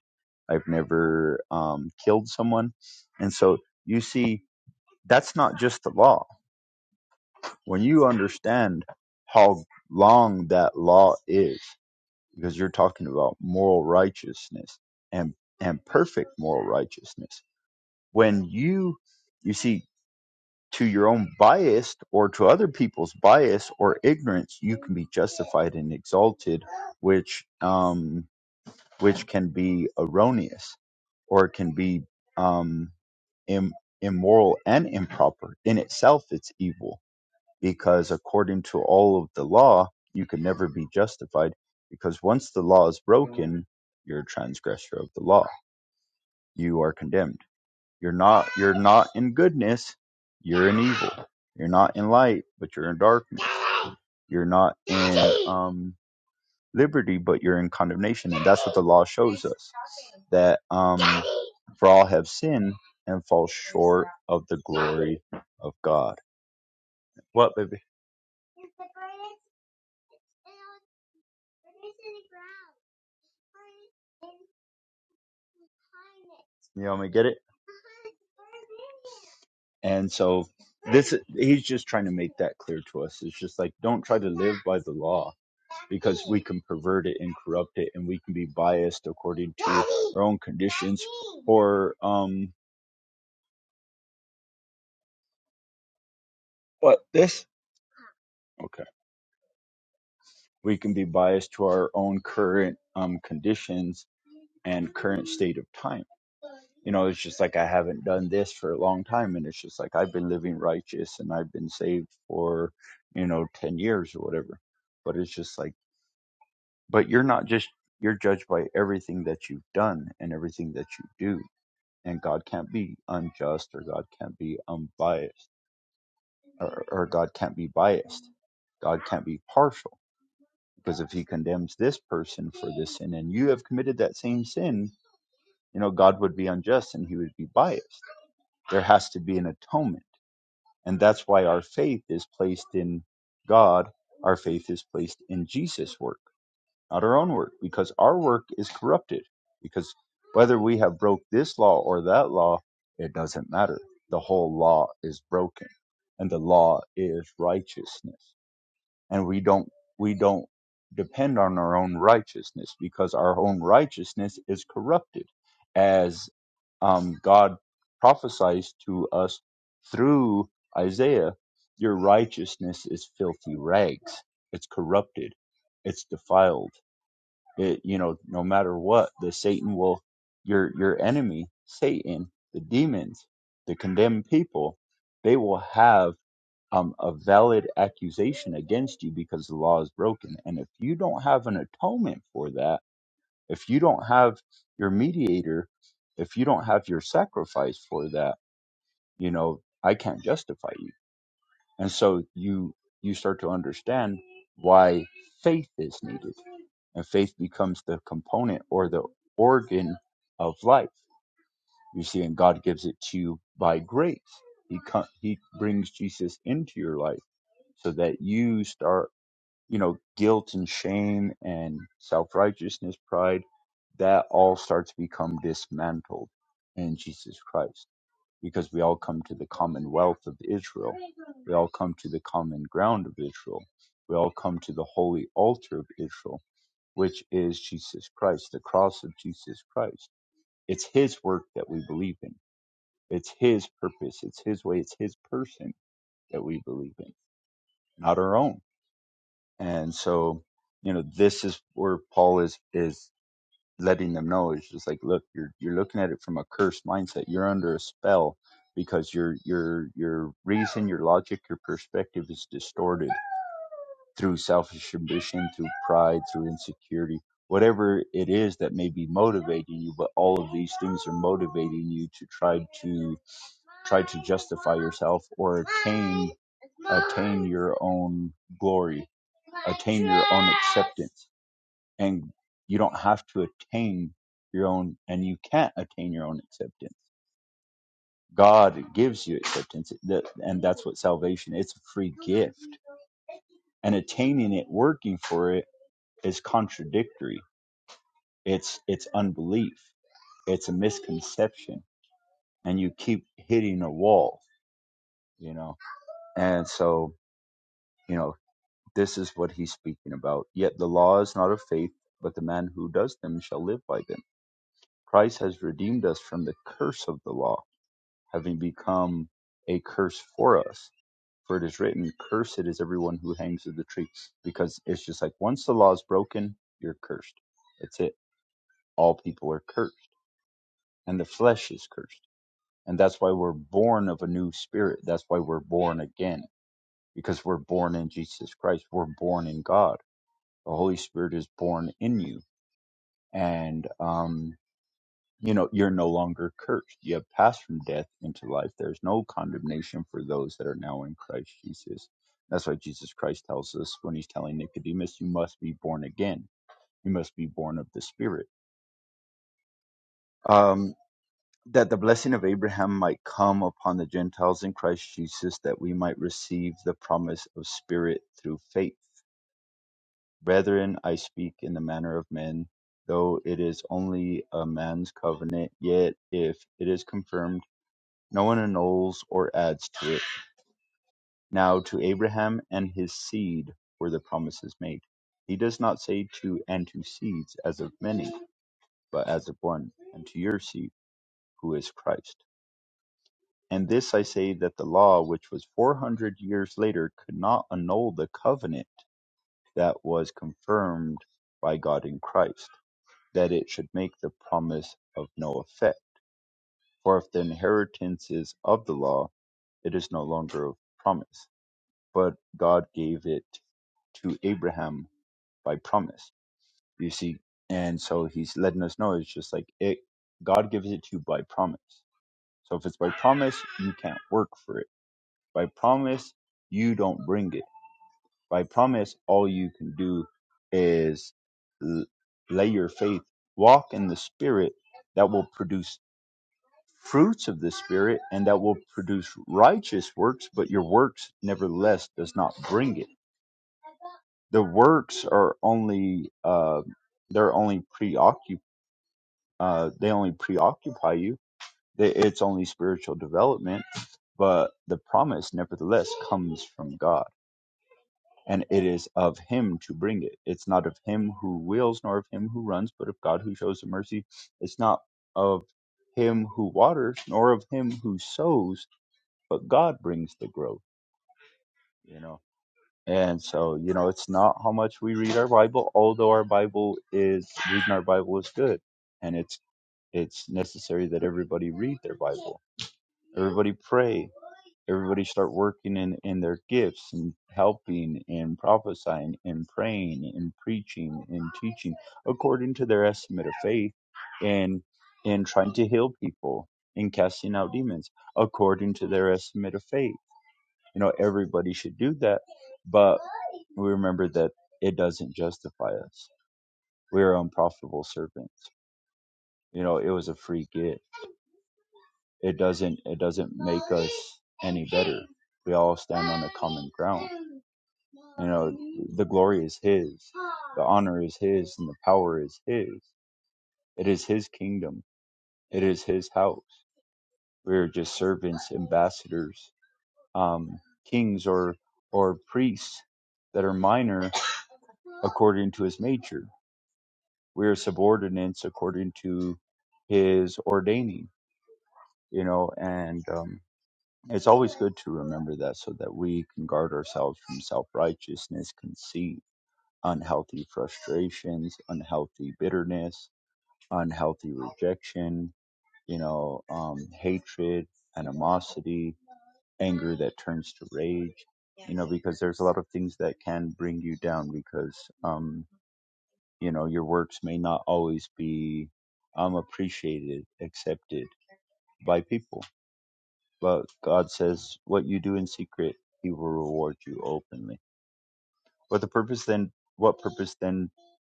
S4: I've never um, killed someone. And so you see, that's not just the law. When you understand how long that law is, because you're talking about moral righteousness and and perfect moral righteousness. When you you see to your own bias or to other people's bias or ignorance, you can be justified and exalted, which um, which can be erroneous or it can be um, Im- immoral and improper. In itself, it's evil because according to all of the law, you can never be justified because once the law is broken, you're a transgressor of the law. You are condemned. You're not. You're not in goodness. You're in evil. You're not in light, but you're in darkness. You're not in. Um, liberty, but you're in condemnation. And that's what the law shows us that um, for all have sinned and fall short of the glory of God. What, baby? You want me to get it? And so this he's just trying to make that clear to us. It's just like don't try to live by the law because we can pervert it and corrupt it and we can be biased according to our own conditions or um what this okay we can be biased to our own current um conditions and current state of time. You know, it's just like I haven't done this for a long time, and it's just like I've been living righteous and I've been saved for, you know, 10 years or whatever. But it's just like, but you're not just, you're judged by everything that you've done and everything that you do. And God can't be unjust or God can't be unbiased or, or God can't be biased. God can't be partial because if he condemns this person for this sin and you have committed that same sin, you know, God would be unjust and he would be biased. There has to be an atonement. And that's why our faith is placed in God. Our faith is placed in Jesus' work, not our own work, because our work is corrupted. Because whether we have broke this law or that law, it doesn't matter. The whole law is broken and the law is righteousness and we don't we don't depend on our own righteousness because our own righteousness is corrupted as um, god prophesies to us through isaiah your righteousness is filthy rags it's corrupted it's defiled it you know no matter what the satan will your your enemy satan the demons the condemned people they will have um, a valid accusation against you because the law is broken. And if you don't have an atonement for that, if you don't have your mediator, if you don't have your sacrifice for that, you know, I can't justify you. And so you you start to understand why faith is needed. And faith becomes the component or the organ of life. You see, and God gives it to you by grace. He co- he brings Jesus into your life so that you start, you know, guilt and shame and self righteousness, pride, that all starts to become dismantled in Jesus Christ because we all come to the commonwealth of Israel. We all come to the common ground of Israel. We all come to the holy altar of Israel, which is Jesus Christ, the cross of Jesus Christ. It's his work that we believe in. It's his purpose. It's his way. It's his person that we believe in, not our own And so, you know, this is where Paul is is letting them know. It's just like, look, you're you're looking at it from a cursed mindset. You're under a spell because your your your reason, your logic, your perspective is distorted through selfish ambition, through pride, through insecurity, whatever it is that may be motivating you, but all of these things are motivating you to try to try to justify yourself or attain attain your own glory, attain your own acceptance. And you don't have to attain your own and you can't attain your own acceptance. God gives you acceptance, that- and that's what salvation. It's a free gift, and attaining it, working for it is contradictory. It's it's unbelief. It's a misconception, and you keep hitting a wall, you know. And so, you know, this is what he's speaking about. Yet the law is not of faith, but the man who does them shall live by them. Christ has redeemed us from the curse of the law, having become a curse for us. For it is written, "Cursed is everyone who hangs of the tree," because it's just like once the law is broken, you're cursed. That's it. All people are cursed and the flesh is cursed. And that's why we're born of a new spirit. That's why we're born again, because we're born in Jesus Christ. We're born in God. The Holy Spirit is born in you. And, um, you know, you're no longer cursed. You have passed from death into life. There's no condemnation for those that are now in Christ Jesus. That's why Jesus Christ tells us when he's telling Nicodemus, you must be born again. You must be born of the Spirit. Um, that the blessing of Abraham might come upon the Gentiles in Christ Jesus, that we might receive the promise of Spirit through faith. Brethren, I speak in the manner of men, though it is only a man's covenant, yet if it is confirmed, no one annuls or adds to it. Now to Abraham and his seed were the promises made. He does not say to and to seeds as of many, but as of one, and to your seed, who is Christ. And this I say that the law, which was four hundred years later, could not annul the covenant that was confirmed by God in Christ, that it should make the promise of no effect. For if the inheritance is of the law, it is no longer of promise, but God gave it to Abraham by promise. You see, and so he's letting us know it's just like it. God gives it to you by promise. So if it's by promise, you can't work for it By promise, you don't bring it. By promise, all you can do is l- lay your faith, walk in the Spirit that will produce fruits of the Spirit and that will produce righteous works, but your works nevertheless does not bring it. The works are only, uh, they're only preoccup uh, they only preoccupy you. They- It's only spiritual development, but the promise nevertheless comes from God and it is of him to bring it. It's not of him who wills, nor of him who runs, but of God who shows the mercy. It's not of him who waters, nor of him who sows, but God brings the growth, you know. And so, you know, it's not how much we read our Bible, although our Bible is reading our Bible is good. And it's it's necessary that everybody read their Bible Everybody pray. Everybody start working in, in their gifts and helping and prophesying and praying and preaching and teaching according to their estimate of faith and and trying to heal people and casting out demons according to their estimate of faith. You know, everybody should do that, but we remember that it doesn't justify us. We are unprofitable servants. You know, it was a free gift it doesn't it doesn't make us any better we all stand on a common ground you know the glory is his the honor is his and the power is his it is his kingdom it is his house we're just servants ambassadors um kings or or priests that are minor according to his nature we are subordinates according to his ordaining you know and um It's always good to remember that so that we can guard ourselves from self righteousness, conceit, unhealthy frustrations, unhealthy bitterness, unhealthy rejection, you know, um, hatred, animosity, anger that turns to rage, you know, because there's a lot of things that can bring you down because, um, you know, your works may not always be um, appreciated, accepted by people But God says, "What you do in secret, He will reward you openly." What the purpose then? What purpose then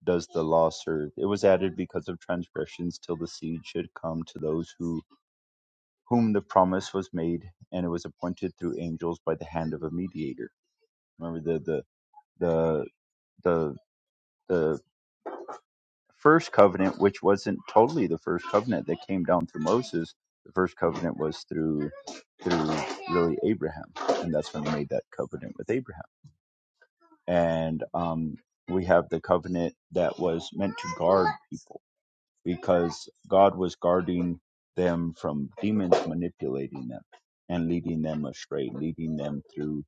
S4: does the law serve? It was added because of transgressions, till the seed should come to those who whom the promise was made, and it was appointed through angels by the hand of a mediator. Remember the the the the the first covenant, which wasn't totally the first covenant that came down through Moses. The first covenant was through through really Abraham, and that's when they made that covenant with Abraham and um, we have the covenant that was meant to guard people because God was guarding them from demons manipulating them and leading them astray, leading them through,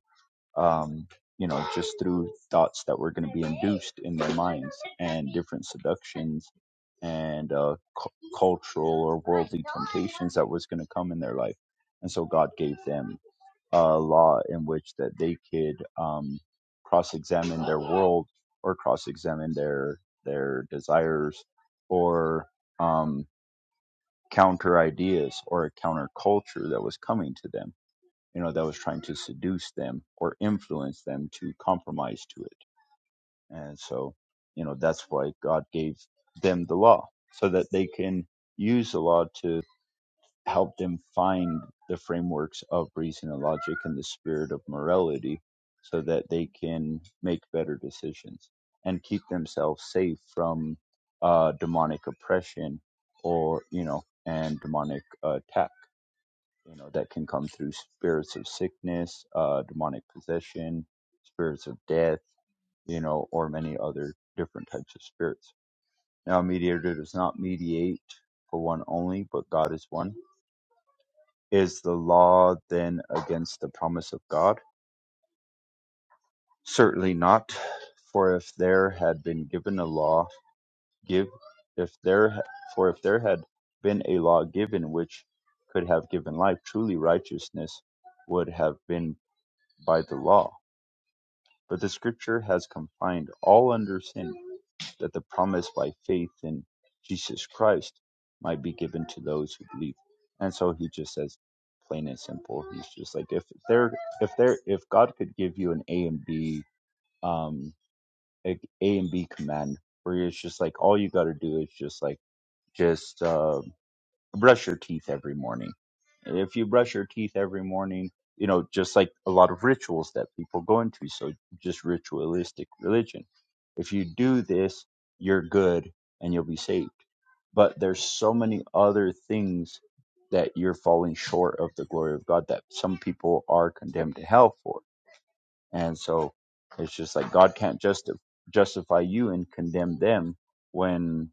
S4: um, you know, just through thoughts that were going to be induced in their minds and different seductions and uh, cu- cultural or worldly temptations that was going to come in their life. And so God gave them uh, law in which that they could um, cross-examine their world or cross-examine their their desires or um, counter ideas or a counter culture that was coming to them you know that was trying to seduce them or influence them to compromise to it and so you know that's why god gave them the law so that they can use the law to. Help them find the frameworks of reason and logic and the spirit of morality so that they can make better decisions and keep themselves safe from uh, demonic oppression or, you know, and demonic uh, attack, you know, that can come through spirits of sickness, uh, demonic possession, spirits of death, you know, or many other different types of spirits. Now, a mediator does not mediate for one only, but God is one is the law then against the promise of God? Certainly not. For if there had been given a law, give if there ha- for if there had been a law given which could have given life, truly righteousness would have been by the law. But the scripture has confined all under sin that the promise by faith in Jesus Christ might be given to those who believe. And so he just says plain and simple. He's just like if there if there if God could give you an A and B um a, a and B command where it's just like all you got to do is just like just uh brush your teeth every morning. If you brush your teeth every morning, you know, just like a lot of rituals that people go into, so just ritualistic religion. If you do this, you're good and you'll be saved. But there's so many other things that you're falling short of the glory of God that some people are condemned to hell for. And so it's just like God can't justi- justify you and condemn them when,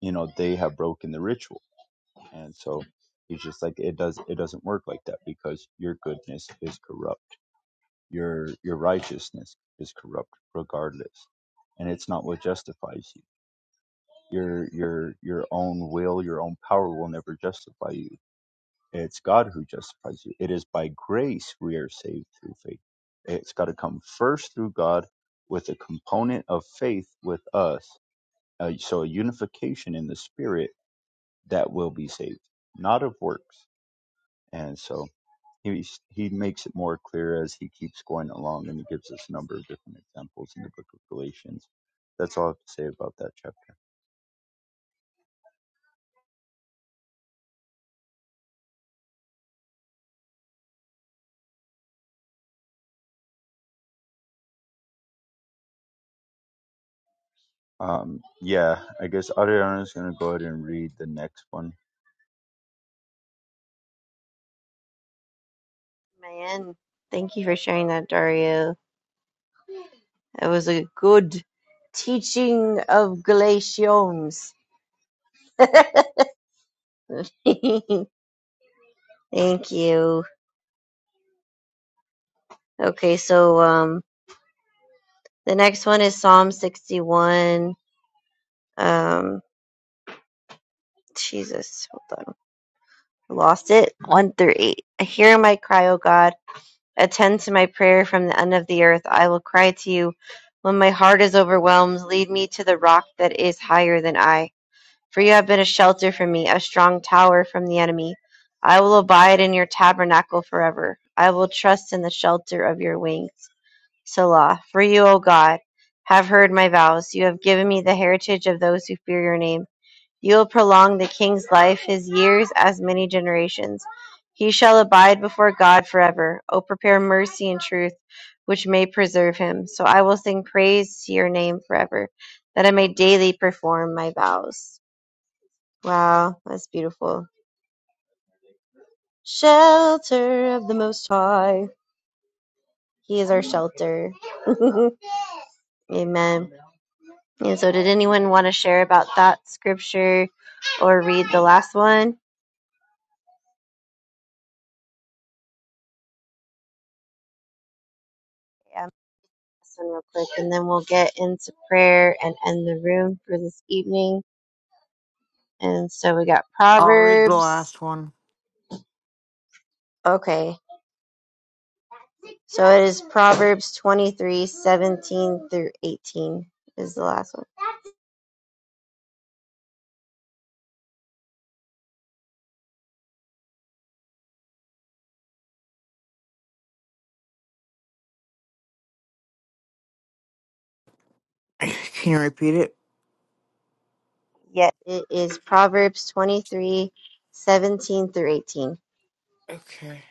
S4: you know, they have broken the ritual and so he's just like it does it doesn't work like that because your goodness is corrupt your your righteousness is corrupt regardless and it's not what justifies you your your your own will your own power will never justify you it's god who justifies you it is by grace we are saved through faith it's got to come first through god with a component of faith with us uh, so a unification in the spirit that will be saved not of works and so He's, he makes it more clear as he keeps going along and he gives us a number of different examples in the book of Galatians. That's all I have to say about that chapter. Um, yeah, I guess Ariana is going to go ahead and read the next one.
S2: Man, thank you for sharing that, Dario. It was a good teaching of Galatians. Thank you. Okay, so um the next one is Psalm 61. Um Jesus, hold on. I lost it. 1 through 8. I hear my cry, O God. Attend to my prayer from the end of the earth. I will cry to you when my heart is overwhelmed. Lead me to the rock that is higher than I. For you have been a shelter for me, a strong tower from the enemy. I will abide in your tabernacle forever. I will trust in the shelter of your wings. Selah. For you, O God, have heard my vows. You have given me the heritage of those who fear your name. You will prolong the king's life, his years as many generations. He shall abide before God forever. O prepare mercy and truth, which may preserve him. So I will sing praise to your name forever, that I may daily perform my vows. Wow, that's beautiful. Shelter of the Most High. He is our shelter. Amen. And so, did anyone want to share about that scripture or read the last one? Yeah, I'm this one real quick, and then we'll get into prayer and end the room for this evening. And so, we got
S5: I'll read the
S2: Proverbs.
S5: last one.
S2: Okay, so it is Proverbs 23, 17 through 18 is the last one.
S5: Can you repeat it?
S2: Yes, it is Proverbs 23, 17 through 18.
S5: Okay.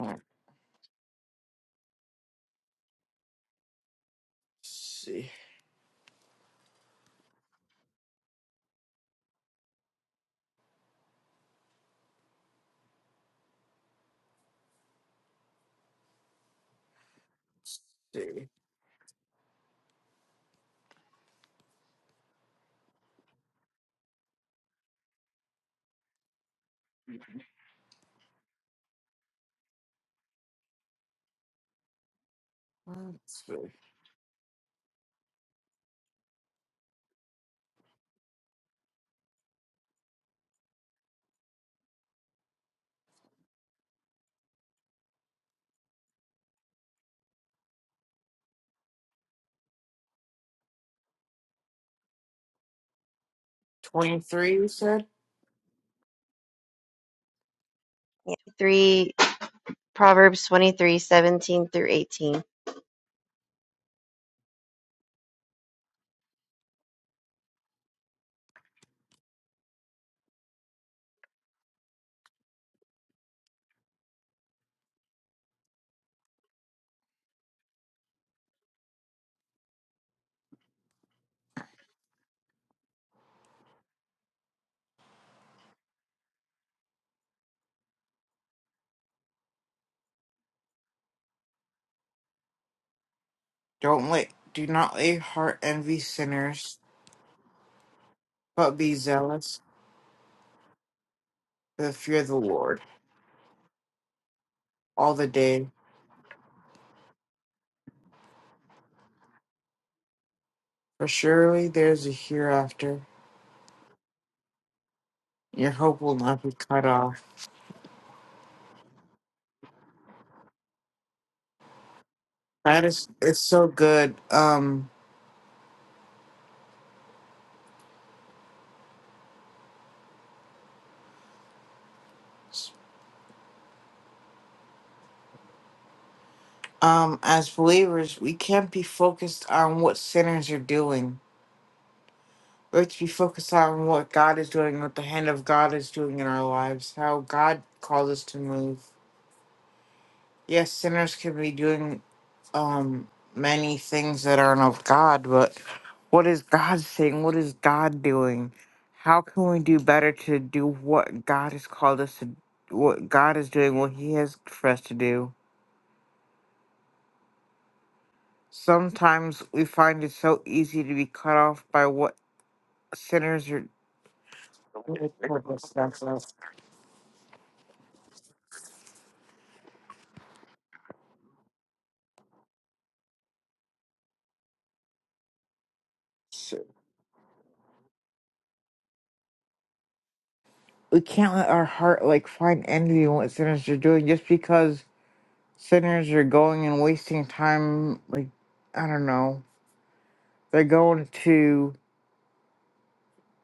S5: Let's see. Let's see. Let's see. So, 23, you said?
S2: Yeah. Three Proverbs twenty three, seventeen through 18.
S5: Don't let, do not let your heart envy sinners, but be zealous for the fear of the Lord all the day. For surely there is a hereafter. and Your hope will not be cut off. That is, it's so good. Um, um, as believers, we can't be focused on what sinners are doing. Let's be focused on what God is doing, what the hand of God is doing in our lives, how God calls us to move. Yes, sinners can be doing um many things that aren't of God, but what is God saying? What is God doing? How can we do better to do what God has called us to what God is doing, what He has for us to do? Sometimes we find it so easy to be cut off by what sinners are. we can't let our heart like find envy in what sinners are doing just because sinners are going and wasting time like i don't know they're going to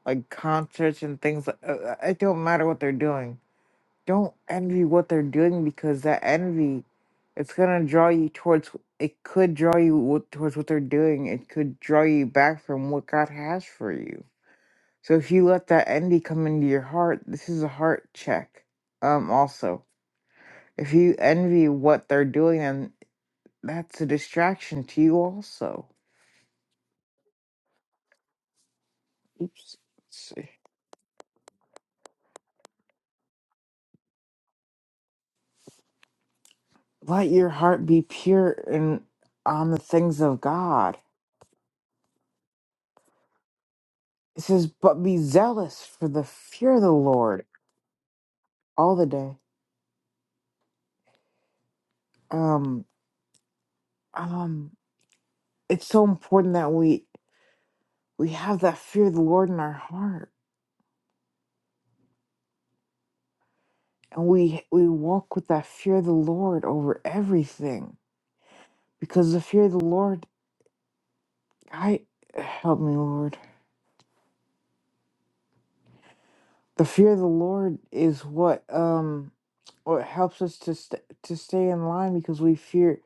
S5: like concerts and things like uh, uh, it don't matter what they're doing don't envy what they're doing because that envy it's gonna draw you towards it could draw you w- towards what they're doing it could draw you back from what god has for you so if you let that envy come into your heart this is a heart check um also If you envy what they're doing, then that's a distraction to you also. Oops. Let's see. Let your heart be pure and on the things of God. It says, but be zealous for the fear of the Lord all the day. Um, um, it's so important that we we have that fear of the Lord in our heart, and we we walk with that fear of the Lord over everything, because the fear of the Lord, I help me, Lord The fear of the Lord is what um what helps us to st- to stay in line because we fear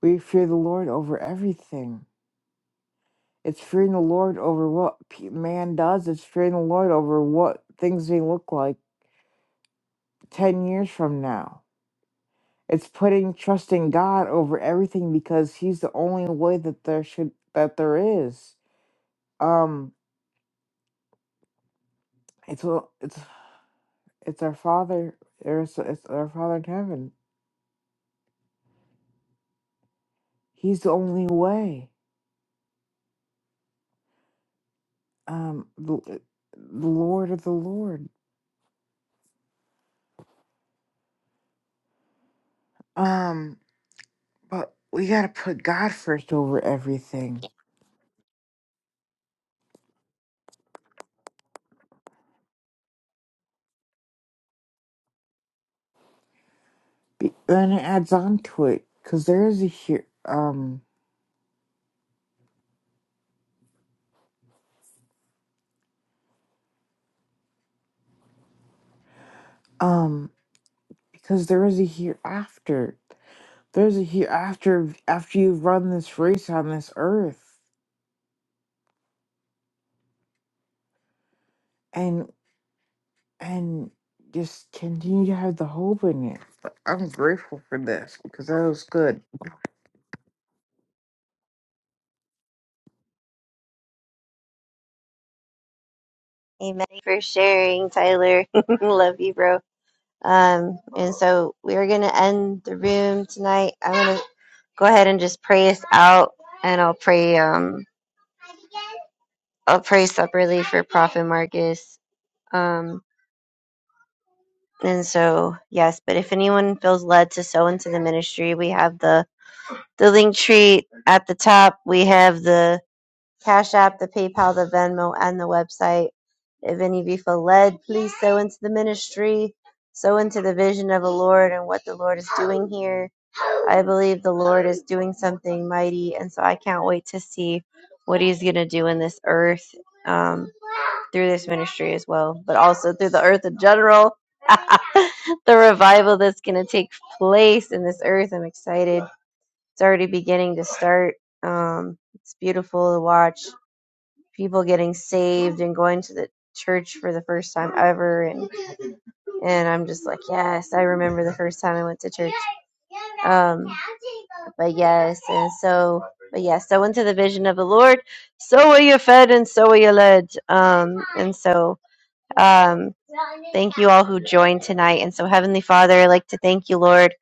S5: we fear the Lord over everything. It's fearing the Lord over what pe- man does. It's fearing the Lord over what things may look like ten years from now. It's putting trust in God over everything because He's the only way that there should that there is. Um, it's a- it's it's our Father. It's, it's our Father in heaven. He's the only way. um the, the Lord of the Lord. Um, but we gotta put God first over everything. Be- and it adds on to it because there is a here. Um, um, because there is a hereafter. There's a hereafter after you've run this race on this earth, and and just continue to have the hope in it. But I'm grateful for this because that was good.
S2: Amen for sharing, Tyler. Love you, bro. Um, and so we're gonna end the room tonight. I'm gonna go ahead and just pray us out, and I'll pray. Um, I'll pray separately for Prophet Marcus. Um, and so yes, but if anyone feels led to sow into the ministry, we have the the link tree at the top. We have the Cash App, the PayPal, the Venmo, and the website. If any of you feel led, please sow into the ministry, sow into the vision of the Lord and what the Lord is doing here. I believe the Lord is doing something mighty, and so I can't wait to see what He's going to do in this earth um, through this ministry as well, but also through the earth in general. the revival that's going to take place in this earth. I'm excited it's already beginning to start. Um, it's beautiful to watch people getting saved and going to the church for the first time ever, and and I'm just like, yes, I remember the first time I went to church. Um, but yes, and so, but yes, so into the vision of the Lord, so are you fed and so are you led. Um, and so um, thank you all who joined tonight. And so, Heavenly Father, I'd like to thank you, Lord,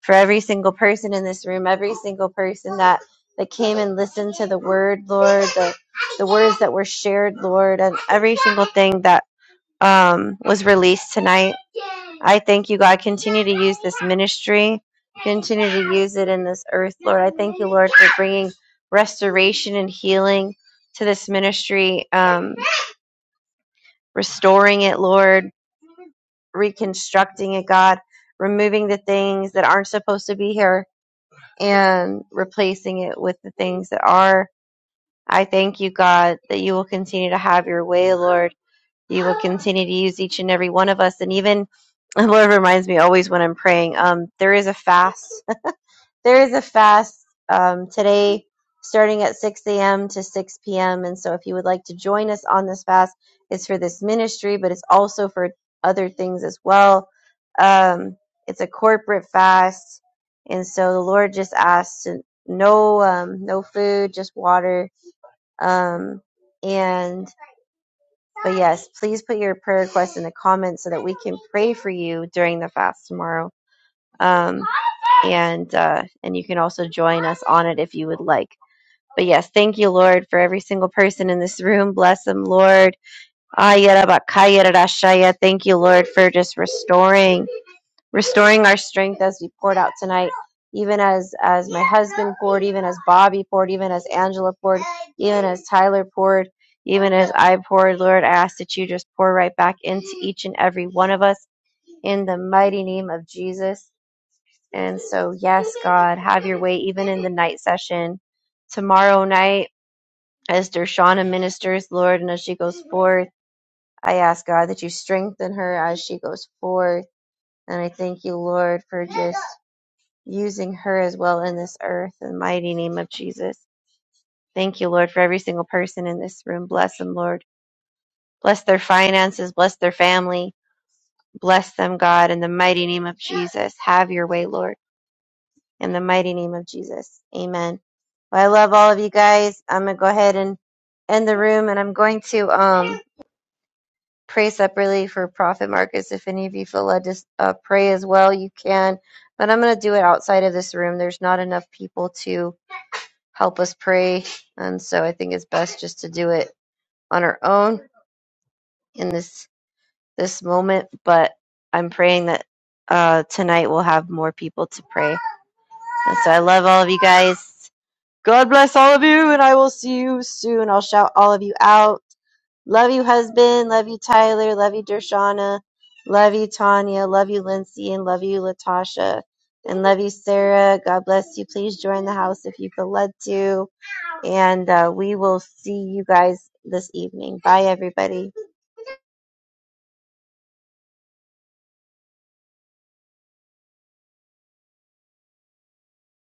S2: for every single person in this room, every single person that that came and listened to the word, Lord, the, the words that were shared, Lord, and every single thing that um, was released tonight. I thank you, God. Continue to use this ministry. Continue to use it in this earth, Lord. I thank you, Lord, for bringing restoration and healing to this ministry, um, restoring it, Lord reconstructing it, God, removing the things that aren't supposed to be here and replacing it with the things that are. I thank you, God, that you will continue to have your way, Lord. You will continue to use each and every one of us. And even, the Lord reminds me always when I'm praying, um, there is a fast there is a fast um, today starting at 6 a.m. to 6 p.m. And so if you would like to join us on this fast, it's for this ministry, but it's also for other things as well. Um, it's a corporate fast. And so the Lord just asks to no um, no food, just water. Um, and but yes, please put your prayer requests in the comments so that we can pray for you during the fast tomorrow. Um, and uh, and you can also join us on it if you would like. But yes, thank you, Lord, for every single person in this room. Bless them, Lord. Ayarabakayarashaya. Thank you, Lord, for just restoring, restoring our strength as we poured out tonight. Even as as my husband poured, even as Bobby poured, even as Angela poured, even as Tyler poured, even as I poured, Lord, I ask that you just pour right back into each and every one of us in the mighty name of Jesus. And so, yes, God, have your way even in the night session. Tomorrow night, as Dershana ministers, Lord, and as she goes forth, I ask God that you strengthen her as she goes forth. And I thank you, Lord, for just using her as well in this earth. In the mighty name of Jesus. Thank you, Lord, for every single person in this room. Bless them, Lord. Bless their finances. Bless their family. Bless them, God, in the mighty name of Jesus. Have your way, Lord. in the mighty name of Jesus. Amen. Well, I love all of you guys. I'm gonna go ahead and end the room, and I'm going to um pray separately for Prophet Marcus. If any of you feel led to uh, pray as well, you can. But I'm gonna do it outside of this room. There's not enough people to help us pray, and so I think it's best just to do it on our own in this this moment. But I'm praying that uh, tonight we'll have more people to pray. And so I love all of you guys. God bless all of you, and I will see you soon. I'll shout all of you out. Love you, husband. Love you, Tyler. Love you, Dershana. Love you, Tanya. Love you, Lindsay. And love you, Latasha. And love you, Sarah. God bless you. Please join the house if you feel led to. And uh, we will see you guys this evening. Bye, everybody.